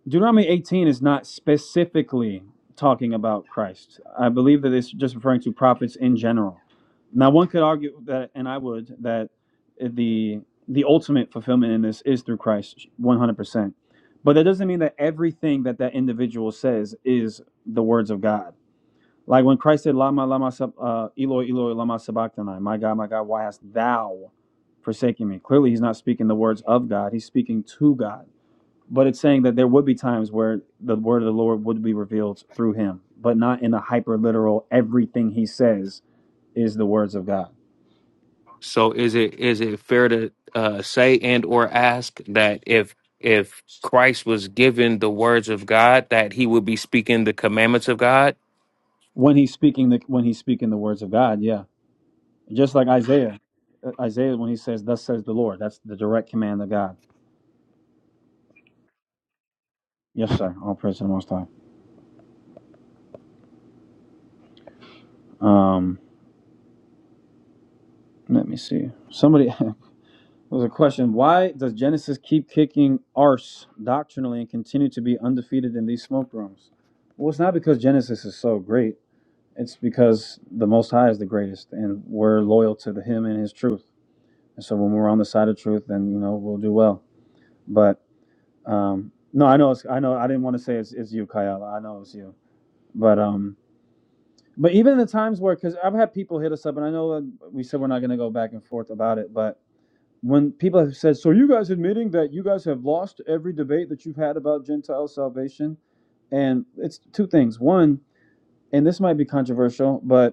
Speaker 1: Deuteronomy 18 is not specifically talking about Christ. I believe that it's just referring to prophets in general. Now, one could argue that, and I would, that the the ultimate fulfillment in this is through Christ, 100%. But that doesn't mean that everything that that individual says is the words of God. Like when Christ said, "Lama, lama, uh, Eloi, Eloi, lama sabachthani," my God, my God, why hast thou forsaken me? Clearly, he's not speaking the words of God; he's speaking to God. But it's saying that there would be times where the word of the Lord would be revealed through him, but not in a hyper literal everything he says is the words of God.
Speaker 10: So is it is it fair to uh, say and or ask that if if Christ was given the words of God, that he would be speaking the commandments of God?
Speaker 1: When he's speaking the when he's speaking the words of God, yeah. Just like Isaiah. Uh, Isaiah when he says, Thus says the Lord, that's the direct command of God. Yes, sir. All praise to the most high. Um let me see. Somebody was a question. Why does Genesis keep kicking arse doctrinally and continue to be undefeated in these smoke rooms? Well, it's not because Genesis is so great. It's because the Most High is the greatest, and we're loyal to the Him and His truth. And so when we're on the side of truth, then you know we'll do well. But um, no, I know, it's, I know, I didn't want to say it's, it's you, Kayala. I know it's you. But um, but even in the times where, because I've had people hit us up, and I know uh, we said we're not going to go back and forth about it, but when people have said, "So you guys admitting that you guys have lost every debate that you've had about Gentile salvation?" and it's two things. One, and this might be controversial, but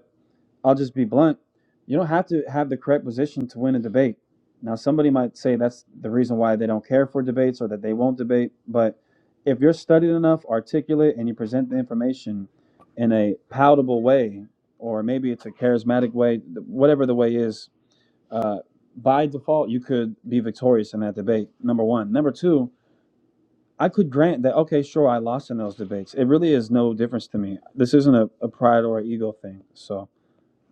Speaker 1: I'll just be blunt. You don't have to have the correct position to win a debate. Now, somebody might say that's the reason why they don't care for debates or that they won't debate. But if you're studied enough, articulate, and you present the information in a palatable way, or maybe it's a charismatic way, th- whatever the way is, uh, by default, you could be victorious in that debate. Number one. Number two, I could grant that, okay, sure, I lost in those debates. It really is no difference to me. This isn't a, a pride or an ego thing. So.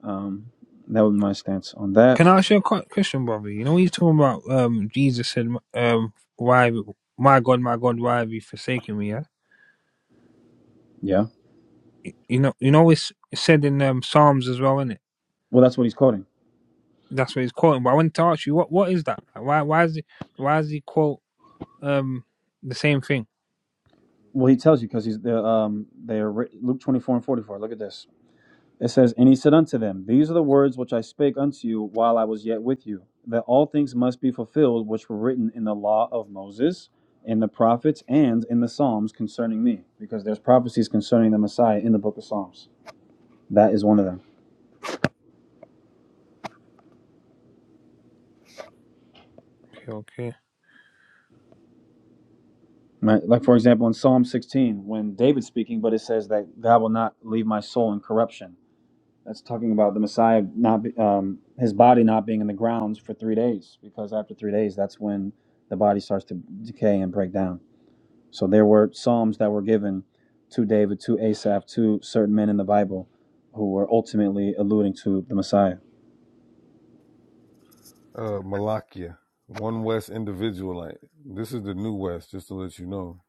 Speaker 1: Um, that would be my stance on that.
Speaker 3: Can I ask you a que- question, brother? You know, when you're talking about um, Jesus said, um, "Why, my God, my God, why have you forsaken me?" Yeah,
Speaker 1: Yeah.
Speaker 3: Y- you know, you know, it's it's said in um, Psalms as well, isn't it?
Speaker 1: Well, that's what he's quoting.
Speaker 3: That's what he's quoting. But I wanted to ask you, what what is that? Like, Why why is it why is he quote um the same thing?
Speaker 1: Well, he tells you because he's the um they are Luke twenty four and forty four. Look at this. It says, and he said unto them, These are the words which I spake unto you while I was yet with you, that all things must be fulfilled which were written in the law of Moses, in the prophets, and in the Psalms concerning me, because there's prophecies concerning the Messiah in the book of Psalms. That is one of them.
Speaker 3: Okay, okay.
Speaker 1: Right? Like for example, in Psalm sixteen, when David's speaking, but it says that God will not leave my soul in corruption That's talking about the Messiah not be, um, his body not being in the grounds for three days, because after three days, that's when the body starts to decay and break down. So there were psalms that were given to David, to Asaph, to certain men in the Bible, who were ultimately alluding to the Messiah.
Speaker 2: Uh Malakia. One West individualite. This is the new West, just to let you know.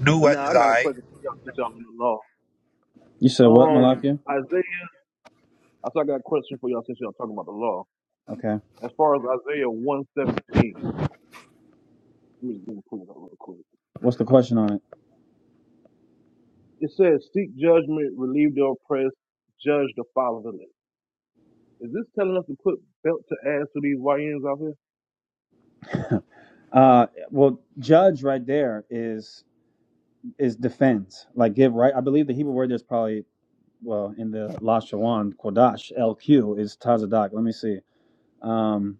Speaker 7: New
Speaker 11: But
Speaker 7: West
Speaker 11: now I
Speaker 7: is
Speaker 11: got a
Speaker 7: I.
Speaker 11: question for y'all since y'all on the law.
Speaker 1: You said what,
Speaker 11: Um,
Speaker 1: Malachi?
Speaker 11: Isaiah, I said I got a question for y'all since y'all talking about the law.
Speaker 1: Okay.
Speaker 11: As far as Isaiah 117, let me, just let me pull it up real quick.
Speaker 1: What's the question on it?
Speaker 11: It says, Seek judgment, relieve the oppressed, judge the fatherless. Is this telling us to put belt to ass to these YNs out here?
Speaker 1: Uh, well, judge right there is is defend, like give right. I believe the Hebrew word there's probably well in the Lashawan Kodash LQ is Tazadak. Let me see. Um,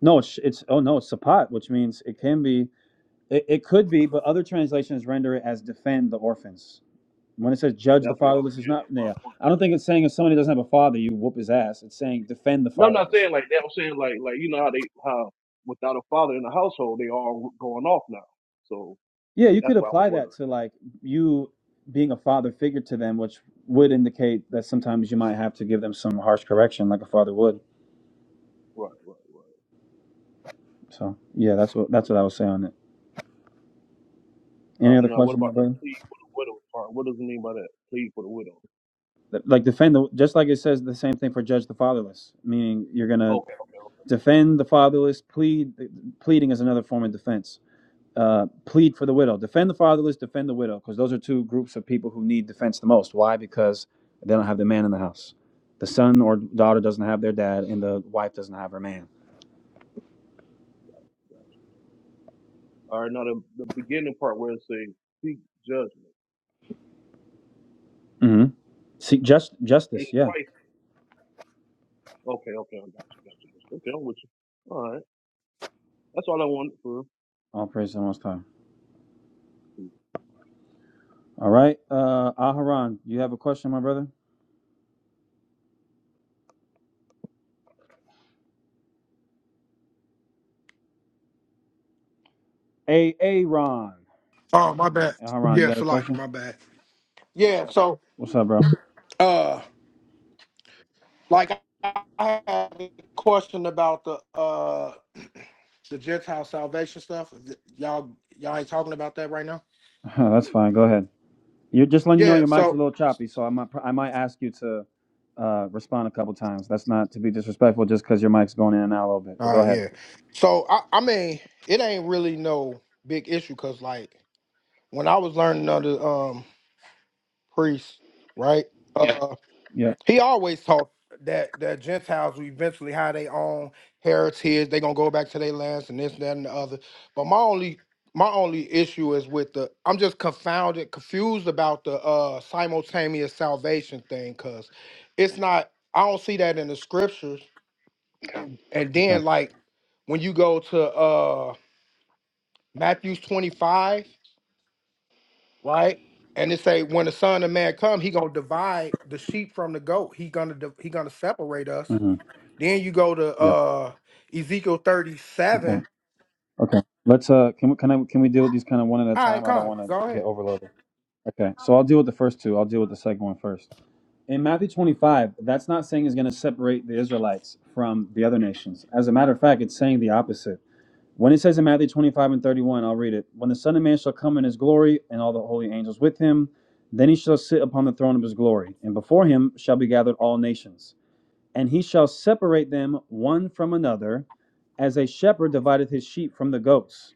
Speaker 1: no, it's, it's oh no, it's sapat, which means it can be, it, it could be, but other translations render it as defend the orphans. When it says judge the
Speaker 11: That's what I,
Speaker 1: fatherless, it's
Speaker 11: yeah,
Speaker 1: not
Speaker 11: that's what
Speaker 1: there.
Speaker 11: I
Speaker 1: Yeah,
Speaker 11: want.
Speaker 1: I don't think it's saying if somebody doesn't have a father, you whoop his ass. It's saying defend the
Speaker 11: No, I'm not
Speaker 1: fatherless.
Speaker 11: saying like that. I'm saying like, like, you know how they, how without a father in the household, they all going off now. So
Speaker 1: Yeah, you
Speaker 11: that's
Speaker 1: could
Speaker 11: why I was
Speaker 1: apply that
Speaker 11: wondering.
Speaker 1: to like you being a father figure to them, which would indicate that sometimes you might have to give them some harsh correction, like a father would.
Speaker 11: Right, right. right.
Speaker 1: So yeah, that's what that's what I was saying on it.
Speaker 11: All
Speaker 1: Any
Speaker 11: right,
Speaker 1: other
Speaker 11: now what
Speaker 1: questions, my
Speaker 11: about the
Speaker 1: brother?
Speaker 11: plead for the widow part? What does it mean by that? Plead for the widow.
Speaker 1: Th- Like defend the just like it says the same thing for judge the fatherless, meaning you're gonna
Speaker 11: Okay.
Speaker 1: defend the fatherless plead pleading is another form of defense uh, plead for the widow defend the fatherless defend the widow because those are two groups of people who need defense the most why because they don't have the man in the house the son or daughter doesn't have their dad and the wife doesn't have her man
Speaker 11: All right, now the, the beginning part where it says seek judgment
Speaker 1: hmm seek just
Speaker 11: in
Speaker 1: justice yeah
Speaker 11: Christ. Okay, okay, I got you, got you. got you. Okay, I'm with you. All right, that's all I wanted for. real.
Speaker 1: all praise to the most high all right uh aharon you have a question my brother a aaron
Speaker 12: Oh, my
Speaker 1: no,
Speaker 12: bad.
Speaker 1: aharon
Speaker 12: Yeah,
Speaker 1: you got a
Speaker 12: Salaki,
Speaker 1: question
Speaker 12: my bad. Yeah, so
Speaker 1: what's up bro
Speaker 12: uh like I I had a question about the uh the Gentile salvation stuff. Y'all y'all ain't talking about that right now?
Speaker 1: that's fine go ahead You're just letting you know
Speaker 12: Yeah,
Speaker 1: your mic's a
Speaker 12: so
Speaker 1: little choppy, so I might I might ask you to uh, respond a couple times. That's not to be disrespectful, just because your mic's going in and out a little bit. But
Speaker 12: uh
Speaker 1: go ahead.
Speaker 12: yeah. So I I mean, it ain't really no big issue cuz like when I was learning under um priests, right? Uh Yeah.
Speaker 1: Yeah.
Speaker 12: He always taught that that Gentiles will eventually have their own heritage. They're gonna go back to their lands and this, that, and the other. But my only my only issue is with the I'm just confounded, confused about the uh simultaneous salvation thing, cause it's not I don't see that in the scriptures. And then
Speaker 1: Okay.
Speaker 12: like when you go to uh Matthew's 25, right? And it say when the son of man come, he gonna divide the sheep from the goat. He gonna div- he gonna separate us
Speaker 1: Mm-hmm.
Speaker 12: Then you go to
Speaker 1: Yep.
Speaker 12: uh Ezekiel
Speaker 1: Okay.
Speaker 12: 37.
Speaker 1: Okay. Let's uh, can we can I can we deal with these kind of one at a
Speaker 12: All right,
Speaker 1: time? I don't
Speaker 12: come
Speaker 1: want
Speaker 12: go
Speaker 1: to get
Speaker 12: ahead.
Speaker 1: overloaded. Okay. So I'll deal with the first two. I'll deal with the second one first. In Matthew 25, that's not saying it's going to separate the Israelites from the other nations. As a matter of fact, it's saying the opposite. When it says in Matthew 25 and 31, I'll read it. When the Son of Man shall come in his glory, and all the holy angels with him, then he shall sit upon the throne of his glory, and before him shall be gathered all nations. And he shall separate them one from another, as a shepherd divideth his sheep from the goats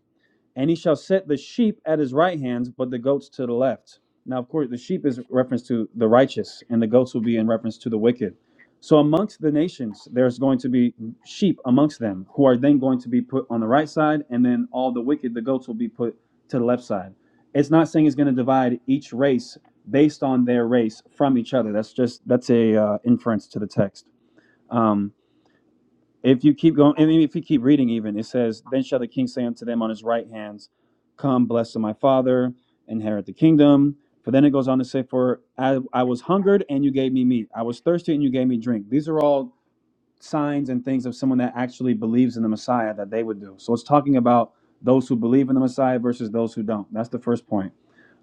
Speaker 1: and he shall set the sheep at his right hand, but the goats to the left. Now, of course, the sheep is reference to the righteous, and the goats will be in reference to the wicked. So, amongst the nations, there's going to be sheep amongst them, who are then going to be put on the right side, and then all the wicked, the goats, will be put to the left side. It's not saying it's going to divide each race based on their race from each other. That's just that's a uh, inference to the text. Um, if you keep going, and if you keep reading, even it says, "Then shall the king say unto them on his right hands, Come, blessed of my father, inherit the kingdom." For then it goes on to say, "For I, I was hungered and you gave me meat; I was thirsty and you gave me drink." These are all signs and things of someone that actually believes in the Messiah that they would do. So it's talking about those who believe in the Messiah versus those who don't. That's the first point.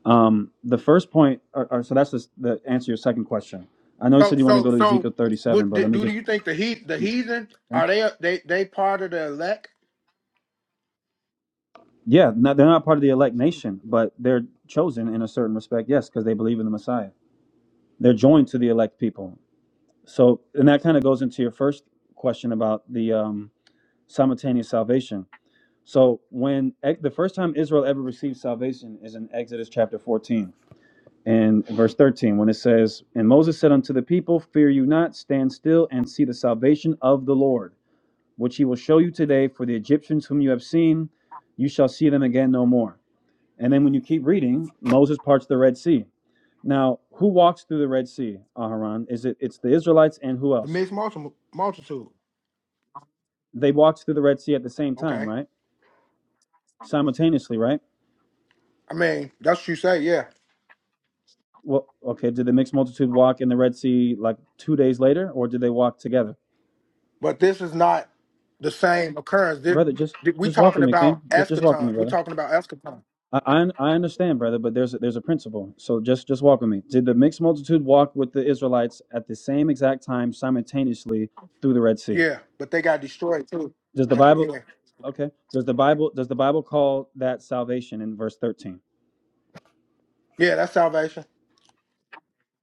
Speaker 1: Um, the first point, or, or- so that's the, the answer to your second question. I know you
Speaker 12: So
Speaker 1: said you want to
Speaker 12: so
Speaker 1: go to
Speaker 12: so
Speaker 1: Ezekiel 37,
Speaker 12: what
Speaker 1: but
Speaker 12: do,
Speaker 1: let me
Speaker 12: do
Speaker 1: just.
Speaker 12: you think the heat the heathen are they they they part of the elect?
Speaker 1: Yeah, no, they're not part of the elect nation, but they're chosen in a certain respect, yes, because they believe in the Messiah. They're joined to the elect people. So, and that kind of goes into your first question about the um, simultaneous salvation. So, when e- the first time Israel ever received salvation is in Exodus chapter 14 and verse 13, when it says, And Moses said unto the people, Fear you not, stand still and see the salvation of the Lord, which he will show you today, for the Egyptians whom you have seen, you shall see them again no more. And then when you keep reading, Moses parts the Red Sea. Now, who walks through the Red Sea, Aharon? Is it it's the Israelites and who
Speaker 12: The
Speaker 1: else?
Speaker 12: mixed multi- multitude.
Speaker 1: They walked through the Red Sea at the same time,
Speaker 12: Okay.
Speaker 1: right? Simultaneously, right?
Speaker 12: I mean, that's what you say, yeah.
Speaker 1: Well, okay, did the mixed multitude walk in the Red Sea like 2 days later or did they walk together?
Speaker 12: But this is not the same occurrence. This,
Speaker 1: Brother, just
Speaker 12: th- we
Speaker 1: just walk
Speaker 12: talking
Speaker 1: with me,
Speaker 12: about
Speaker 1: King. Just just walk with me,
Speaker 12: eschaton. We
Speaker 1: brother.
Speaker 12: talking about eschaton.
Speaker 1: I I, I understand, brother, but there's a, there's a principle. So just just walk with me. Did the mixed multitude walk with the Israelites at the same exact time simultaneously through the Red Sea?
Speaker 12: Yeah, but they got destroyed too
Speaker 1: Does the
Speaker 12: at the
Speaker 1: Bible?
Speaker 12: end.
Speaker 1: Okay. Does the Bible does the Bible call that salvation in verse 13?
Speaker 12: Yeah, that's salvation.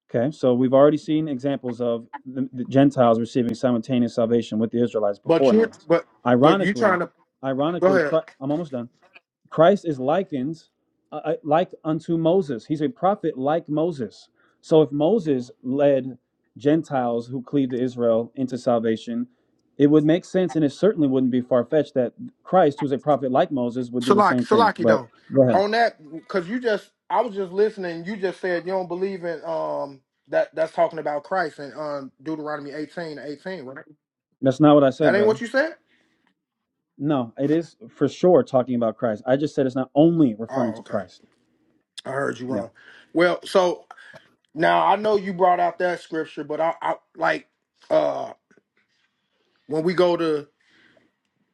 Speaker 1: Okay. So we've already seen examples of the, the Gentiles receiving simultaneous salvation with the Israelites
Speaker 12: But you
Speaker 1: beforehand.
Speaker 12: but but you trying
Speaker 1: Ironically,
Speaker 12: to go
Speaker 1: ironically,
Speaker 12: ahead.
Speaker 1: Chri- I'm almost done. Christ is likened uh, uh, like unto Moses. He's a prophet like Moses. So if Moses led Gentiles who cleave to Israel into salvation, it would make sense and it certainly wouldn't be far fetched that Christ, who's a prophet like Moses, would do the
Speaker 12: Salaki,
Speaker 1: same thing.
Speaker 12: Salaki
Speaker 1: But
Speaker 12: though,
Speaker 1: go ahead.
Speaker 12: on that because you just I was just listening. You just said you don't believe in um that that's talking about Christ and um Deuteronomy eighteen eighteen, right?
Speaker 1: That's not what I
Speaker 12: That
Speaker 1: said,
Speaker 12: ain't
Speaker 1: brother.
Speaker 12: what you said.
Speaker 1: No, it is for sure talking about Christ. I just said it's not only referring
Speaker 12: Oh,
Speaker 1: to
Speaker 12: okay.
Speaker 1: Christ.
Speaker 12: I heard you
Speaker 1: Yeah.
Speaker 12: wrong. Well, so now I know you brought out that scripture, but I, I like uh when we go to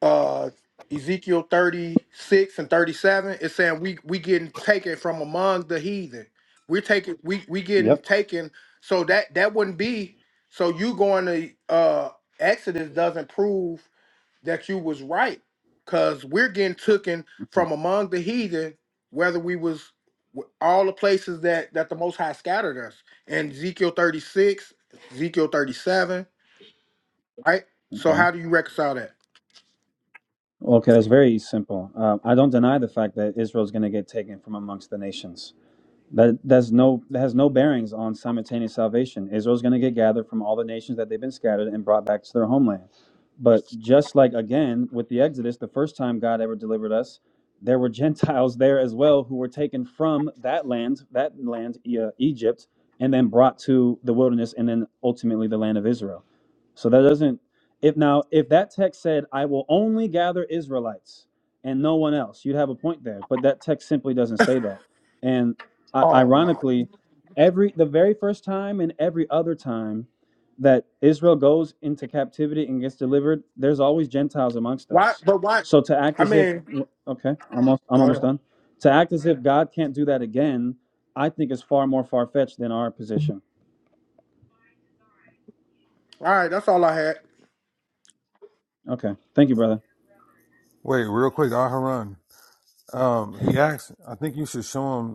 Speaker 12: uh Ezekiel 36 and 37, it's saying we we getting taken from among the heathen. We're taking we we getting
Speaker 1: Yep.
Speaker 12: taken. So that that wouldn't be so you going to uh Exodus doesn't prove that you was right because we're getting taken from among the heathen, whether we was w- all the places that that the most high scattered us in Ezekiel 36, Ezekiel 37, right? So
Speaker 1: Okay.
Speaker 12: how do you reconcile that?
Speaker 1: Okay, that's very simple. Um, I don't deny the fact that Israel's going to get taken from amongst the nations. That that's no that has no bearings on simultaneous salvation. Israel's going to get gathered from all the nations that they've been scattered and brought back to their homeland. But just like again with the Exodus, the first time God ever delivered us, there were Gentiles there as well who were taken from that land, that land E- uh, Egypt, and then brought to the wilderness and then ultimately the land of Israel. So that doesn't if now if that text said I will only gather Israelites and no one else, you'd have a point there. But that text simply doesn't say that. And I-
Speaker 12: Oh my
Speaker 1: ironically, every the very first time and every other time that Israel goes into captivity and gets delivered, there's always Gentiles amongst
Speaker 12: Why?
Speaker 1: us.
Speaker 12: But why?
Speaker 1: So to act
Speaker 12: I
Speaker 1: as if
Speaker 12: mean,
Speaker 1: okay, I'm almost I'm
Speaker 12: go
Speaker 1: almost
Speaker 12: ahead.
Speaker 1: done. To act as if God can't do that again, I think is far more far fetched than our position.
Speaker 12: All right, that's all I had.
Speaker 1: Okay, thank you, brother.
Speaker 2: Wait, real quick, Aharon. Um, he asked, I think you should show him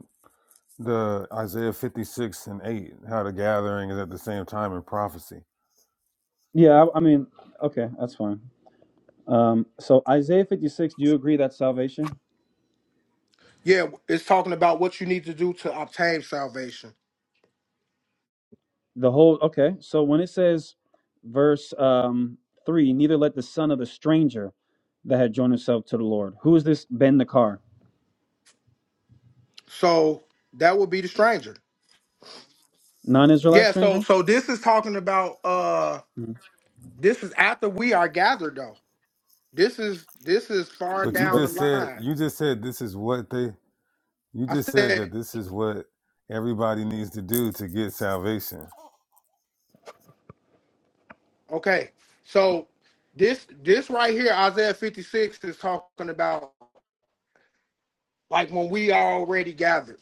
Speaker 2: the Isaiah 56 and 8, how the gathering is at the same time in prophecy.
Speaker 1: Yeah, I, I mean, okay, that's fine. Um, so Isaiah 56, do you agree that's salvation?
Speaker 12: Yeah, it's talking about what you need to do to obtain salvation.
Speaker 1: The whole okay. So when it says verse um three, neither let the son of the stranger that had joined himself to the Lord. Who is this Ben the car?
Speaker 12: So that would be the stranger.
Speaker 1: Non-Israelite
Speaker 12: Yeah. So
Speaker 1: stranger?
Speaker 12: so this is talking about. uh
Speaker 1: Mhm.
Speaker 12: This is after we are gathered, though. This is this is far
Speaker 2: But you
Speaker 1: The-
Speaker 12: down the
Speaker 2: just said,
Speaker 12: line.
Speaker 2: you just said this is what they, you
Speaker 12: I
Speaker 2: just said
Speaker 12: said,
Speaker 2: that this is what everybody needs to do to get salvation.
Speaker 12: okay. So this this right here, Isaiah fifty six is talking about like when we are already gathered.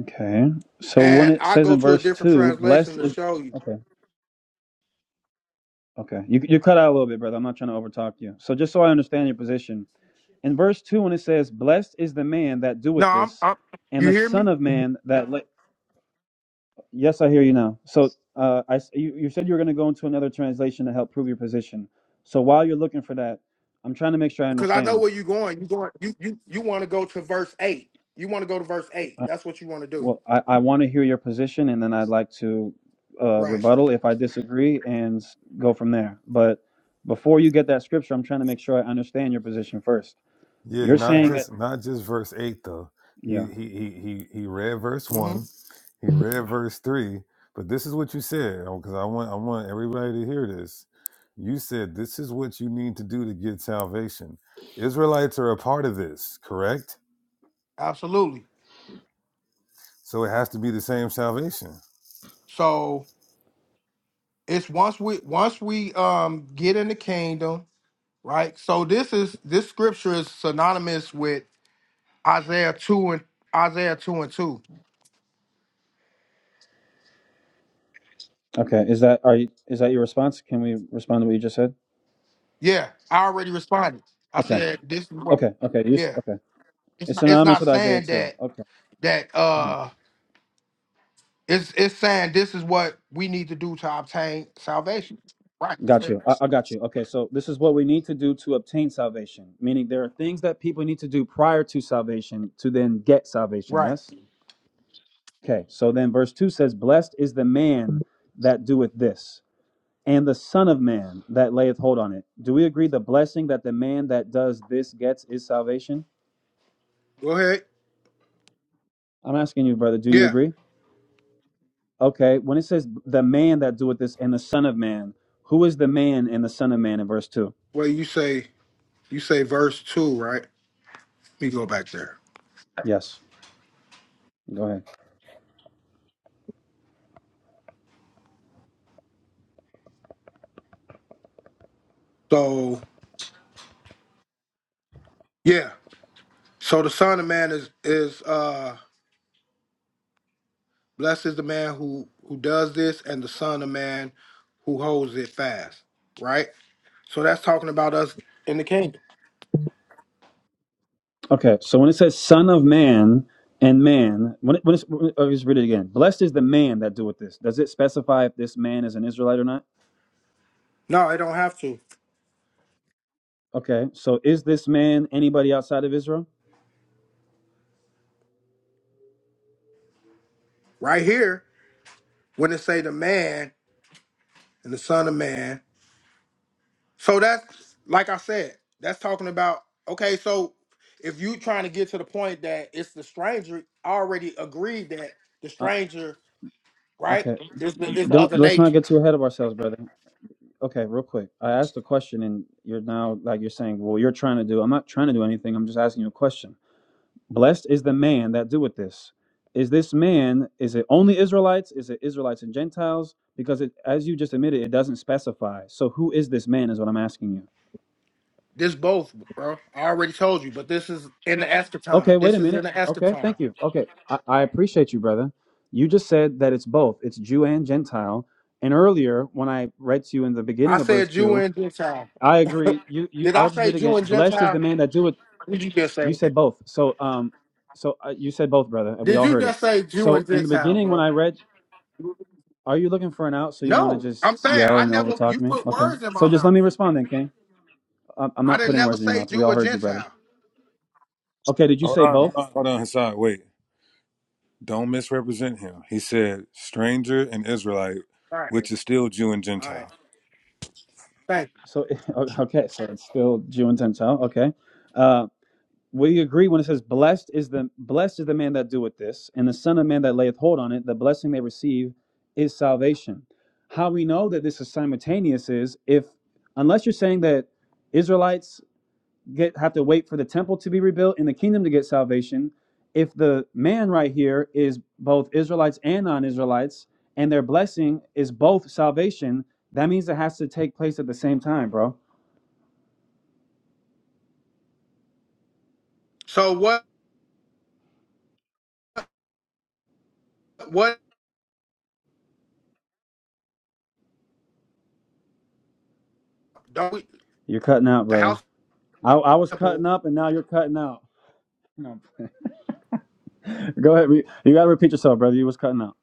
Speaker 1: Okay. So when
Speaker 12: And
Speaker 1: it
Speaker 12: I
Speaker 1: says
Speaker 12: go
Speaker 1: in
Speaker 12: to a
Speaker 1: verse
Speaker 12: different
Speaker 1: two,
Speaker 12: translation
Speaker 1: blessed
Speaker 12: to
Speaker 1: is
Speaker 12: show you.
Speaker 1: Okay. Okay. You you cut out a little bit, brother. I'm not trying to overtalk you. So just so I understand your position. In verse two, when it says, Blessed is the man that
Speaker 12: No,
Speaker 1: doeth
Speaker 12: I'm,
Speaker 1: this,
Speaker 12: I'm
Speaker 1: and
Speaker 12: you
Speaker 1: the
Speaker 12: hear
Speaker 1: son
Speaker 12: me?
Speaker 1: of man that Yes, I hear you now. So, uh, I s- you, you said you were going to go into another translation to help prove your position. So while you're looking for that, I'm trying to make sure I
Speaker 12: Because I know
Speaker 1: understand.
Speaker 12: where you're going. You going you you you want to go to verse eight. You want to go to verse eight.
Speaker 1: Uh,
Speaker 12: That's what you want to do.
Speaker 1: well, I, I want to hear your position, and then I'd like to uh,
Speaker 12: Right.
Speaker 1: rebuttal if I disagree and s- go from there. But before you get that scripture, I'm trying to make sure I understand your position first.
Speaker 2: Yeah,
Speaker 1: You're
Speaker 2: not
Speaker 1: saying that,
Speaker 2: just, not just verse 8 though. He,
Speaker 1: yeah.
Speaker 2: he, he, he, he read verse
Speaker 12: hmm
Speaker 2: 1, he read verse 3, but this is what you said, because I want, I want everybody to hear this. You said this is what you need to do to get salvation. Israelites are a part of this, correct?
Speaker 12: Absolutely.
Speaker 2: So it has to be the same salvation.
Speaker 12: So it's once we once we um get in the kingdom, right? So this is this scripture is synonymous with Isaiah two and Isaiah two and two.
Speaker 1: Okay, is that are you, is that your response? Can we respond to what you just said?
Speaker 12: Yeah, I already responded. I
Speaker 1: Okay,
Speaker 12: said this is what
Speaker 1: okay, okay. You s-
Speaker 12: yeah.
Speaker 1: okay?
Speaker 12: It's
Speaker 1: It's
Speaker 12: not it's
Speaker 1: synonymous
Speaker 12: not
Speaker 1: with Isaiah
Speaker 12: saying
Speaker 1: too.
Speaker 12: that
Speaker 1: Okay.
Speaker 12: that
Speaker 1: Mm-hmm.
Speaker 12: uh It's it's saying this is what we need to do to obtain salvation. Right.
Speaker 1: Got you. I, I got you. Okay, so this is what we need to do to obtain salvation, meaning there are things that people need to do prior to salvation to then get salvation,
Speaker 12: Right.
Speaker 1: yes? Okay, so then verse 2 says, Blessed is the man that doeth this, and the Son of Man that layeth hold on it. Do we agree the blessing that the man that does this gets is salvation?
Speaker 12: Go ahead.
Speaker 1: I'm asking you, brother, do you
Speaker 12: Yeah.
Speaker 1: agree? Okay, when it says the man that doeth this and the Son of Man, who is the man and the Son of Man in verse 2?
Speaker 12: Well, you say you say verse two, right? Let me go back there.
Speaker 1: Yes, go ahead.
Speaker 12: So yeah. So the Son of Man is is uh blessed is the man who who does this, and the Son of Man who holds it fast, right? So that's talking about us in the kingdom.
Speaker 1: Okay, so when it says "son of man" and "man," when it, when it's, I'll just read it again. Blessed is the man that doeth this. Does it specify if this man is an Israelite or not?
Speaker 12: No, it don't have to.
Speaker 1: Okay, so is this man anybody outside of Israel?
Speaker 12: Right here, when it say the man and the Son of Man. So that's like I said, that's talking about okay, so if you trying to get to the point that it's the stranger, I already agreed that the
Speaker 1: Uh,
Speaker 12: stranger, right,
Speaker 1: okay,
Speaker 12: is the is the
Speaker 1: don't
Speaker 12: other
Speaker 1: let's not
Speaker 12: nation.
Speaker 1: get too ahead of ourselves, brother. Okay, real quick, I asked a question, and you're now like you're saying, "Well, you're trying to do." I'm not trying to do anything. I'm just asking you a question. Blessed is the man that doeth this. Is this man, is it only Israelites? Is it Israelites and Gentiles? Because it, as you just admitted, it doesn't specify. So who is this man is what I'm asking you.
Speaker 12: This both, bro. I already told you, but this is in the
Speaker 1: Okay,
Speaker 12: eschaton.
Speaker 1: wait
Speaker 12: This
Speaker 1: a
Speaker 12: is in
Speaker 1: minute.
Speaker 12: the
Speaker 1: Okay,
Speaker 12: eschaton.
Speaker 1: thank you. Okay, I, I appreciate you, brother. You just said that it's both, it's Jew and Gentile. And earlier, when I read to you in the
Speaker 12: I
Speaker 1: beginning of verse
Speaker 12: said Jew
Speaker 1: 2,
Speaker 12: and Gentile.
Speaker 1: I agree. You, you
Speaker 12: Did I
Speaker 1: I'll just
Speaker 12: say
Speaker 1: read
Speaker 12: Jew
Speaker 1: again.
Speaker 12: and
Speaker 1: Blessed is
Speaker 12: Gentile?
Speaker 1: the man that doeth.
Speaker 12: Did you just
Speaker 1: You
Speaker 12: say that?
Speaker 1: said both. So, um, so uh, you said both, brother, and we
Speaker 12: Did
Speaker 1: all
Speaker 12: you
Speaker 1: heard it.
Speaker 12: just say Jew
Speaker 1: So
Speaker 12: and
Speaker 1: in the
Speaker 12: Gentile,
Speaker 1: beginning, when
Speaker 12: bro?
Speaker 1: I read Are you looking for an out? So you want to
Speaker 12: No,
Speaker 1: just
Speaker 12: I'm saying
Speaker 1: yell
Speaker 12: I
Speaker 1: and
Speaker 12: never.
Speaker 1: overtalk
Speaker 12: You
Speaker 1: me?
Speaker 12: put
Speaker 1: Okay.
Speaker 12: words in my
Speaker 1: So just let
Speaker 12: mouth.
Speaker 1: me respond then, King. I'm I'm
Speaker 12: I
Speaker 1: not
Speaker 12: didn't
Speaker 1: putting
Speaker 12: never
Speaker 1: words in your
Speaker 12: say
Speaker 1: mouth. We
Speaker 12: Jew
Speaker 1: all
Speaker 12: or
Speaker 1: heard you, brother.
Speaker 12: Gentile.
Speaker 1: Okay. Did you
Speaker 2: Hold
Speaker 1: say
Speaker 2: on, hold
Speaker 1: both?
Speaker 2: on, hold on, Hassan. Wait. Don't misrepresent him. He said, stranger and Israelite,
Speaker 12: All right.
Speaker 2: which is still Jew and
Speaker 12: All right.
Speaker 2: Gentile.
Speaker 12: Thank you.
Speaker 1: So okay. So it's still Jew and Gentile. Okay. Uh, we agree when it says blessed is the blessed is the man that doeth this, and the son of man that layeth hold on it. The blessing they receive is salvation. How we know that this is simultaneous is if unless you're saying that Israelites get have to wait for the temple to be rebuilt and the kingdom to get salvation if the man right here is both israelites and non-israelites and their blessing is both salvation that means it has to take place at the same time bro
Speaker 12: So what what don't we
Speaker 1: you're cutting out
Speaker 12: the
Speaker 1: brother
Speaker 12: house
Speaker 1: i, I was cutting
Speaker 12: temple
Speaker 1: up and now you're cutting out No. go ahead re- you gotta repeat yourself brother you was cutting out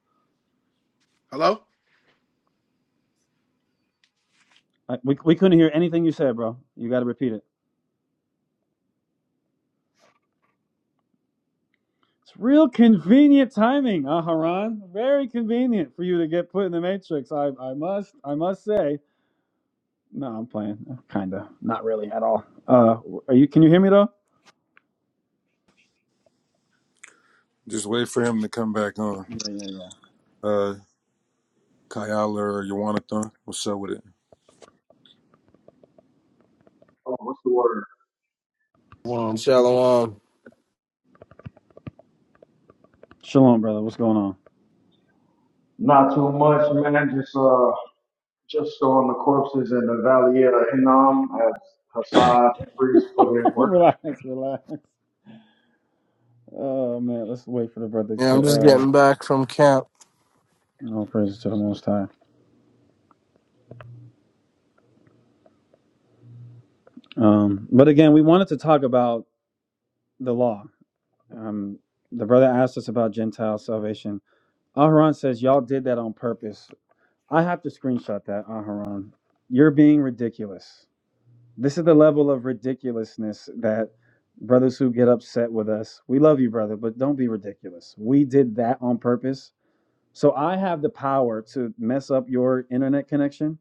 Speaker 12: hello?
Speaker 1: I, we, we couldn't hear anything you said bro you gotta repeat it it's real convenient timing, Aharon. Very convenient for you to get put in the matrix. I, I must, I must say. No, I'm playing. Kinda. Not really at all. Uh, are you? Can you hear me though?
Speaker 2: Just wait for him to come back on.
Speaker 1: Yeah, yeah, yeah.
Speaker 2: Uh Kayala or Yawanathan. What's up with it?
Speaker 13: Oh, what's the word?
Speaker 14: Shalom, shalom.
Speaker 1: Shalom, brother. What's going on?
Speaker 13: Not too much, man. Just uh, just on the corpses in the Valley of Hinnom as Hassad Priest put in work.
Speaker 1: relax, relax. Oh man, let's wait for the brother
Speaker 14: Yeah,
Speaker 1: to.
Speaker 14: I'm just
Speaker 1: Uh,
Speaker 14: getting back from camp.
Speaker 1: all praises to the Most High. Um, but again, we wanted to talk about the law. Um, the brother asked us about Gentile salvation. Aharon says y'all did that on purpose. I have to screenshot that, Aharon. You're being ridiculous. This is the level of ridiculousness that brothers who get upset with us. We love you, brother, but don't be ridiculous. We did that on purpose. So I have the power to mess up your internet connection.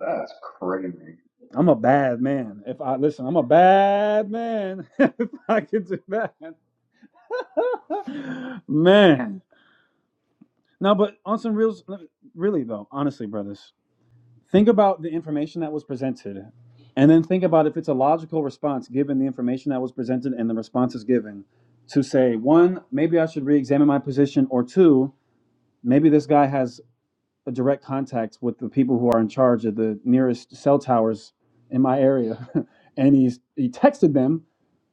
Speaker 13: That's crazy. It's
Speaker 1: I'm a bad man. If I listen, I'm a bad man. if I could do that, man. No, but on some real, really though, honestly, brothers. Think about the information that was presented, and then think about if it's a logical response given the information that was presented and the responses given to say, one, maybe I should re examine my position, or two, maybe this guy has a direct contact with the people who are in charge of the nearest cell towers in my area. and he's, he texted them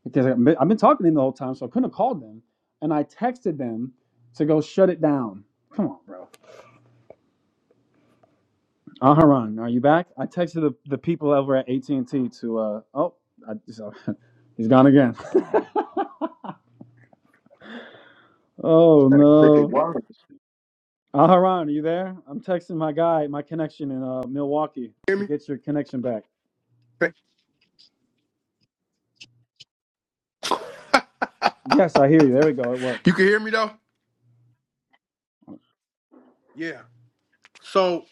Speaker 1: because I've been I've been talking to him the whole time, so I couldn't have called them. And I texted them to go shut it down. Come on, bro Aharon, are you back? I texted the, the people over at AT and T to. Uh, oh, I, so, he's gone again. oh
Speaker 13: that cricket
Speaker 1: no,
Speaker 13: wireless.
Speaker 1: Aharon, are you there? I'm texting my guy, my connection in uh, Milwaukee,
Speaker 12: Hear
Speaker 1: to
Speaker 12: me?
Speaker 1: get your connection back. Yes, I hear you. There we go. It
Speaker 12: You
Speaker 1: worked.
Speaker 12: can hear me though? Yeah. So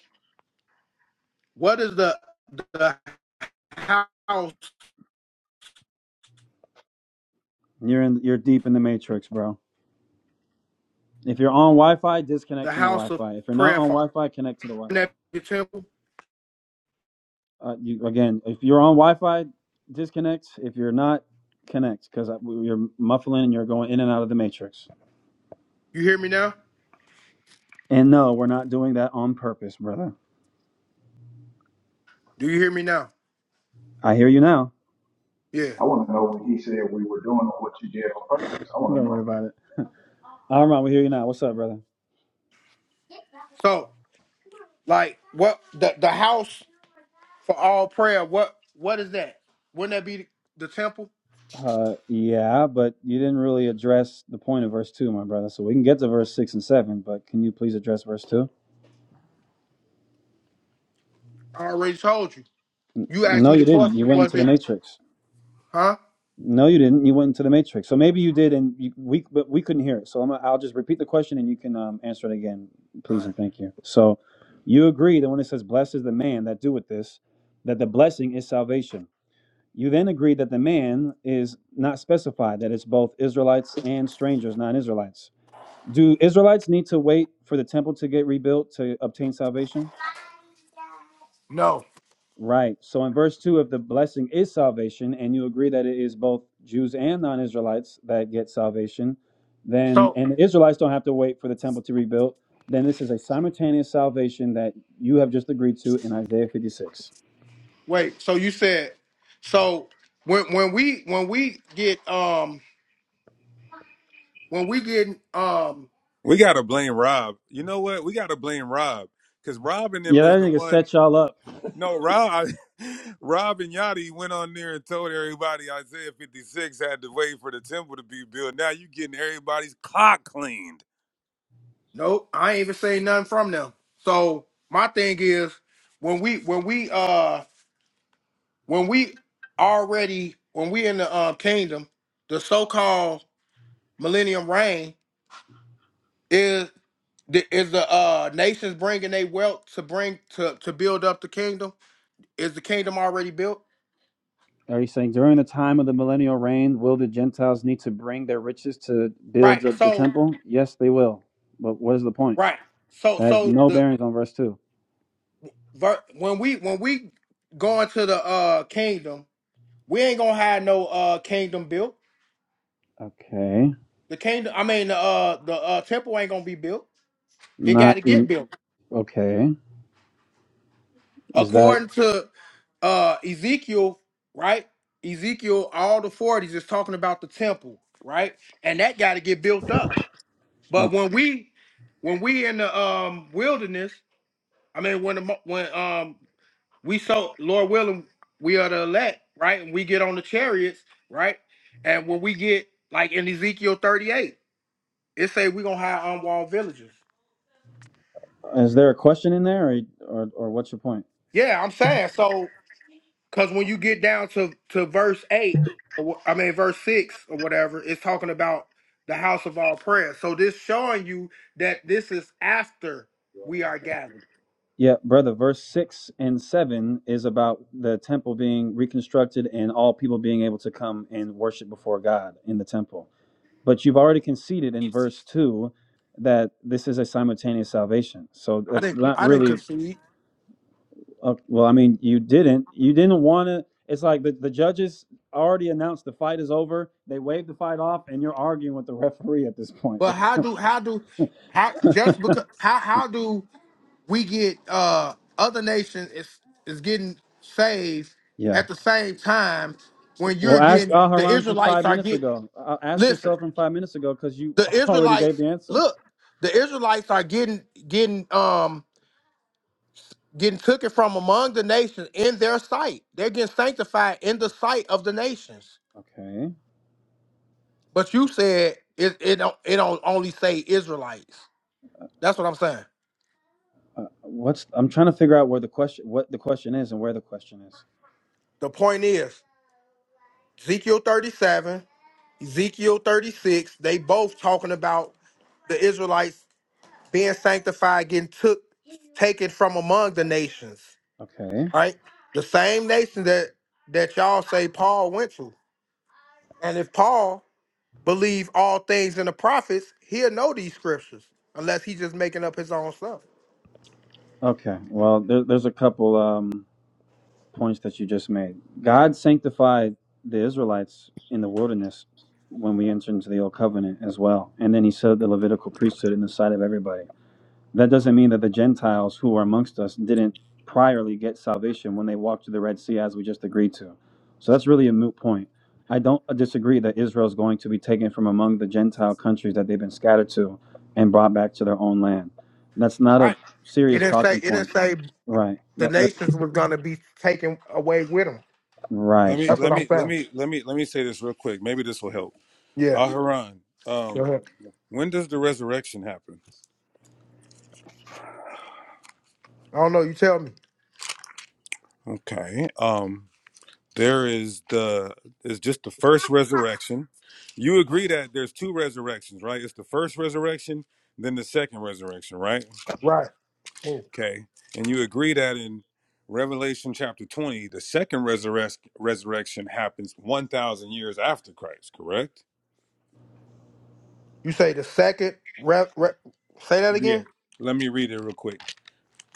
Speaker 12: what is the the house
Speaker 1: You're in. You're deep in the matrix, bro. If you're on Wi-Fi,
Speaker 12: the
Speaker 1: disconnect from the
Speaker 12: house of
Speaker 1: Wi-Fi. If you're not
Speaker 12: prayer
Speaker 1: on
Speaker 12: for
Speaker 1: Wi-Fi, connect to the Wi-Fi.
Speaker 12: that temple?
Speaker 1: Uh, you again. If you're on Wi-Fi, disconnect. If you're not, connect because you're muffling and you're going in and out of the matrix.
Speaker 12: You hear me now?
Speaker 1: And no, we're not doing that on purpose, brother.
Speaker 12: Do you hear me now?
Speaker 1: I hear you now.
Speaker 12: Yeah.
Speaker 13: I want to know what he said we were doing or what you did on purpose. I want to
Speaker 1: Don't worry about it. Amram, we hear you now. What's up, brother?
Speaker 12: So like what the the house for all prayer, what what is that? Wouldn't that be the, the temple?
Speaker 1: Uh, yeah, but you didn't really address the point of verse two, my brother. So we can get to verse six and seven, but can you please address verse two?
Speaker 12: I already told you. You asked
Speaker 1: No,
Speaker 12: me
Speaker 1: you
Speaker 12: the
Speaker 1: didn't. You
Speaker 12: question,
Speaker 1: went
Speaker 12: was
Speaker 1: into the
Speaker 12: it
Speaker 1: matrix.
Speaker 12: huh?
Speaker 1: No, you didn't. You went into the matrix. So maybe you did, and you, we but we couldn't hear it. So I'm, I'll just repeat the question, and you can um, answer it again,
Speaker 12: All
Speaker 1: please
Speaker 12: right.
Speaker 1: and thank you. So you agree that when it says "Blessed is the man that doeth this," that the blessing is salvation. You then agree that the man is not specified, that it's both Israelites and strangers, non Israelites. Do Israelites need to wait for the temple to get rebuilt to obtain salvation?
Speaker 12: No.
Speaker 1: Right. So in verse 2, if the blessing is salvation, and you agree that it is both Jews and non Israelites that get salvation, then,
Speaker 12: So.
Speaker 1: and the Israelites don't have to wait for the temple to rebuild, then this is a simultaneous salvation that you have just agreed to in Isaiah 56.
Speaker 12: Wait, so you said so when when we when we get um when we get um
Speaker 2: We gotta blame Rob. You know what? We gotta blame Rob. Cause Rob and them
Speaker 1: Yeah,
Speaker 2: is
Speaker 1: that
Speaker 2: the
Speaker 1: nigga
Speaker 2: one.
Speaker 1: set y'all up.
Speaker 2: No, Rob Rob and Yachty went on there and told everybody Isaiah 56 had to wait for the temple to be built. Now you getting everybody's clock cleaned.
Speaker 12: nope, I ain't even say nothing from them. So my thing is when we when we uh when we already when we in the uh, kingdom, the so called millennium reign is the- is the uh nations bringing their wealth to bring to to build up the kingdom? Is the kingdom already built?
Speaker 1: Are you saying during the time of the millennial reign, will the Gentiles need to bring their riches to
Speaker 12: Right.
Speaker 1: build up the
Speaker 12: So
Speaker 1: temple? Yes, they will. But what is the point?
Speaker 12: right. So
Speaker 1: That has
Speaker 12: so
Speaker 1: no
Speaker 12: the
Speaker 1: bearings on verse two.
Speaker 12: ver- when we when we go into the uh kingdom, we ain't gonna have no uh kingdom built.
Speaker 1: Okay,
Speaker 12: The kingdom, I mean the uh the uh temple ain't gonna be built. It got
Speaker 1: not
Speaker 12: to get
Speaker 1: in,
Speaker 12: built
Speaker 1: okay. Is that
Speaker 12: according to uh Ezekiel, right? Ezekiel, all the forties is talking about the temple, right? And that got to get built up.
Speaker 1: uh,
Speaker 12: But when we when we in the um wilderness, I mean when the mo- when um we so Lord willing, we are the elect, right? And we get on the chariots, right? And when we get like in Ezekiel 38, it say we're gonna have unwalled villages.
Speaker 1: is there a question in there, or, or or what's your point?
Speaker 12: Yeah, I'm saying so because when you get down to to verse eight, or, wh- I mean verse six or whatever, it's talking about the house of all prayer. So this showing you that this is after we are gathered.
Speaker 1: Yeah, brother. Verse six and seven is about the temple being reconstructed and all people being able to come and worship before God in the temple. But you've already conceded in verse 2 that this is a simultaneous salvation. So
Speaker 12: I
Speaker 1: that's
Speaker 12: didn't
Speaker 1: not
Speaker 12: I didn't
Speaker 1: really,
Speaker 12: concede.
Speaker 1: uh, well, I mean, you didn't. You didn't want to. It's like the, the judges already announced the fight is over. They waved the fight off, and you're arguing with the referee at this point.
Speaker 12: But how do how do how just because how how do we get uh other nations is is getting saved
Speaker 1: yeah.
Speaker 12: at the same time when
Speaker 1: Well,
Speaker 12: you're
Speaker 1: ask
Speaker 12: getting the
Speaker 1: Aharon from
Speaker 12: Israelites
Speaker 1: five
Speaker 12: are
Speaker 1: minutes
Speaker 12: getting
Speaker 1: ago. Uh, uh, ask
Speaker 12: listen,
Speaker 1: yourself from five minutes ago because you
Speaker 12: the
Speaker 1: already gave
Speaker 12: Israelites
Speaker 1: the answer.
Speaker 12: look, the Israelites are getting getting um getting took it from among the nations in their sight. They're getting sanctified in the sight of the nations.
Speaker 1: Okay.
Speaker 12: But you said it it don't it don't only say Israelites. That's what I'm saying.
Speaker 1: Uh, what's I'm trying to figure out where the question, what the question is, and where the question is.
Speaker 12: The point is Ezekiel 37 Ezekiel 36, they both talking about the Israelites being sanctified, getting took taken from among the nations,
Speaker 1: Okay.
Speaker 12: right? The same nation that that y'all say Paul went to. And if Paul believed all things in the prophets, he'll know these scriptures, unless he's just making up his own stuff.
Speaker 1: Okay. Well, there, there's a couple um, points that you just made. God sanctified the Israelites in the wilderness when we entered into the old covenant as well. And then he set up the Levitical priesthood in the sight of everybody. That doesn't mean that the Gentiles who are amongst us didn't priorly get salvation when they walked through the Red Sea as we just agreed to. So that's really a moot point. I don't disagree that Israel is going to be taken from among the Gentile countries that they've been scattered to and brought back to their own land. That's not a
Speaker 12: Right. It
Speaker 1: serious
Speaker 12: didn't say
Speaker 1: talking
Speaker 12: it
Speaker 1: point
Speaker 12: didn't say
Speaker 1: Right.
Speaker 12: the
Speaker 1: That, that's
Speaker 12: nations was gonna be taken away with him.
Speaker 2: Let
Speaker 1: right.
Speaker 2: me
Speaker 12: That's
Speaker 1: Okay.
Speaker 2: let
Speaker 12: what I'm
Speaker 2: me let
Speaker 12: saying.
Speaker 2: me let me let me say this real quick. Maybe this will help.
Speaker 12: Yeah.
Speaker 2: Aharon,
Speaker 12: Go
Speaker 2: um,
Speaker 12: ahead.
Speaker 2: when does the resurrection happen?
Speaker 12: I don't know, you tell me.
Speaker 2: Okay. Um, there is the is just the first resurrection. You agree that there's two resurrections, right? It's the first resurrection, then the second resurrection, right?
Speaker 12: Right. Move.
Speaker 2: Okay. And you agree that in Revelation chapter 20, the second resurrec- resurrection happens 1,000 years after Christ, correct?
Speaker 12: You say the second re, re, say that
Speaker 2: Yeah.
Speaker 12: again?
Speaker 2: Let me read it real quick.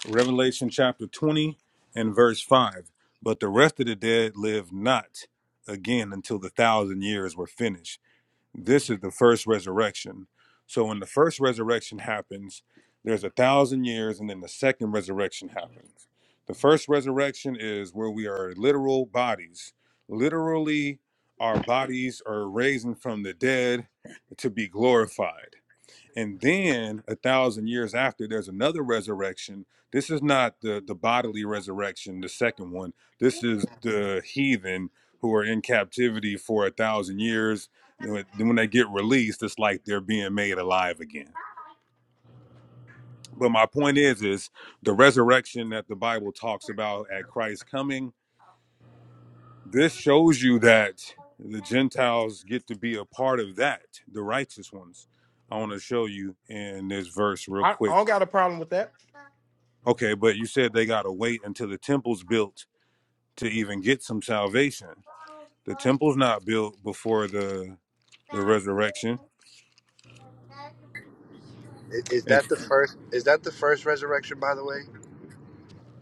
Speaker 2: Revelation chapter 20 and verse 5. But the rest of the dead lived not again until the thousand years were finished. This is the first resurrection. So when the first resurrection happens, there's a thousand years, and then the second resurrection happens. The first resurrection is where we are literal bodies. Literally, our bodies are raising from the dead to be glorified and then a thousand years after there's another resurrection this is not the the bodily resurrection the second one this is the heathen who are in captivity for a thousand years then when when they get released it's like they're being made alive again but my point is is the resurrection that the bible talks about at christ's coming this shows you that the gentiles get to be a part of that the righteous ones i want to show you in this verse real
Speaker 12: I,
Speaker 2: quick
Speaker 12: I don't got a problem with that.
Speaker 2: Okay, but you said they gotta wait until the temple's built to even get some salvation. The temple's not built before the the resurrection.
Speaker 7: Is
Speaker 2: And
Speaker 7: that the first? Is that the first resurrection? By the way,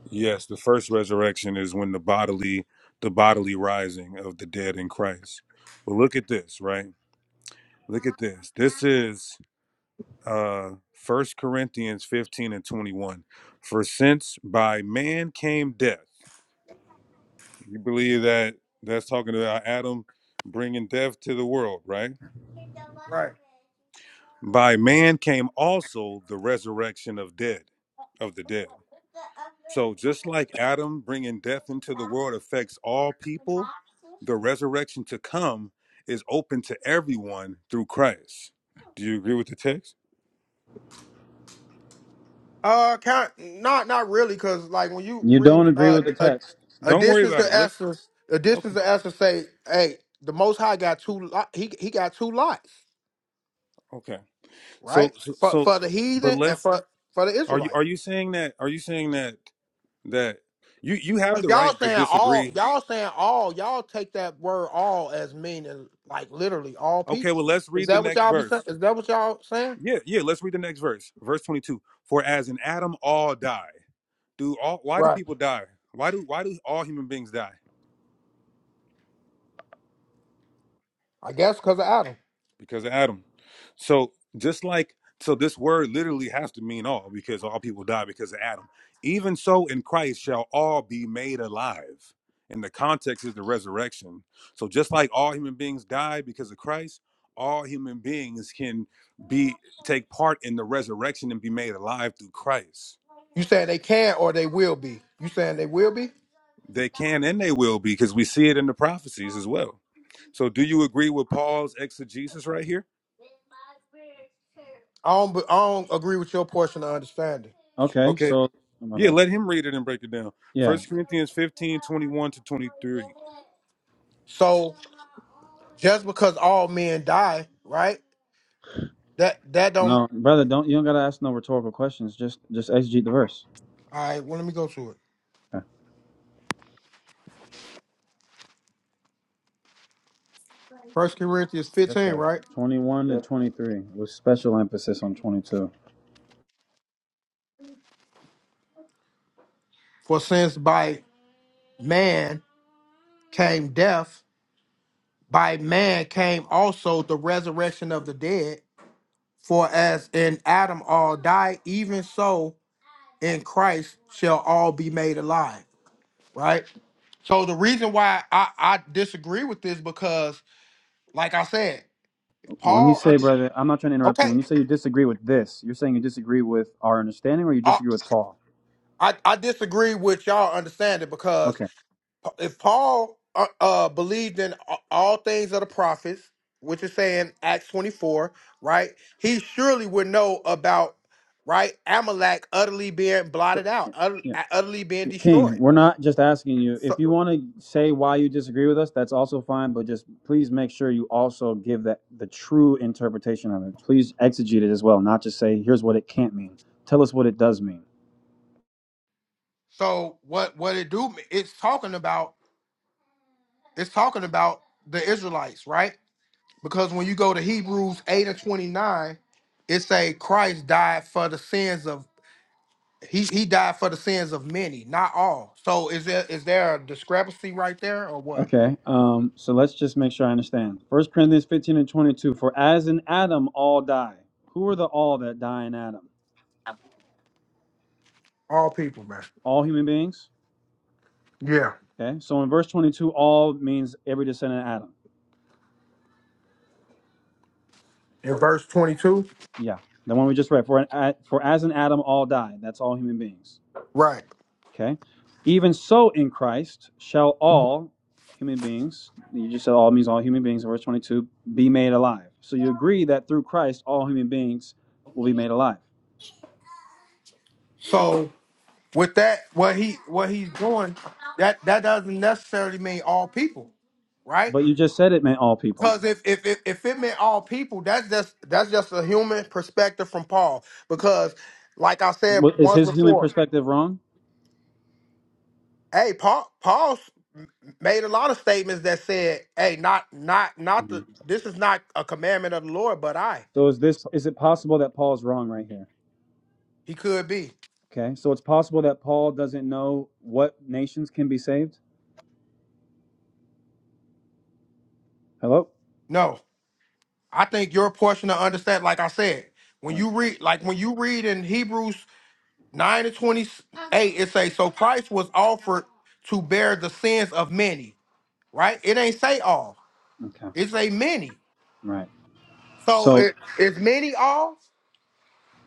Speaker 2: yes, the first resurrection is when the bodily the bodily rising of the dead in Christ. But look at this, right? Look at this. This is uh First Corinthians 15 and 21. For since by man came death, you believe that that's talking about Adam bringing death to the world, right?
Speaker 12: Right.
Speaker 2: By man came also the resurrection of dead, of the dead. So just like Adam bringing death into the world affects all people, the resurrection to come is open to everyone through Christ. Do you agree with the text?
Speaker 12: Uh, kind, not not really, cause like when you
Speaker 1: You don't
Speaker 12: read
Speaker 1: agree
Speaker 12: uh
Speaker 1: with the
Speaker 12: d- uh,
Speaker 1: text.
Speaker 2: Don't worry
Speaker 12: additions to
Speaker 2: about it. Let's
Speaker 12: Esther, additions
Speaker 2: okay,
Speaker 12: to Esther say, hey, the Most High got two lot, he he got two lots,
Speaker 2: okay.
Speaker 12: right?
Speaker 2: So, so,
Speaker 12: For
Speaker 2: so
Speaker 12: for the
Speaker 2: but
Speaker 12: heathen and
Speaker 2: let's.
Speaker 12: for for the
Speaker 2: Are you
Speaker 12: Israelites.
Speaker 2: are you saying that? Are you saying that that you you have
Speaker 12: Cause
Speaker 2: the
Speaker 12: y'all
Speaker 2: right to
Speaker 12: saying all,
Speaker 2: disagree?
Speaker 12: y'all saying all, y'all take that word all as meaning like literally all
Speaker 2: Okay,
Speaker 12: people.
Speaker 2: well, let's
Speaker 12: Is
Speaker 2: read the
Speaker 12: that what
Speaker 2: next
Speaker 12: y'all be
Speaker 2: verse.
Speaker 12: saying? Is that what y'all saying?
Speaker 2: Yeah, yeah. Let's read the next verse, verse twenty-two. For as in Adam all die, do all? Why do
Speaker 12: Right.
Speaker 2: people die? Why do why do all human beings die?
Speaker 12: I guess because of Adam.
Speaker 2: Because of Adam. So just like so, this word literally has to mean all, because all people die because of Adam. Even so, in Christ shall all be made alive. And the context is the resurrection. So just like all human beings die because of Christ, all human beings can be take part in the resurrection and be made alive through Christ.
Speaker 12: You saying they can or they will be? You saying they will be?
Speaker 2: They can and they will be because we see it in the prophecies as well. So, do you agree with Paul's exegesis right here?
Speaker 12: I don't. be- I don't agree with your portion of understanding.
Speaker 1: Okay.
Speaker 2: Okay.
Speaker 1: So, oh my
Speaker 2: Yeah,
Speaker 1: bad.
Speaker 2: let him read it and break it down.
Speaker 1: Yeah.
Speaker 2: First Corinthians 15 21 to 23.
Speaker 12: So just because all men die, right? That that don't.
Speaker 1: No, brother. Don't you don't gotta ask no rhetorical questions. Just just exegete the verse.
Speaker 12: All right. Well, let me go to it.
Speaker 1: Okay.
Speaker 12: First Corinthians
Speaker 1: Yes,
Speaker 12: fifteen,
Speaker 1: sir.
Speaker 12: right?
Speaker 1: Twenty-one to
Speaker 12: Yes.
Speaker 1: twenty-three with special emphasis on twenty-two.
Speaker 12: For since by man came death, by man came also the resurrection of the dead. For as in Adam all die, even so in Christ shall all be made alive. Right? So the reason why I, I disagree with this because, like I said,
Speaker 1: When you
Speaker 12: Paul
Speaker 1: say,
Speaker 12: under-
Speaker 1: brother, I'm not trying to interrupt you. When
Speaker 12: okay.
Speaker 1: you say you disagree with this, you're saying you disagree with our understanding, or you
Speaker 12: I,
Speaker 1: disagree with Paul.
Speaker 12: I, I disagree with y'all understanding because
Speaker 1: Okay.
Speaker 12: if Paul uh, uh, believed in a- all things of the prophets, which is saying Acts 24, right? He surely would know about, right? Amalek utterly being
Speaker 1: So
Speaker 12: blotted out, utter-
Speaker 1: yeah.
Speaker 12: utterly being
Speaker 1: King,
Speaker 12: destroyed
Speaker 1: we're not just asking you. If
Speaker 12: So,
Speaker 1: you want to say why you disagree with us, that's also fine, but just please make sure you also give that the true interpretation of it. Please exegete it as well, not just say, here's what it can't mean. Tell us what it does mean.
Speaker 12: so what what it do? It's talking about it's talking about the Israelites, right? Because when you go to Hebrews eight and twenty nine, it say Christ died for the sins of he he died for the sins of many, not all. So is there is there a discrepancy right there or what?
Speaker 1: Okay, um, so let's just make sure I understand. First Corinthians 15 and 22 For as in Adam all die, who are the all that die in Adam?
Speaker 12: All people, man.
Speaker 1: All human beings?
Speaker 12: Yeah,
Speaker 1: Okay, so in verse 22, all means every descendant of Adam.
Speaker 12: in verse twenty two,
Speaker 1: Yeah, the one we just read. For, an, a- for as in Adam all die, that's all human beings.
Speaker 12: right?
Speaker 1: Okay. Even so, in Christ shall all human beings, you just said all means all human beings in verse 22, be made alive. So you agree that through Christ, all human beings will be made alive.
Speaker 12: So with that, what he what he's doing that that doesn't necessarily mean all people, right?
Speaker 1: But you just said it meant all people.
Speaker 12: Because if, if if if it meant all people, that's just that's just a human perspective from Paul. Because, like I said
Speaker 1: What- Is
Speaker 12: once
Speaker 1: his human
Speaker 12: before,
Speaker 1: perspective wrong?
Speaker 12: hey, Paul Paul s- m- made a lot of statements that said, hey, not not not the
Speaker 1: Mhm.
Speaker 12: this is not a commandment of the Lord, but I
Speaker 1: So is this is it possible that Paul's wrong right here?
Speaker 12: he could be.
Speaker 1: Okay. So it's possible that Paul doesn't know what nations can be saved? Hello?
Speaker 12: No, I think your portion to understand. Like I said, when
Speaker 1: Right.
Speaker 12: you read like when you read in Hebrews nine and twenty eight, it says, so Christ was offered to bear the sins of many. Right? It ain't say all.
Speaker 1: Okay.
Speaker 12: It's a mini.
Speaker 1: Right.
Speaker 12: So
Speaker 1: So
Speaker 12: it, is mini off?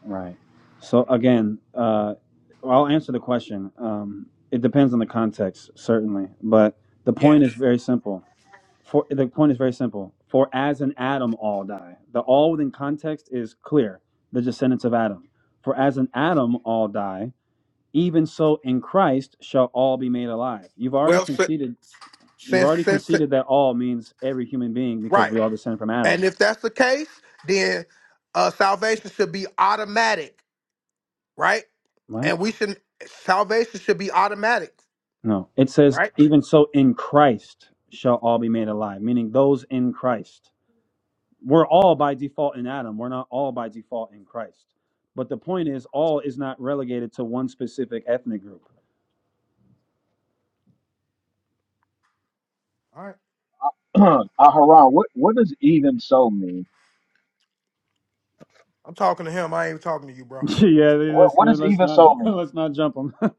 Speaker 1: Right. So again, uh, I'll answer the question. Um, it depends on the context, certainly, but the point is
Speaker 12: Yes.
Speaker 1: very simple. For the point is very simple. For as in Adam, all die. The all within context is clear. The descendants of Adam. For as in Adam, all die. Even so, in Christ shall all be made alive. You've already
Speaker 12: Well, si-
Speaker 1: conceded. You've
Speaker 12: since,
Speaker 1: already
Speaker 12: since si-
Speaker 1: conceded that all means every human being because
Speaker 12: right,
Speaker 1: we all descend from
Speaker 12: and
Speaker 1: Adam.
Speaker 12: if that's the case, then uh, salvation should be automatic, right?
Speaker 1: What?
Speaker 12: And we should salvation should be automatic,
Speaker 1: No, it says,
Speaker 12: right?
Speaker 1: even so in Christ shall all be made alive, meaning those in Christ. We're all by default in Adam. We're not all by default in Christ. But the point is, all is not relegated to one specific ethnic group.
Speaker 12: All right.
Speaker 13: know. Aharon, what what does even so mean?
Speaker 12: I'm talking to him. I ain't talking to you, bro.
Speaker 1: yeah, let's,
Speaker 13: What what does
Speaker 1: let's
Speaker 13: even
Speaker 1: not
Speaker 13: so mean?
Speaker 1: let's not jump them,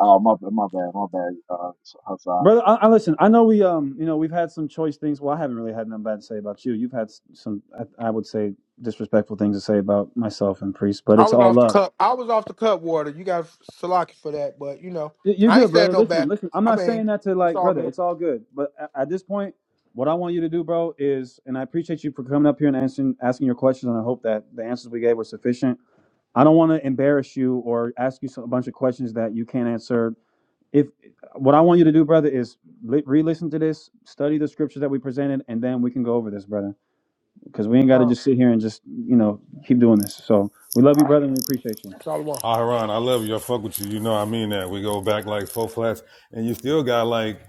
Speaker 13: Oh my bad, my bad, my bad. Uh, Hassad,
Speaker 1: brother. I, I listen. I know we um you know we've had some choice things. Well, I haven't really had nothing bad to say about you. You've had s- some I, I would say disrespectful things to say about myself and priest, but
Speaker 12: I
Speaker 1: it's
Speaker 12: was
Speaker 1: all
Speaker 12: off the
Speaker 1: love.
Speaker 12: cup. I was off the cup water. You got Salaki for that, but you know,
Speaker 1: Y- You're
Speaker 12: I ain't
Speaker 1: good,
Speaker 12: said
Speaker 1: brother.
Speaker 12: no
Speaker 1: Listen,
Speaker 12: bad.
Speaker 1: listen. I'm
Speaker 12: I
Speaker 1: not
Speaker 12: mean,
Speaker 1: saying that to
Speaker 12: it's
Speaker 1: like,
Speaker 12: all
Speaker 1: brother.
Speaker 12: good.
Speaker 1: It's all good. But a- at this point, what I want you to do, bro, is, and I appreciate you for coming up here and answering asking your questions, and I hope that the answers we gave were sufficient. I don't want to embarrass you or ask you some, a bunch of questions that you can't answer. If what I want you to do, brother, is li- re-listen to this, study the scriptures that we presented, and then we can go over this, brother. Because we ain't got to
Speaker 12: Oh,
Speaker 1: just sit here and just, you know, keep doing this. So we love
Speaker 12: all
Speaker 1: you,
Speaker 12: right.
Speaker 1: brother, and we appreciate you.
Speaker 12: Shalom.
Speaker 2: Aharon, I love you. I fuck with you. You know I mean that. We go back like four flats, and you still got like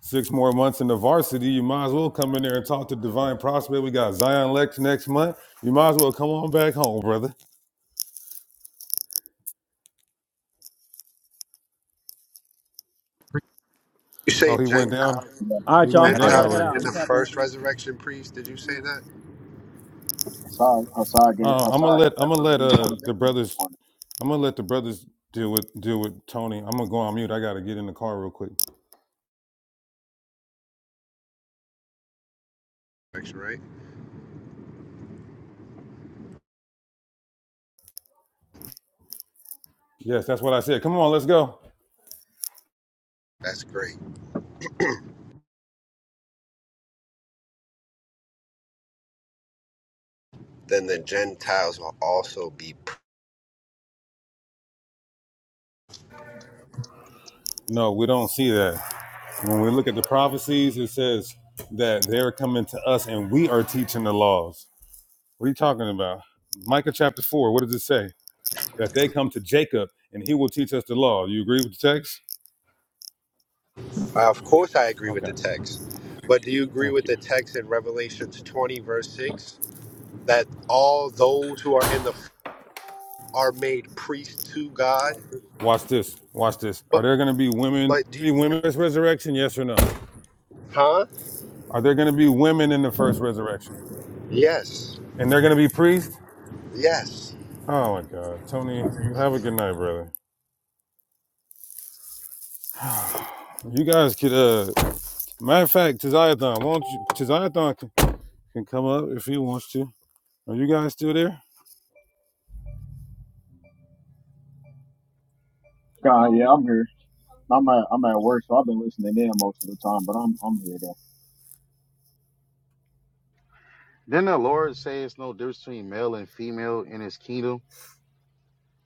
Speaker 2: six more months in the varsity. You might as well come in there and talk to Divine Prospect. We got Zion Lex next month. You might as well come on back home, brother.
Speaker 7: you
Speaker 2: Oh,
Speaker 7: say
Speaker 2: he went down.
Speaker 7: Gentiles.
Speaker 13: yeah,
Speaker 1: All right,
Speaker 2: He
Speaker 1: y'all. I'm,
Speaker 2: went
Speaker 1: I
Speaker 14: Hey,
Speaker 2: down
Speaker 1: gotta
Speaker 7: Gentiles
Speaker 1: head
Speaker 2: already.
Speaker 1: out.
Speaker 7: are
Speaker 1: I'm
Speaker 7: in
Speaker 1: gonna
Speaker 7: the
Speaker 1: tap in.
Speaker 7: first resurrection. Priest, did you say that?
Speaker 13: Hassad, Hassad, get,
Speaker 2: Uh, I'm gonna
Speaker 13: Hassad
Speaker 2: let
Speaker 13: helped
Speaker 2: I'm
Speaker 13: that
Speaker 2: gonna
Speaker 13: brother
Speaker 2: let
Speaker 13: get
Speaker 2: uh
Speaker 13: salvation
Speaker 2: the
Speaker 13: this
Speaker 2: brothers
Speaker 13: morning.
Speaker 2: I'm gonna let the brothers deal with deal with Tony. I'm gonna go on mute. I gotta get in the car real quick.
Speaker 7: Resurrection, right?
Speaker 2: Yes, that's what I said. Come on, let's go.
Speaker 7: That's great. Then the Gentiles will also be.
Speaker 2: No, we don't see that. When we look at the prophecies, it says that they're coming to us and we are teaching the laws. What are you talking about? Micah chapter four, what does it say? That they come to Jacob and he will teach us the law. You agree with the text?
Speaker 7: Uh, Of course, I agree with
Speaker 2: Okay,
Speaker 7: the text. But do you agree
Speaker 2: thank
Speaker 7: with
Speaker 2: you.
Speaker 7: the text in Revelations 20, verse 6, that all those who are in the f- are made priests to God?
Speaker 2: Watch this. Watch this. Are
Speaker 7: But
Speaker 2: there gonna be women
Speaker 7: but do
Speaker 2: be
Speaker 7: you
Speaker 2: women
Speaker 7: agree?
Speaker 2: in this resurrection? Yes or no?
Speaker 7: Huh?
Speaker 2: Are there gonna be women in the first resurrection?
Speaker 7: Yes.
Speaker 2: And they're gonna be priests?
Speaker 7: Yes.
Speaker 2: Oh my God, Tony, have a good night, brother. You guys could, uh, matter of fact, Tiziathon, won't you? Tiziathon can, can come up if he wants to. Are you guys still there?
Speaker 13: God, yeah, I'm here. I'm at I'm at work, so I've been listening in most of the time. But I'm I'm here though.
Speaker 6: right. not the Lord say it's no difference between male and female in His kingdom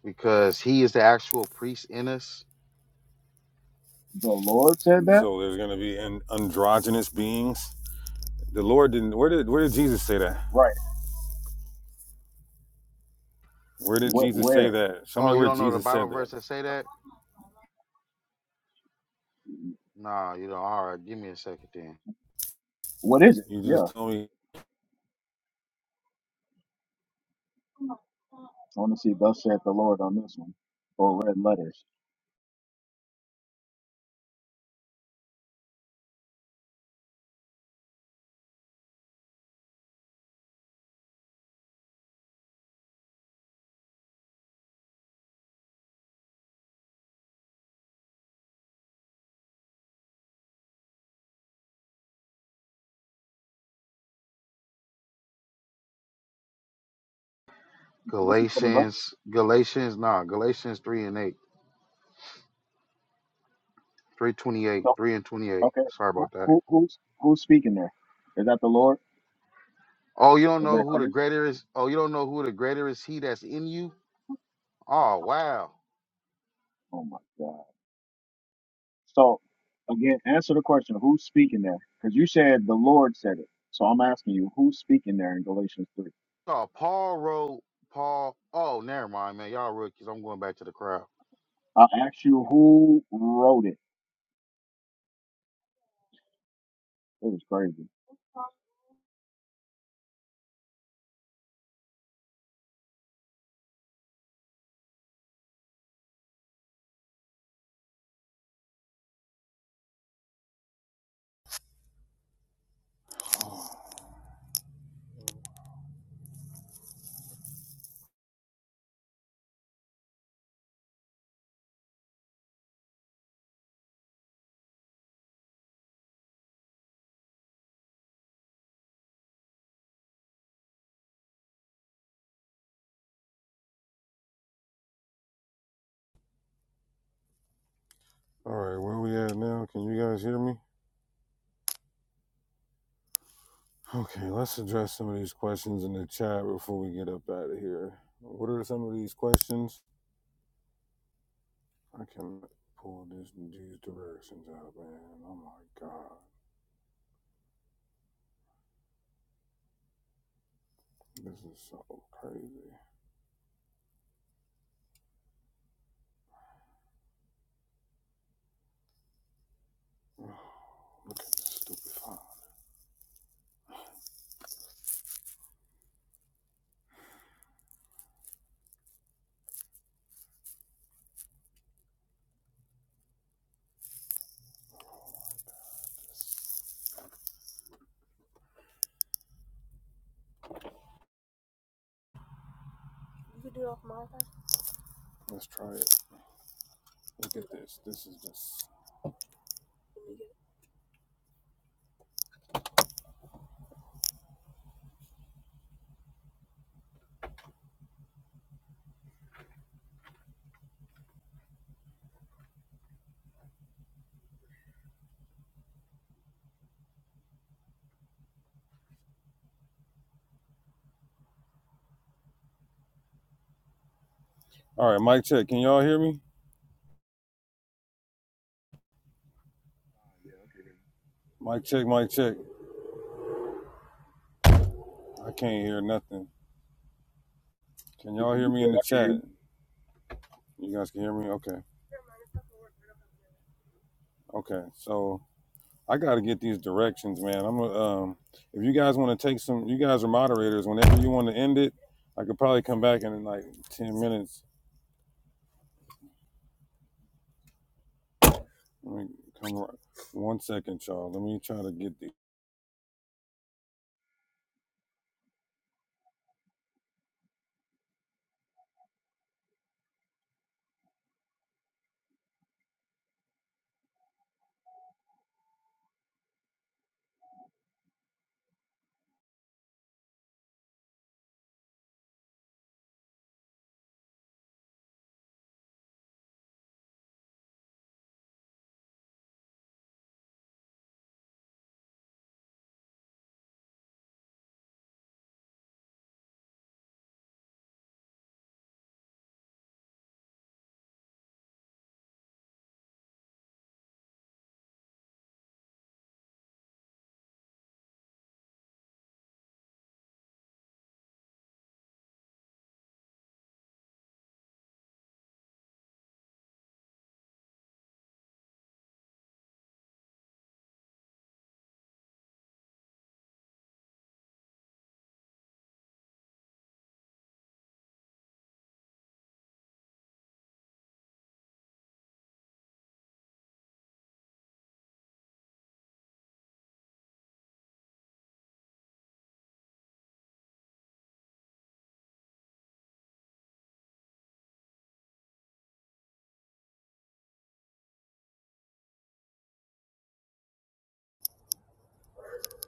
Speaker 6: because He is the actual priest in us.
Speaker 13: The Lord said that,
Speaker 2: So there's gonna be an androgynous beings. The Lord didn't. Where did Where did Jesus say that?
Speaker 13: right?
Speaker 2: Where did
Speaker 13: What?
Speaker 2: Jesus say
Speaker 13: Where?
Speaker 2: that? Show me
Speaker 6: Oh, you
Speaker 2: where
Speaker 6: don't know the
Speaker 2: Jesus said
Speaker 6: Bible
Speaker 2: that.
Speaker 6: verse that say that? Nah, you don't. All right, give me a second then.
Speaker 13: What is it?
Speaker 2: You
Speaker 13: Yeah,
Speaker 2: just told me.
Speaker 13: I want to see. Thus saith the Lord on this one, or red letters. you looking for the verse,
Speaker 6: Galatians, Galatians, nah, Galatians three and eight, three twenty eight,
Speaker 13: so
Speaker 6: three and twenty eight.
Speaker 13: okay.
Speaker 6: Sorry
Speaker 13: Who,
Speaker 6: about that.
Speaker 13: who who's who's speaking there? Is that the Lord?
Speaker 6: Oh, you don't
Speaker 13: Is
Speaker 6: know
Speaker 13: that
Speaker 6: who the
Speaker 13: Christ?
Speaker 6: greater is. Oh, you don't know who the greater is. He that's in you. Oh, wow.
Speaker 13: Oh my God. So again, answer the question. Who's speaking there? Because you said the Lord said it. So I'm asking you, who's speaking there in Galatians three?
Speaker 6: Oh, Paul wrote Paul. Oh, never mind, man. Y'all rookies. I'm going back to the crowd.
Speaker 13: I asked you who wrote it. It was crazy.
Speaker 2: All right, where we at now? Can you guys hear me? Okay, let's address some of these questions in the chat before we get up out of here. What are some of these questions? I can pull this these directions out, man. Oh my god. This is so crazy. Oh, look at this stupid phone. Let's try it. Look at this. This is just Alright, mic check. Can y'all hear me?
Speaker 13: Yeah. Okay.
Speaker 2: Mic check, mic check. I can't hear nothing. Can
Speaker 13: Yeah,
Speaker 2: y'all hear
Speaker 13: you
Speaker 2: me in
Speaker 13: good?
Speaker 2: the
Speaker 13: I can
Speaker 2: chat?
Speaker 13: hear
Speaker 2: You guys can hear me? Okay. Okay. So I gotta get these directions, man. I'm gonna um if you guys wanna take some you guys are moderators, whenever you wanna end it, I could probably come back in like ten minutes Let me come right. One second, y'all. Let me try to get the.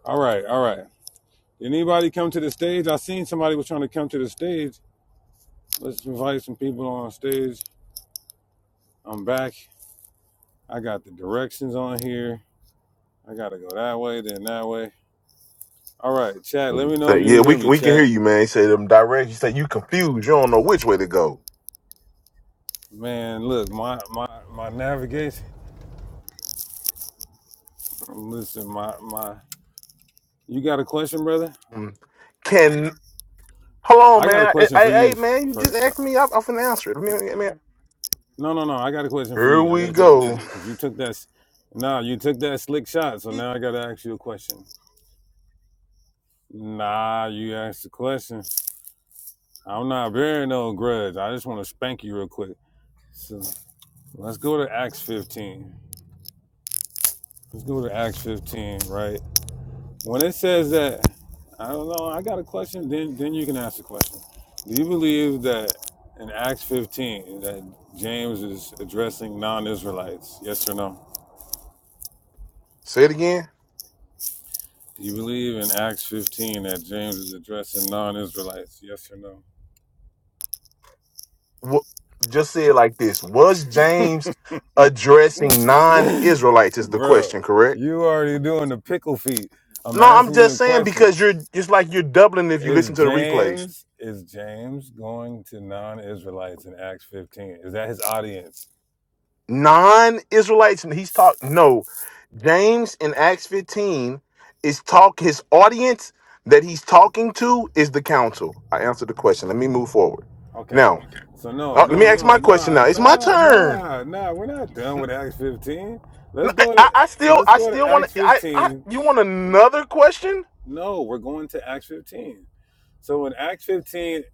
Speaker 2: All right, all right. Did anybody come to the stage? I seen somebody was trying to come to the stage. Let's invite some people on stage. I'm back. I got the directions on here. I gotta go that way, then that way. All right, chat. Let me know if
Speaker 15: Say
Speaker 2: you
Speaker 15: yeah,
Speaker 2: can
Speaker 15: we
Speaker 2: hear
Speaker 15: can
Speaker 2: me,
Speaker 15: we can hear
Speaker 2: chat.
Speaker 15: you, man. He said them direct. He said you confused. You don't know which way to go.
Speaker 2: Man, look, my my my navigation. Listen, my my. You got a question, brother?
Speaker 15: Mm. Can hold on,
Speaker 2: I got a
Speaker 15: man. Hey,
Speaker 2: question for you
Speaker 15: hey, man, you just
Speaker 2: first, though.
Speaker 15: asked me. I'm, I'm finna answer it. I mean, I mean,
Speaker 2: No, no, no. I got a question for
Speaker 15: here
Speaker 2: you. I got
Speaker 15: we
Speaker 2: a question for
Speaker 15: go.
Speaker 2: you because you took that. s- Nah, you took that slick shot. So now I got to ask you a question. Nah, you asked the question. I'm not bearing no grudge. I just want to spank you real quick. So let's go to Acts 15. Let's go to Acts 15, right? When it says that, I don't know. I got a question. Then, then you can ask the question. Do you believe that in Acts 15 that James is addressing non-Israelites? Yes or no?
Speaker 15: Say it again.
Speaker 2: Do you believe in Acts 15 that James is addressing non Israelites? Yes or
Speaker 15: What? Just say it like this. Was James addressing
Speaker 2: no?
Speaker 15: non-Israelites? Is the
Speaker 2: Bro,
Speaker 15: question correct?
Speaker 2: you already doing the pickle feet. I'm
Speaker 15: No, I'm
Speaker 2: asking you
Speaker 15: just
Speaker 2: a
Speaker 15: saying
Speaker 2: question.
Speaker 15: because you're just like you're doubling if you
Speaker 2: Is
Speaker 15: listen to the replays.
Speaker 2: James is James going to non-Israelites in Acts 15? Is that his audience?
Speaker 15: non-Israelites, and he's talk. No, James in Acts 15 is talk. His audience that he's talking to is the council. I answered the question. Let me move forward.
Speaker 2: Okay.
Speaker 15: Now,
Speaker 2: So no,
Speaker 15: uh, let me
Speaker 2: no,
Speaker 15: ask
Speaker 2: no,
Speaker 15: my question.
Speaker 2: nah,
Speaker 15: Now it's my
Speaker 2: nah,
Speaker 15: turn.
Speaker 2: nah, nah. We're not done with Acts 15.
Speaker 15: N-
Speaker 2: Let's
Speaker 15: I,
Speaker 2: go
Speaker 15: I-
Speaker 2: to
Speaker 15: I still,
Speaker 2: let's
Speaker 15: I
Speaker 2: go to
Speaker 15: still
Speaker 2: Acts
Speaker 15: want to. I, I,
Speaker 2: 15.
Speaker 15: you want another question?
Speaker 2: No, we're going to Acts 15. So in Acts 15,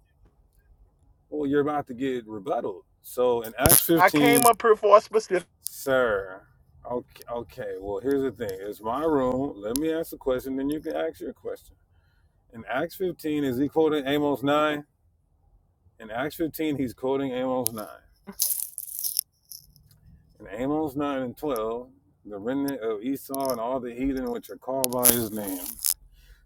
Speaker 2: Well, you're about to get rebutted. So in Acts
Speaker 15: I
Speaker 2: 15,
Speaker 15: came up here for a specific.
Speaker 2: sir. Okay, okay. Well, here's the thing. It's my room. Let me ask the question, then you can ask your question. In Acts 15, is he quoting Amos 9? In Acts 15, he's quoting Amos 9. In Amos 9 and 12, the remnant of Esau and all the heathen which are called by his name.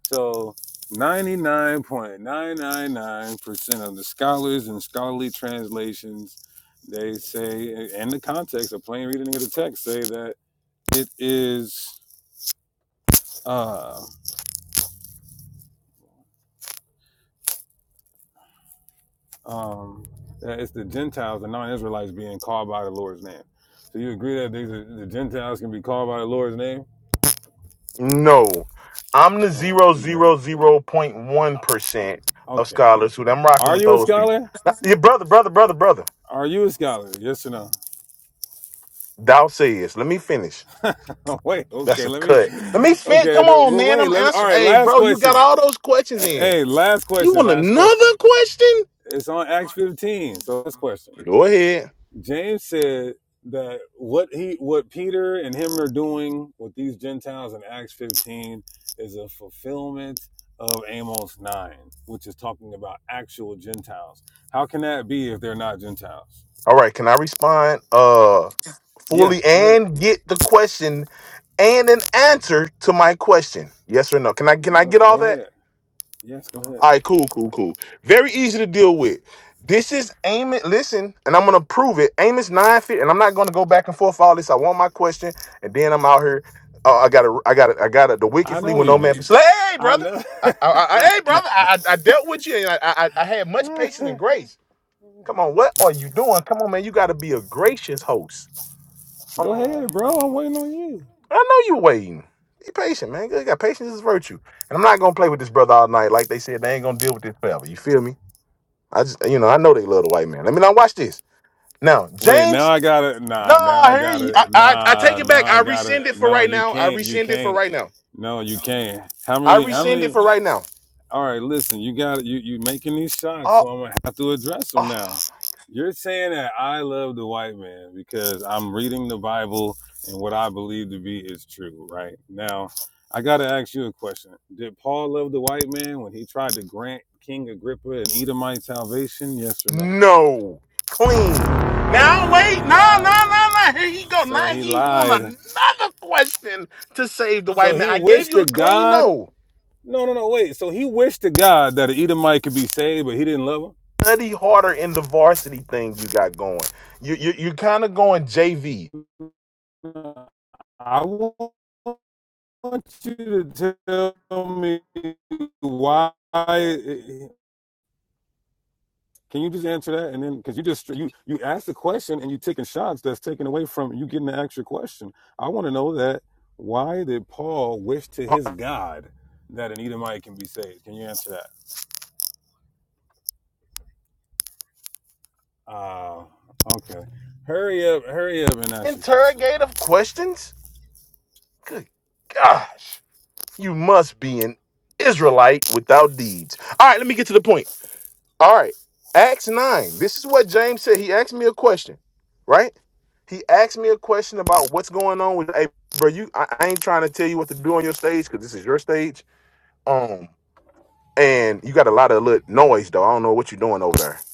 Speaker 2: So 99.999% of the scholars and scholarly translations, they say, in the context of plain reading of the text, say that it is uh, um, that it's the Gentiles, the non-Israelites, being called by the Lord's name. So you agree that these are, the Gentiles can be called by the Lord's name?
Speaker 15: No, I'm the
Speaker 2: Oh,
Speaker 15: zero
Speaker 2: okay.
Speaker 15: zero zero point one percent of
Speaker 2: Okay.
Speaker 15: scholars who I'm rocking
Speaker 2: Are
Speaker 15: with
Speaker 2: you a
Speaker 15: those people.
Speaker 2: scholar?
Speaker 15: Your brother, brother, brother, brother.
Speaker 2: Are you a scholar? Yes or no?
Speaker 15: Thou says, let me finish.
Speaker 2: wait.
Speaker 15: That's
Speaker 2: Okay.
Speaker 15: a
Speaker 2: Let me.
Speaker 15: cut. Let me finish.
Speaker 2: Okay.
Speaker 15: Come
Speaker 2: the-
Speaker 15: on,
Speaker 2: Well,
Speaker 15: man.
Speaker 2: wait.
Speaker 15: I'm
Speaker 2: Let me. All
Speaker 15: answering.
Speaker 2: right.
Speaker 15: Hey,
Speaker 2: Last
Speaker 15: bro, you got
Speaker 2: question.
Speaker 15: all those questions in.
Speaker 2: Hey, last
Speaker 15: You
Speaker 2: question.
Speaker 15: want
Speaker 2: Last question.
Speaker 15: another question?
Speaker 2: It's on Acts 15. So last question.
Speaker 15: Go ahead.
Speaker 2: James said that what he, what Peter and him are doing with these Gentiles in Acts 15 is a fulfillment of Amos 9, which is talking about actual Gentiles. How can that be if they're not Gentiles?
Speaker 15: All right. Can I respond uh
Speaker 2: Yeah,
Speaker 15: fully
Speaker 2: go ahead.
Speaker 15: and get the question and an answer to my question? Yes or no? Can I can I
Speaker 2: Go,
Speaker 15: get all
Speaker 2: go
Speaker 15: that?
Speaker 2: ahead. Yes, go ahead.
Speaker 15: All right, cool, cool, cool. Very easy to deal with. This is Amos. Listen, and I'm gonna prove it. Amos nine feet, and I'm not gonna go back and forth all this. I want my question, and then I'm out here. Uh, I got to I got to I got to The wicked
Speaker 2: I
Speaker 15: flee
Speaker 2: know
Speaker 15: when
Speaker 2: you
Speaker 15: no man.
Speaker 2: do.
Speaker 15: Hey, hey,
Speaker 2: I
Speaker 15: brother.
Speaker 2: know.
Speaker 15: I, I, I, hey, brother. I, I I dealt with you, and I, I I had much patience and grace. Come on, what are you doing? Come on, man. You got to be a gracious host. Um,
Speaker 2: go ahead, bro. I'm waiting on you.
Speaker 15: I know you waiting. Be patient, man. You got patience is virtue, and I'm not gonna play with this brother all night. Like they said, they ain't gonna deal with this forever. You feel me? I just, you know, I know they love the white man. Let me now watch this. Now,
Speaker 2: Wait, now
Speaker 15: James,
Speaker 2: I got it. Nah,
Speaker 15: no,
Speaker 2: now I
Speaker 15: I
Speaker 2: got
Speaker 15: hear you. I,
Speaker 2: it.
Speaker 15: I, I
Speaker 2: Nah,
Speaker 15: take it
Speaker 2: now
Speaker 15: back.
Speaker 2: I
Speaker 15: I
Speaker 2: got
Speaker 15: rescind it
Speaker 2: it.
Speaker 15: for
Speaker 2: No,
Speaker 15: right
Speaker 2: you
Speaker 15: now. I
Speaker 2: can't. You
Speaker 15: rescind it for
Speaker 2: can't.
Speaker 15: right now.
Speaker 2: No, you can't. How
Speaker 15: I
Speaker 2: many? How
Speaker 15: rescind it
Speaker 2: many?
Speaker 15: for right now.
Speaker 2: All right, listen. You got it. You you making these shots, so
Speaker 15: Oh,
Speaker 2: I'm gonna have to address them
Speaker 15: oh
Speaker 2: now. You're saying that I love the white man because I'm reading the Bible and what I believe to be is true. Right now, I gotta ask you a question. Did Paul love the white man when he tried to grant King Agrippa and Edomite salvation? Yes or no?
Speaker 15: no, clean.
Speaker 2: Oh,
Speaker 15: Now
Speaker 2: so
Speaker 15: wait,
Speaker 2: he
Speaker 15: no,
Speaker 2: lied.
Speaker 15: no, no, no. Here he go.
Speaker 2: So
Speaker 15: Now
Speaker 2: he
Speaker 15: he want
Speaker 2: lied.
Speaker 15: another question to save the
Speaker 2: So
Speaker 15: white man.
Speaker 2: he
Speaker 15: I gave
Speaker 2: wished
Speaker 15: you
Speaker 2: to
Speaker 15: a clean
Speaker 2: God.
Speaker 15: no.
Speaker 2: No, no, no. Wait. So he wished to God that an Edomite could be saved, but he didn't love
Speaker 15: Study harder in the varsity thing you got going. You you you kind of going JV.
Speaker 2: him. I want you to tell me why. Can you just answer that? And then, because you just you you asked the question and you taking shots that's taken away from you getting the actual question. I want to know that why did Paul wish to his God that an Edomite can be saved? Can you answer that? Oh, okay. Hurry up, hurry up and ask your question, man.
Speaker 15: Interrogative questions. Good gosh. You must be an Israelite without deeds. All right, let me get to the point. All right. Acts 9. This is what James said. He asked me a question, right? He asked me a question about what's going on with hey, bro. You I, I ain't trying to tell you what to do on your stage because this is your stage. Um, and you got a lot of little noise though. I don't know what you're doing over there.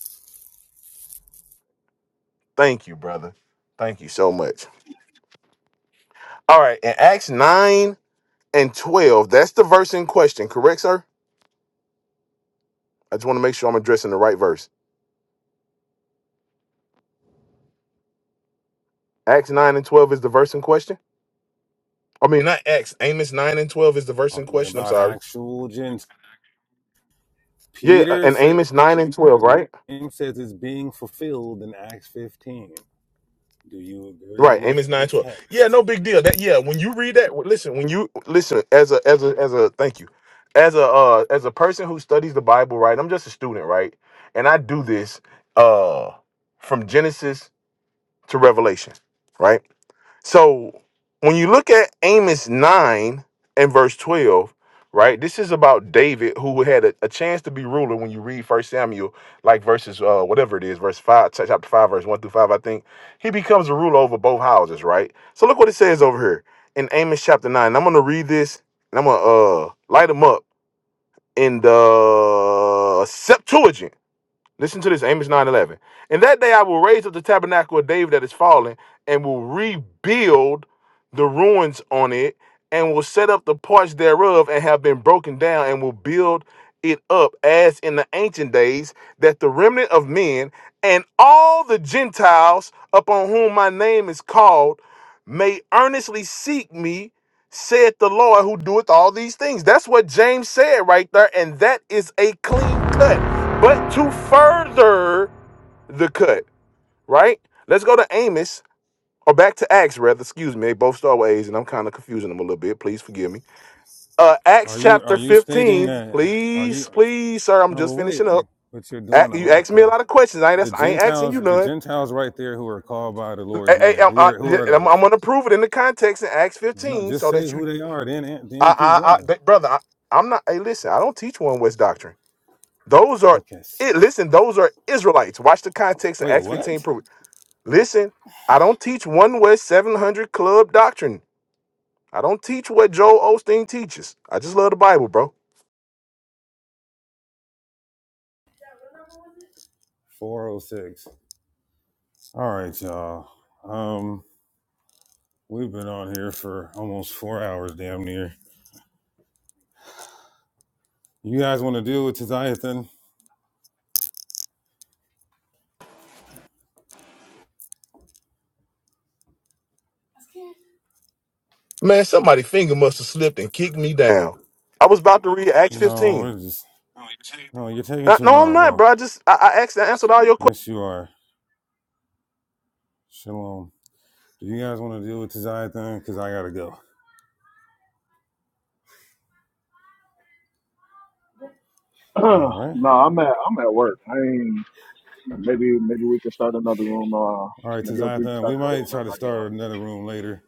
Speaker 15: Thank you, brother. Thank you so much. All right, in Acts 9 and 12, that's the verse in question, correct, sir? I just want to make sure I'm addressing the right verse. Acts 9 and 12 is the verse in question. I mean, not Acts. Amos 9 and 12 is the verse in
Speaker 2: Talking
Speaker 15: question. I'm
Speaker 2: about
Speaker 15: sorry.
Speaker 2: actual Gentiles.
Speaker 15: Yeah, uh,
Speaker 2: Peter
Speaker 15: and
Speaker 2: said,
Speaker 15: Amos 9 and 12, right?
Speaker 2: James says it's being fulfilled in Acts 15. Do you agree
Speaker 15: Right,
Speaker 2: with
Speaker 15: Amos
Speaker 2: the
Speaker 15: 9 12. Yeah,
Speaker 2: text?
Speaker 15: no big deal. That yeah, when you read that, w- listen, when you listen as a as a as a thank you. As a uh as a person who studies the Bible, right? I'm just a student, right? And I do this uh from Genesis to Revelation, right? So when you look at Amos 9 and verse 12, right, this is about David who had a, a chance to be ruler when you read First Samuel, like verses, uh, whatever it is, verse 5, ch- chapter 5, verse 1 through 5, I think. He becomes a ruler over both houses, right? So look what it says over here in Amos chapter 9. I'm going to read this and I'm going to uh, light them up in the Septuagint. Listen to this, Amos 9:11. And that day I will raise up the tabernacle of David that is fallen, and will rebuild the ruins on it, and will set up the parts thereof and have been broken down, and will build it up as in the ancient days, that the remnant of men and all the Gentiles upon whom my name is called may earnestly seek me, saith the Lord who doeth all these things. That's what James said right there, and that is a clean cut. But to further the cut, right? Let's go to Amos, or back to Acts, rather. Excuse me. They both start with A's, and I'm kind of confusing them a little bit. Please forgive me. Uh,
Speaker 2: Are
Speaker 15: Acts
Speaker 2: you
Speaker 15: chapter
Speaker 2: are you stating
Speaker 15: 15.
Speaker 2: that are you
Speaker 15: Please, please, sir. I'm
Speaker 2: no but
Speaker 15: just
Speaker 2: wait
Speaker 15: finishing up.
Speaker 2: but you're
Speaker 15: A-
Speaker 2: doing a
Speaker 15: You
Speaker 2: lot
Speaker 15: asked me a
Speaker 2: though.
Speaker 15: lot of questions. I ain't,
Speaker 2: The
Speaker 15: that's- I ain't asking you
Speaker 2: Gentiles the
Speaker 15: none.
Speaker 2: Gentiles right there who are called by the Lord's
Speaker 15: Hey, hey,
Speaker 2: name.
Speaker 15: I'm,
Speaker 2: Who are who are
Speaker 15: I, am
Speaker 2: those?
Speaker 15: going to prove it in the context in Acts
Speaker 2: No,
Speaker 15: 15
Speaker 2: just
Speaker 15: so
Speaker 2: say
Speaker 15: that
Speaker 2: who
Speaker 15: you,
Speaker 2: they are, then then keep
Speaker 15: I, I, I
Speaker 2: going.
Speaker 15: but brother, I, I'm not, hey, listen, I don't teach one West doctrine. Those are,
Speaker 2: Okay.
Speaker 15: it, listen, those are Israelites. Watch the context of
Speaker 2: Wait,
Speaker 15: Acts 15
Speaker 2: what?
Speaker 15: prove it. Listen, I don't teach one West 700 Club doctrine. I don't teach what Joel Osteen teaches. I just love the Bible, bro.
Speaker 2: 406. All right, y'all. Um, we've been on here for almost four hours, damn near. You guys want to deal with Tithiathan?
Speaker 15: Man, somebody finger must have slipped and kicked me down. Now, I was about to read Acts
Speaker 2: No,
Speaker 15: 15.
Speaker 2: we're just no. You're taking
Speaker 15: Uh,
Speaker 2: too
Speaker 15: no, I'm
Speaker 2: long,
Speaker 15: not,
Speaker 2: bro.
Speaker 15: bro. I just I, I asked, I answered all your
Speaker 2: Yes, you are. Shalom. Do you guys want to deal with Tithiathan? Cause I gotta go. All
Speaker 13: you.
Speaker 2: right.
Speaker 13: no, I'm at I'm at work. I mean, maybe maybe we can start another room. Uh,
Speaker 2: All right,
Speaker 13: maybe we can
Speaker 2: Tithiathan.
Speaker 13: start
Speaker 2: We
Speaker 13: another
Speaker 2: might
Speaker 13: room
Speaker 2: try
Speaker 13: after
Speaker 2: to
Speaker 13: I get off.
Speaker 2: start another room later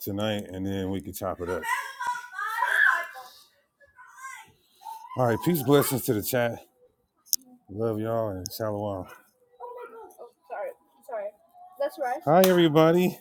Speaker 2: tonight, and then we can chop it up. All right. Peace, blessings to the chat. Love y'all and shalom. Hi, everybody.